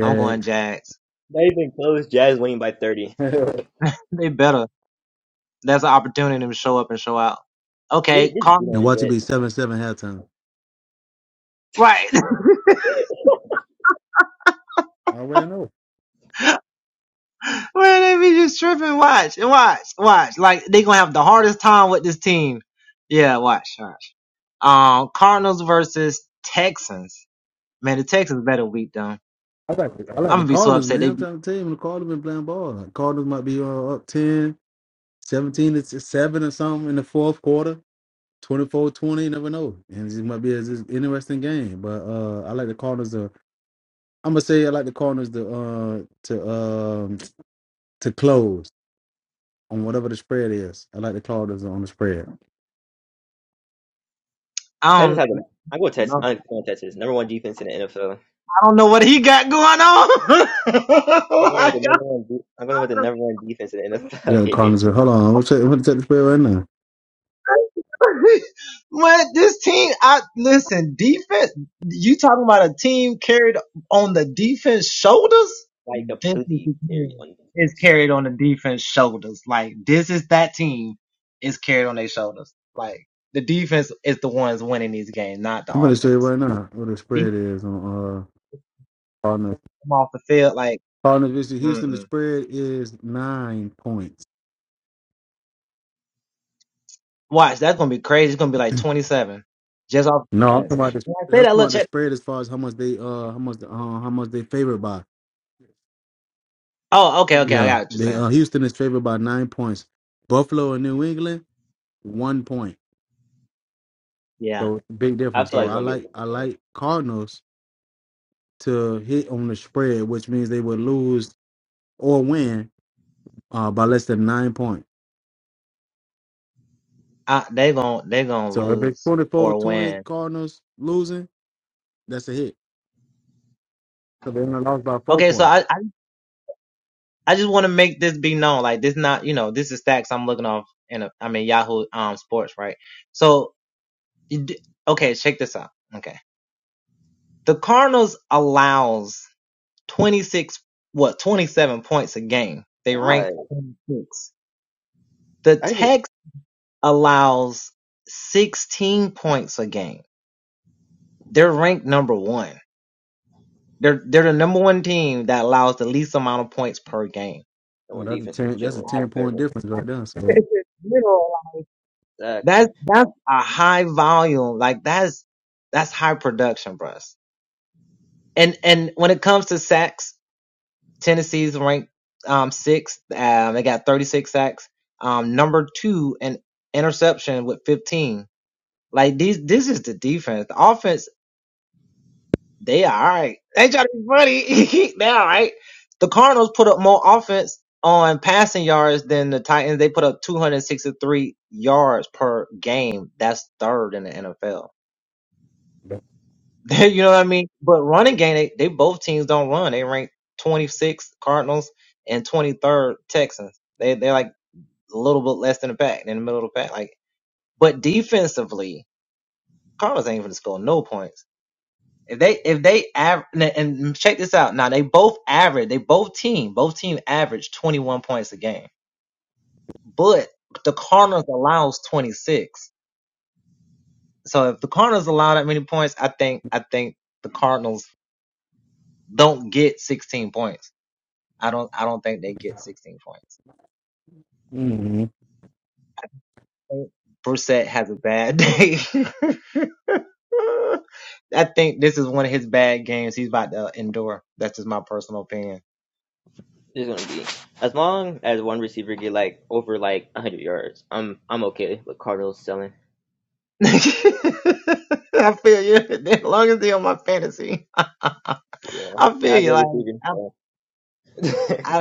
Speaker 2: yeah.
Speaker 3: not even close. Jazz winning by thirty.
Speaker 2: and
Speaker 3: Just just beat on
Speaker 2: watch it
Speaker 3: the
Speaker 2: be
Speaker 3: Jets.
Speaker 2: seven seven halftime. I already know. I like the, I like the Cardinals, man. I'm trying to tell you, the Cardinals been playing ball. The Cardinals might be uh, up ten, seventeen, 17 to seven or something in the fourth quarter. Twenty-four, twenty, you never know. And it might be a, just interesting game. But uh, I like the Cardinals to I'm gonna say I like the Cardinals to uh to um to close on whatever the spread is. I like the Cardinals on the spread.
Speaker 3: Texans have the. I go Texans. I'm going Texans. Number one defense in the NFL. I'm going with the number one. De- I'm going with the number one defense in the NFL.
Speaker 2: Yeah, the
Speaker 3: here.
Speaker 2: Cardinals. are, Hold on, I'm gonna check, I'm gonna check the spread right now.
Speaker 3: like completely carry on defense.
Speaker 2: I'm gonna say right now what the spread is on uh Cardinals. Cardinals versus Houston. The spread is nine points. No,
Speaker 3: I,
Speaker 2: I'm talking about the that's about the spread as far as how much they uh how much uh, how much they favored by. Yeah, they uh Houston is favored by nine points. Buffalo and New England one point. So big
Speaker 3: I
Speaker 2: difference.
Speaker 3: feel like
Speaker 2: So
Speaker 3: it's
Speaker 2: I
Speaker 3: gonna be a
Speaker 2: like
Speaker 3: really
Speaker 2: I
Speaker 3: good game.
Speaker 2: like Cardinals to hit on the spread, which means they would lose or win uh by less than nine points. So if it's 24-20 Cardinals losing, that's a hit. So they only lost by four points.
Speaker 3: God, I didn't even number
Speaker 2: Well,
Speaker 3: one
Speaker 2: that's a
Speaker 3: defense in
Speaker 2: ten. That's a
Speaker 3: general.
Speaker 2: ten
Speaker 3: Exactly.
Speaker 2: point difference right there. So, hmm
Speaker 3: is going to be. As long as one receiver get like over like 100 yards, I'm I'm okay with Cardinals selling. Yeah, I have the receiving. So.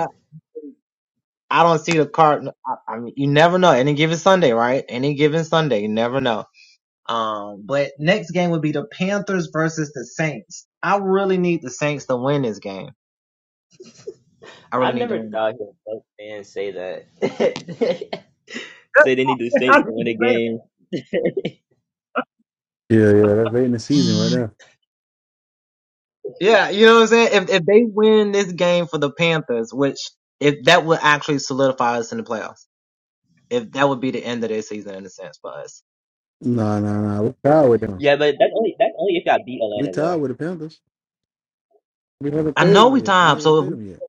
Speaker 3: I never thought he'd let fans say that. say they need the Saints to win a game.
Speaker 2: yeah, yeah, that's late in the season right there. No, no, no. We tied with them.
Speaker 3: Yeah, but that's only that's only if y'all beat
Speaker 2: We
Speaker 3: Atlanta
Speaker 2: tied
Speaker 3: though.
Speaker 2: with the Panthers. We haven't played them one yet. We haven't played them yet.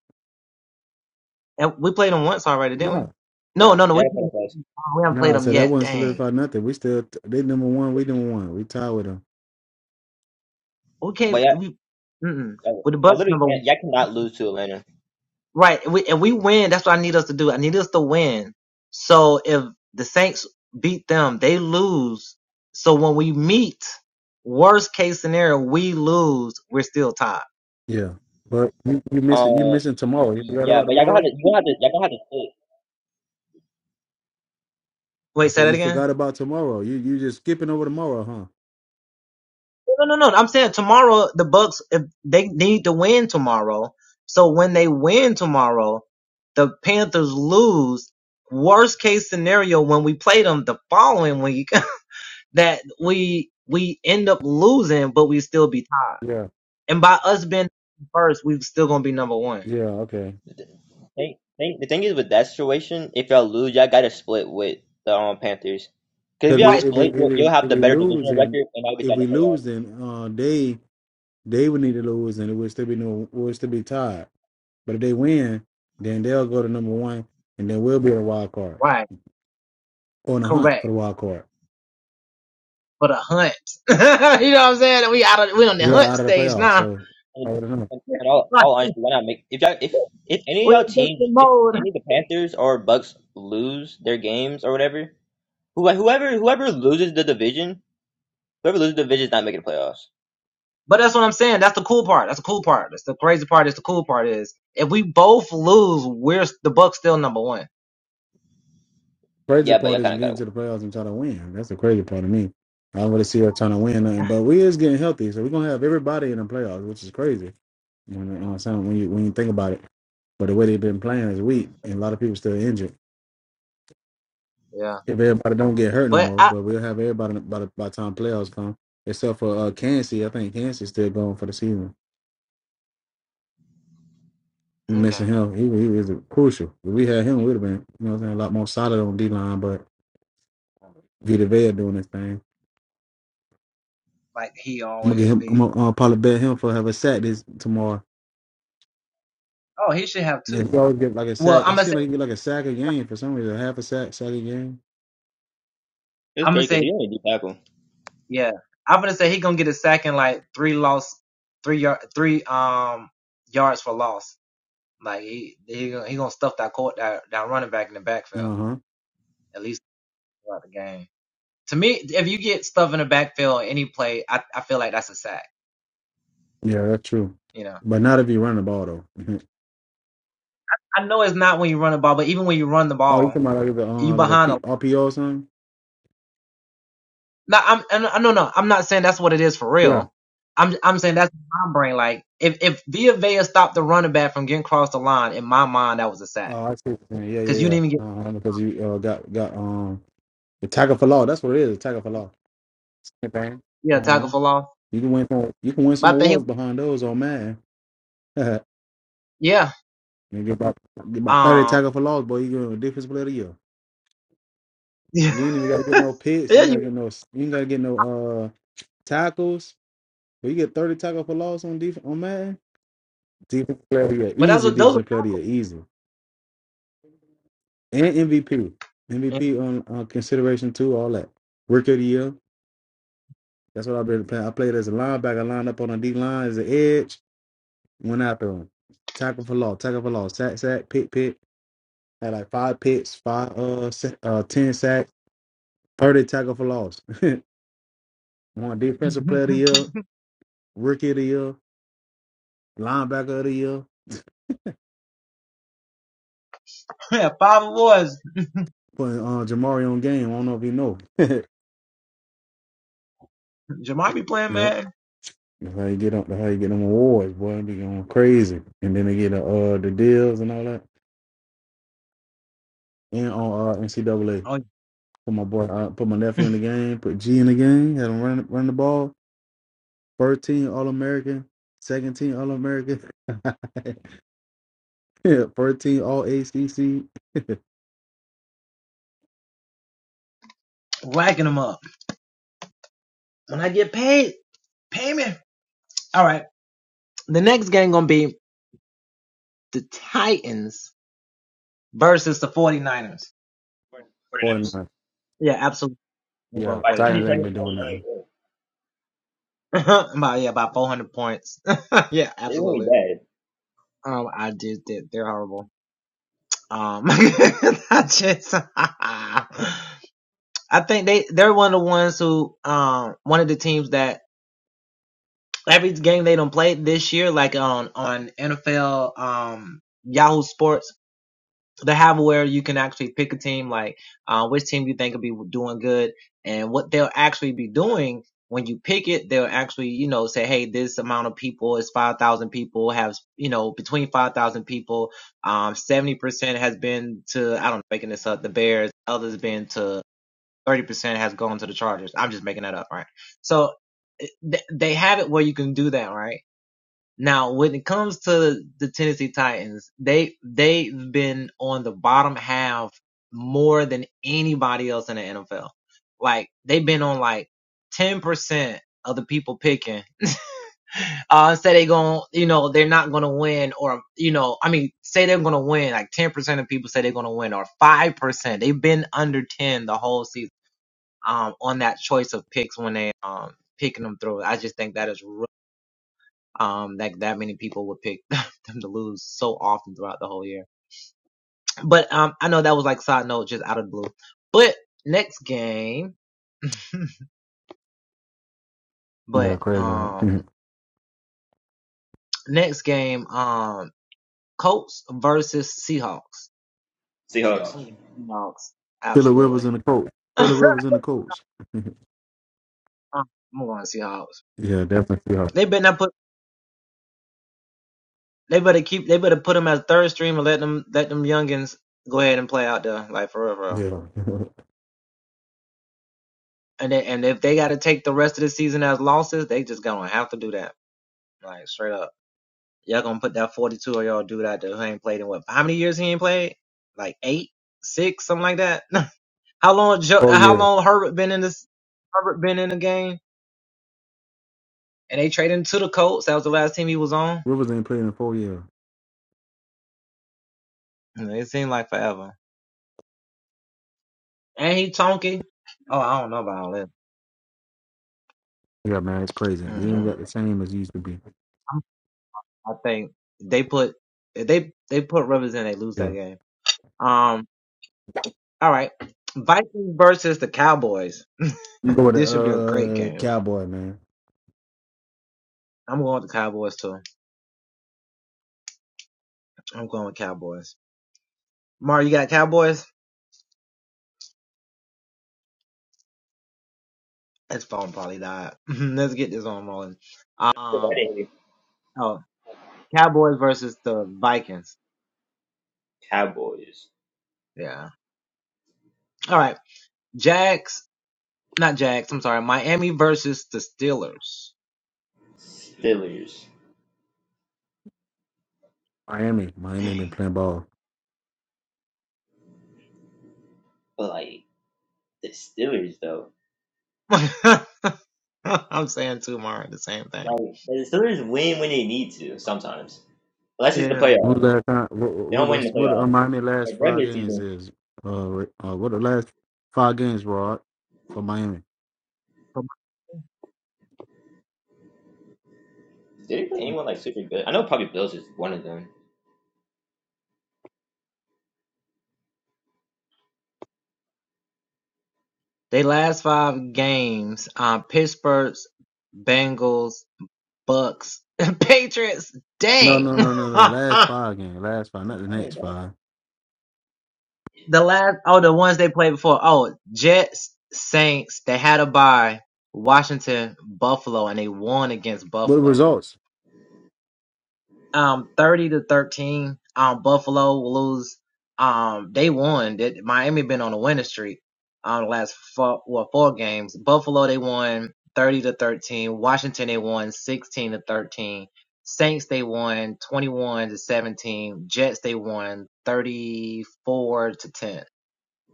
Speaker 2: No,
Speaker 3: No, y'all gotta play the playoffs.
Speaker 2: no. So that wouldn't solidify nothing. We still they number one. We number one. We tied with them.
Speaker 3: But y'all, y'all, y'all literally can't. Y'all cannot lose to Atlanta.
Speaker 2: Yeah, but you, you
Speaker 3: Um,
Speaker 2: missing you missing tomorrow. You
Speaker 3: y-
Speaker 2: forgot
Speaker 3: yeah,
Speaker 2: about
Speaker 3: but y'all gonna have
Speaker 2: tomorrow.
Speaker 3: to. You gonna have to. Y'all gonna have to sit.
Speaker 2: I said you forgot about tomorrow. You you just skipping over tomorrow, huh? Yeah. Yeah.
Speaker 3: Thing, thing, the thing is with that situation, if y'all lose, y'all gotta split with the um, Panthers. Cause if
Speaker 2: Because
Speaker 3: y'all
Speaker 2: if we,
Speaker 3: split,
Speaker 2: if
Speaker 3: you'll,
Speaker 2: we
Speaker 3: you'll
Speaker 2: if
Speaker 3: have the
Speaker 2: we
Speaker 3: better
Speaker 2: lose
Speaker 3: divisional
Speaker 2: and
Speaker 3: record, and I'll get
Speaker 2: if
Speaker 3: y'all in
Speaker 2: we
Speaker 3: the
Speaker 2: lose
Speaker 3: playoffs.
Speaker 2: then uh they they would need to lose and it would still be no would still be tied. But if they win, then they'll go to number one and then we'll be a wild card on a hunt for the wild card. We're out of the playoffs, so I
Speaker 3: And,
Speaker 2: would know.
Speaker 3: and, and all, all honesty, why not make if y'all if if any of y'all teams, if any of the Panthers or Bucks lose their games or whatever, who whoever whoever loses the division, whoever loses the division is not making the playoffs.
Speaker 2: Crazy
Speaker 3: Yeah, but
Speaker 2: part
Speaker 3: y'all
Speaker 2: is
Speaker 3: kind of
Speaker 2: getting
Speaker 3: gotta.
Speaker 2: to the playoffs and trying to win. That's the crazy part of me. I don't really see us trying to win nothing, but we is getting healthy, so we're gonna have everybody in the playoffs, which is crazy. You know what I'm saying when you when you think about it, but the way they've been playing is weak, and a lot of people still injured. if everybody don't get hurt no more. But we'll have everybody by the by the time playoffs come, except for uh, Kansas. I think Kansas still going for the season. We missing him. He, he was crucial. If we had him, we'd have been you know what I'm saying a lot more solid on D line. But Vita Vea doing his thing. I'm gonna get him. I'm gonna uh, probably bet him for have a sack this tomorrow. Yeah, he always get like a sack. He seemed like he get like a sack a game for some reason. Half a sack, sack a game.
Speaker 3: It's crazy because he only do tackle
Speaker 2: Uh huh. Yeah, that's true. But not if you run the ball though. oh, you talking about like the uh, like a P- RPO or something? Yeah. Oh, I see. What you're saying. Yeah, yeah, yeah. Uh, because you uh, got got um the tagger for law. That's what it is. Tackle for law. Hey, bang. Uh-huh. You can win some. You can win some awards behind those. Oh man. you get about get about thirty tackle for laws, boy. You get a difference player of the year. You ain't even gotta get no picks. You ain't gotta get no. You ain't gotta get no uh tackles. But you get thirty tackle for loss on defense. On man, defensive player of the year, easy. Defensive player of the year, easy. And MVP, MVP on uh, consideration too. All that. Rookie of the year. That's what I've been playing. I played as a linebacker, lined up on a D line as an edge, went after him. Tackle for loss, tackle for loss, sack, sack, pick, pick. Had like five picks, five, uh, se- uh 10 sacks, 30 tackle for loss. One defensive player of the year, rookie of the year, linebacker of the year, putting uh, Jamari on game. I don't know if you know. yep. That's how you get up. That's how you get them awards, boy. It be going crazy, and then they get the uh, the deals and all that, and on uh, NCAA. Put my boy, uh, put my nephew in the game. Put G in the game. Had him run run the ball. First team All American. Second team All American. yeah, first team All ACC. 49. Yeah, Titans ain't been doing nothing. Yeah, crazy. Right?
Speaker 3: Seahawks.
Speaker 2: Phillip Rivers in the coach. Phillip Rivers in the coach. yeah, definitely. Yeah. yeah. four years. Rivers ain't played in four years. Yeah, man, it's crazy. He ain't got the same as he used to be. Yeah. I'm going to go with the uh Cowboy, man.
Speaker 3: Cowboys, Steelers,
Speaker 2: Miami. Miami been playing ball.
Speaker 3: but like the Steelers though. Like the Steelers win when they need to sometimes. Unless it's the playoff.
Speaker 2: What last time? What
Speaker 3: They
Speaker 2: what
Speaker 3: don't win
Speaker 2: what,
Speaker 3: the
Speaker 2: what are
Speaker 3: playoff.
Speaker 2: Miami last
Speaker 3: Like
Speaker 2: five
Speaker 3: regular
Speaker 2: games
Speaker 3: season.
Speaker 2: is? Uh, uh what the last five games were Art, for Miami?
Speaker 3: Did they play anyone like super good? I know probably Bills is one of them.
Speaker 2: No, no, no, no, no. Last five games, last five, not the
Speaker 3: I don't
Speaker 2: next
Speaker 3: know.
Speaker 2: five. What the results?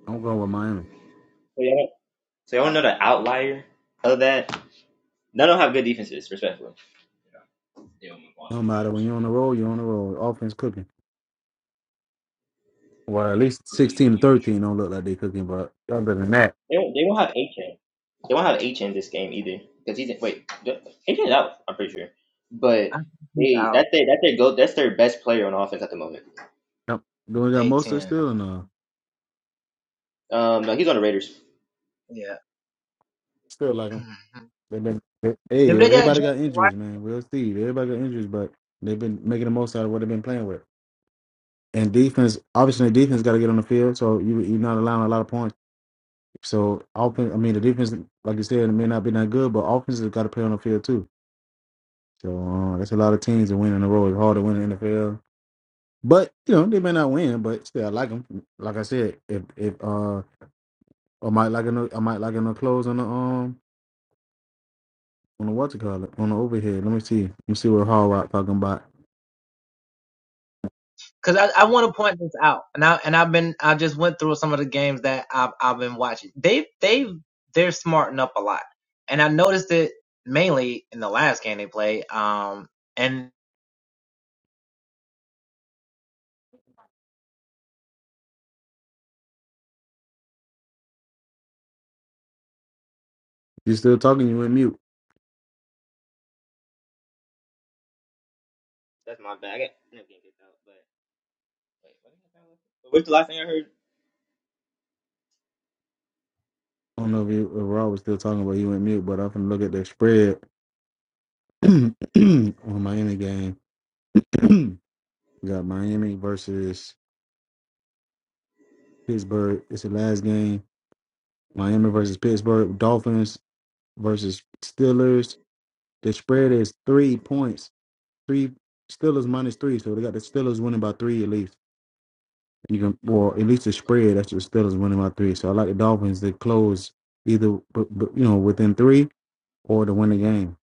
Speaker 2: I'm going with Miami.
Speaker 3: So y'all, so y'all know the outlier of that. None of them have good defenses, respectfully.
Speaker 2: No matter when you're on the roll, you're on the roll. Offense cooking. Well, at least sixteen to thirteen don't look like they cooking, but other than that,
Speaker 3: They won't, they won't have Achan. They won't have Achan this game either. Because he's wait, Achan's out. I'm pretty sure. But they that's their that's their go that's their best player on offense at the moment.
Speaker 2: nope. do we got Mostert still and uh
Speaker 3: Um, no, he's on the Raiders.
Speaker 2: still like them. They've been they- hey, everybody got injuries, man. We'll see. Everybody got injuries, but they've been making the most out of what they've been playing with. and defense obviously the defense got to get on the field, so you you're not allowing a lot of points. So offense, I mean the defense, like you said, it may not be that good, but offense has got to play on the field too. So uh, that's a lot of teams that win in a row. It's hard to win in the NFL, but you know they may not win, but still I like them. Like I said, if if uh I might like a I might like a close on the um on the what you call it on the overhead. Let me see, let me see what Hall Rock talking about. You still talking? You went mute.
Speaker 3: That's my bad. I got, I got kicked out, but wait, what the What's the last thing I heard?
Speaker 2: I don't know if, you, if Rob was still talking, but you went mute. But I'm gonna look at their spread on Miami game. we got Miami versus Pittsburgh. It's the last game. Miami versus Pittsburgh. Dolphins versus Steelers. The spread is three points. Three Steelers minus three. So they got the Steelers winning by three at least. You can well at least the spread. That's the Steelers winning by three. So I like the Dolphins to close either but, but, you know within three or to win the game.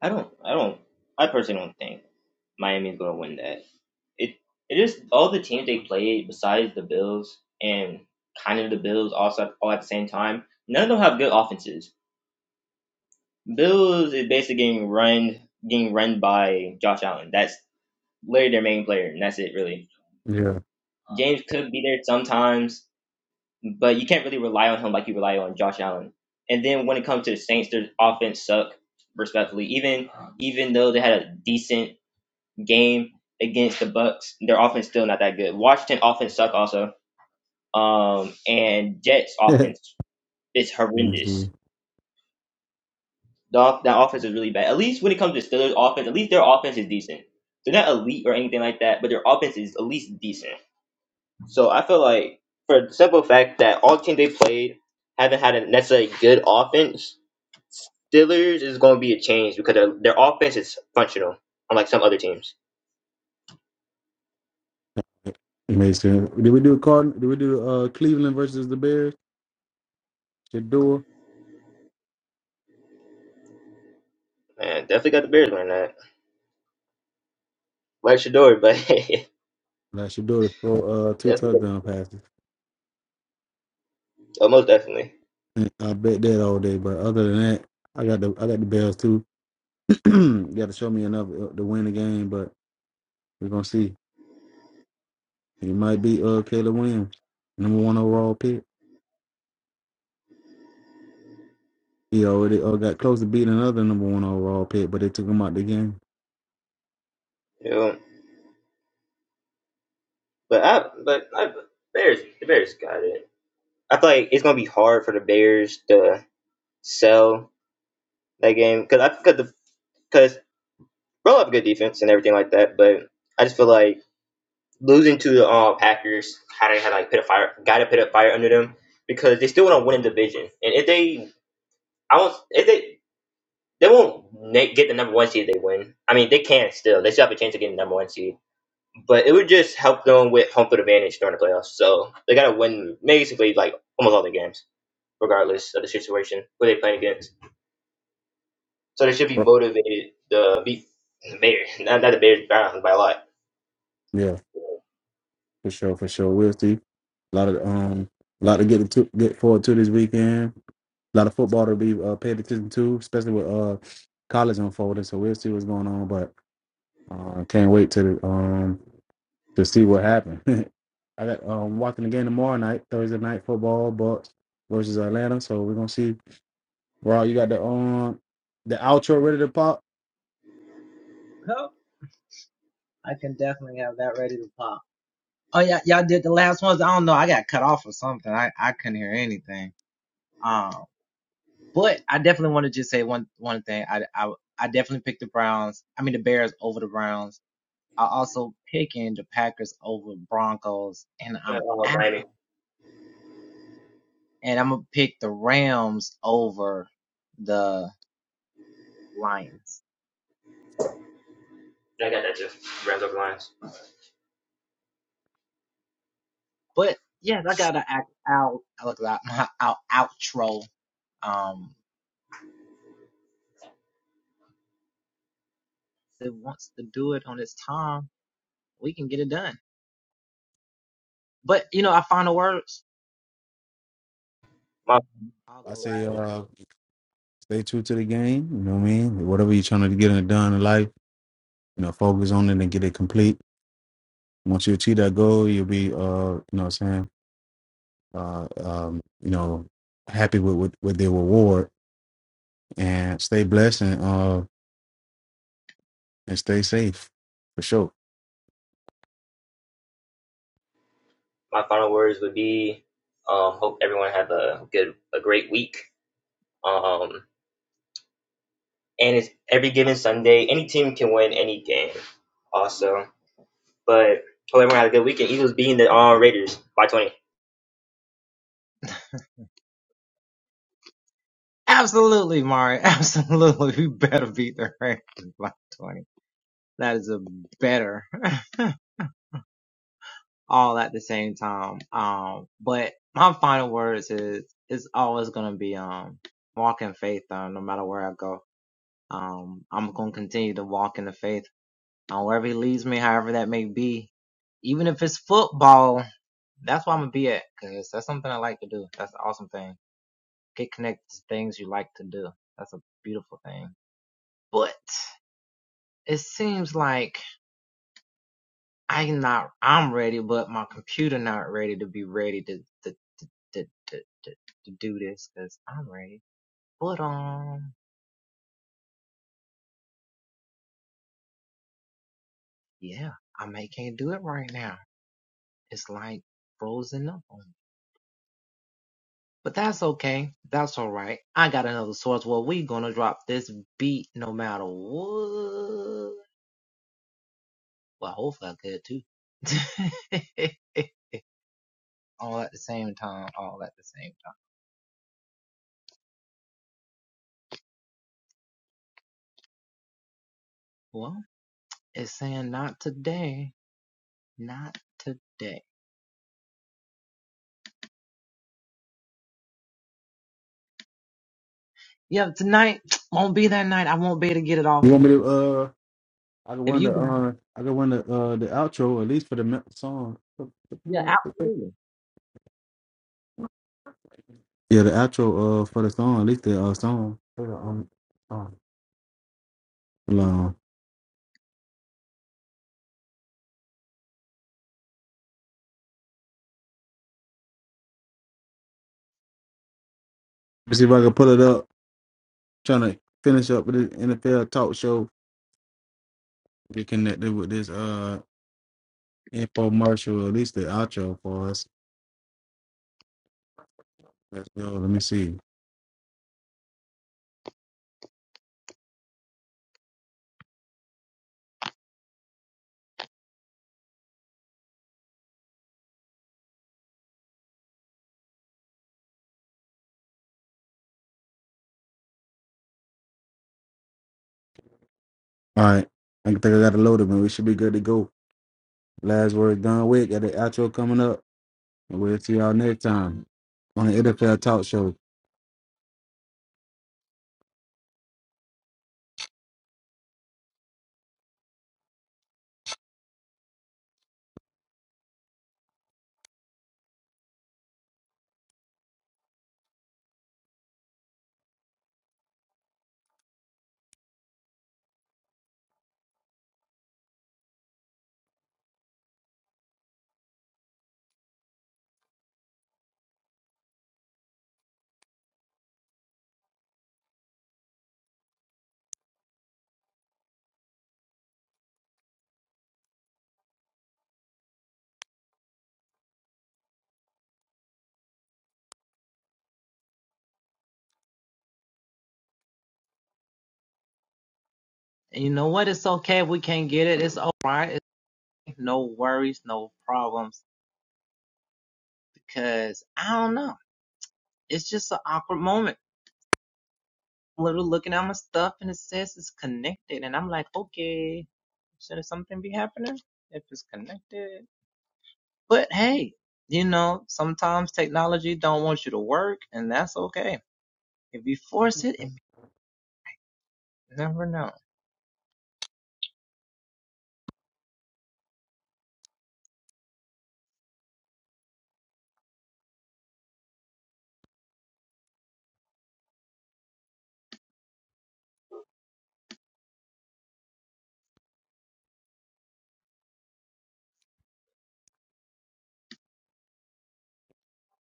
Speaker 3: I don't. I don't. I personally don't think Miami is going to win that. It it is all the teams they played besides the Bills and kind of the Bills also all at the same time. None of them have good offenses. Bills is basically getting run getting run by Josh Allen. That's literally their main player, and that's it really.
Speaker 2: Yeah.
Speaker 3: James could be there sometimes, but you can't really rely on him like you rely on Josh Allen. And then when it comes to the Saints, their offense suck respectfully. Even even though they had a decent game against the Bucks. Their offense still not that good. Washington offense suck also. Um, and Jets
Speaker 2: Let
Speaker 3: offense is
Speaker 2: me see.
Speaker 3: horrendous. The that offense is really bad. At least when it comes to Steelers offense, at least their offense is decent. They're not elite or anything like that, but their offense is at least decent. So I feel like for the simple fact that all teams they played haven't had a necessarily good offense, Steelers is going to be a change because their, their offense is functional, unlike some other teams.
Speaker 2: It Makes sense. Did we do Card? Did we do uh Cleveland versus the Bears? Shador.
Speaker 3: Man, definitely got the Bears winning that. Like Shador, but
Speaker 2: Like Shador for uh two
Speaker 3: Definitely.
Speaker 2: touchdown passes.
Speaker 3: Oh, most definitely.
Speaker 2: And I bet that all day. But other than that, I got the I got the Bears too. got to show me enough uh, to win the game, but we're gonna see. He might beat uh Caleb Williams, number one overall pick. He already uh, got close to beating another number one overall pick, but they took him out the game.
Speaker 3: Yeah. But I but I Bears the Bears got it. I feel like it's gonna be hard for the Bears to sell that game because I because the because roll up good defense and everything like that. But I just feel like losing to the um, Packers how they had like put a fire got to put a fire under them because they still want to win the division and if they I won't if they they won't na- get the number one seed if they win. I mean they can still they still have a chance of getting the number one seed but it would just help them with home field advantage during the playoffs. So they got to win basically like almost all the games, regardless of the situation who they playing against. So they should be
Speaker 2: Oh,
Speaker 3: motivated to beat the Bears, not, not the Bears, Browns by a lot.
Speaker 2: Yeah, for sure, for sure. We'll see. A lot of um, a lot to get to get forward to this weekend. A lot of football to be uh, paid attention to, especially with uh college unfolding. So we'll see what's going on. but. Uh, can't wait to um to see what happens. I got um watching the game tomorrow night, Thursday night football, Bucks versus Atlanta. So we're gonna see. Raw, you got the um the outro ready to pop.
Speaker 3: Uh, Miami, I got that too. Rams over Lions. My
Speaker 2: I say uh stay true to the game. You know what I mean? Whatever you're trying to get it done in life, you know, focus on it and get it complete. Once you achieve that goal, you'll be uh you know what I'm saying, uh um, you know, happy with, with, with the reward and stay blessed and uh and stay safe for sure.
Speaker 3: my final words would be, um, hope everyone have a good a great week. Um, and it's every given Sunday, any team can win any game. Also, but hope everyone had a good weekend. Eagles beating the uh, Raiders by twenty.
Speaker 2: You want me to uh I can run the uh I can run the uh the outro at least for the me- song. Yeah, the outro uh for the song, at least the uh song. Hold on. um, Hold on. Let's see if I can pull it up. trying to finish up with the NFL talk show. Get connected with this uh infomercial, at least the outro for us. Let's go. Let me see. All right. I think I got it loaded, man. We should be good to go. Last word done with. Got the outro coming up. And we'll see y'all next time on the NFL talk show.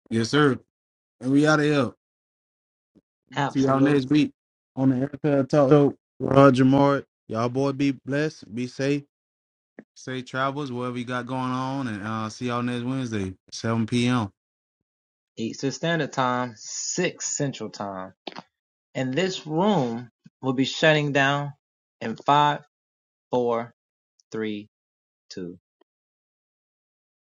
Speaker 2: Yes, sir. And we out of here. See y'all next week on the Airpod Talk. So, uh, Jamar, y'all boy be blessed, be safe, safe travels, whatever you got going on, and uh, see y'all next Wednesday, 7 p.m.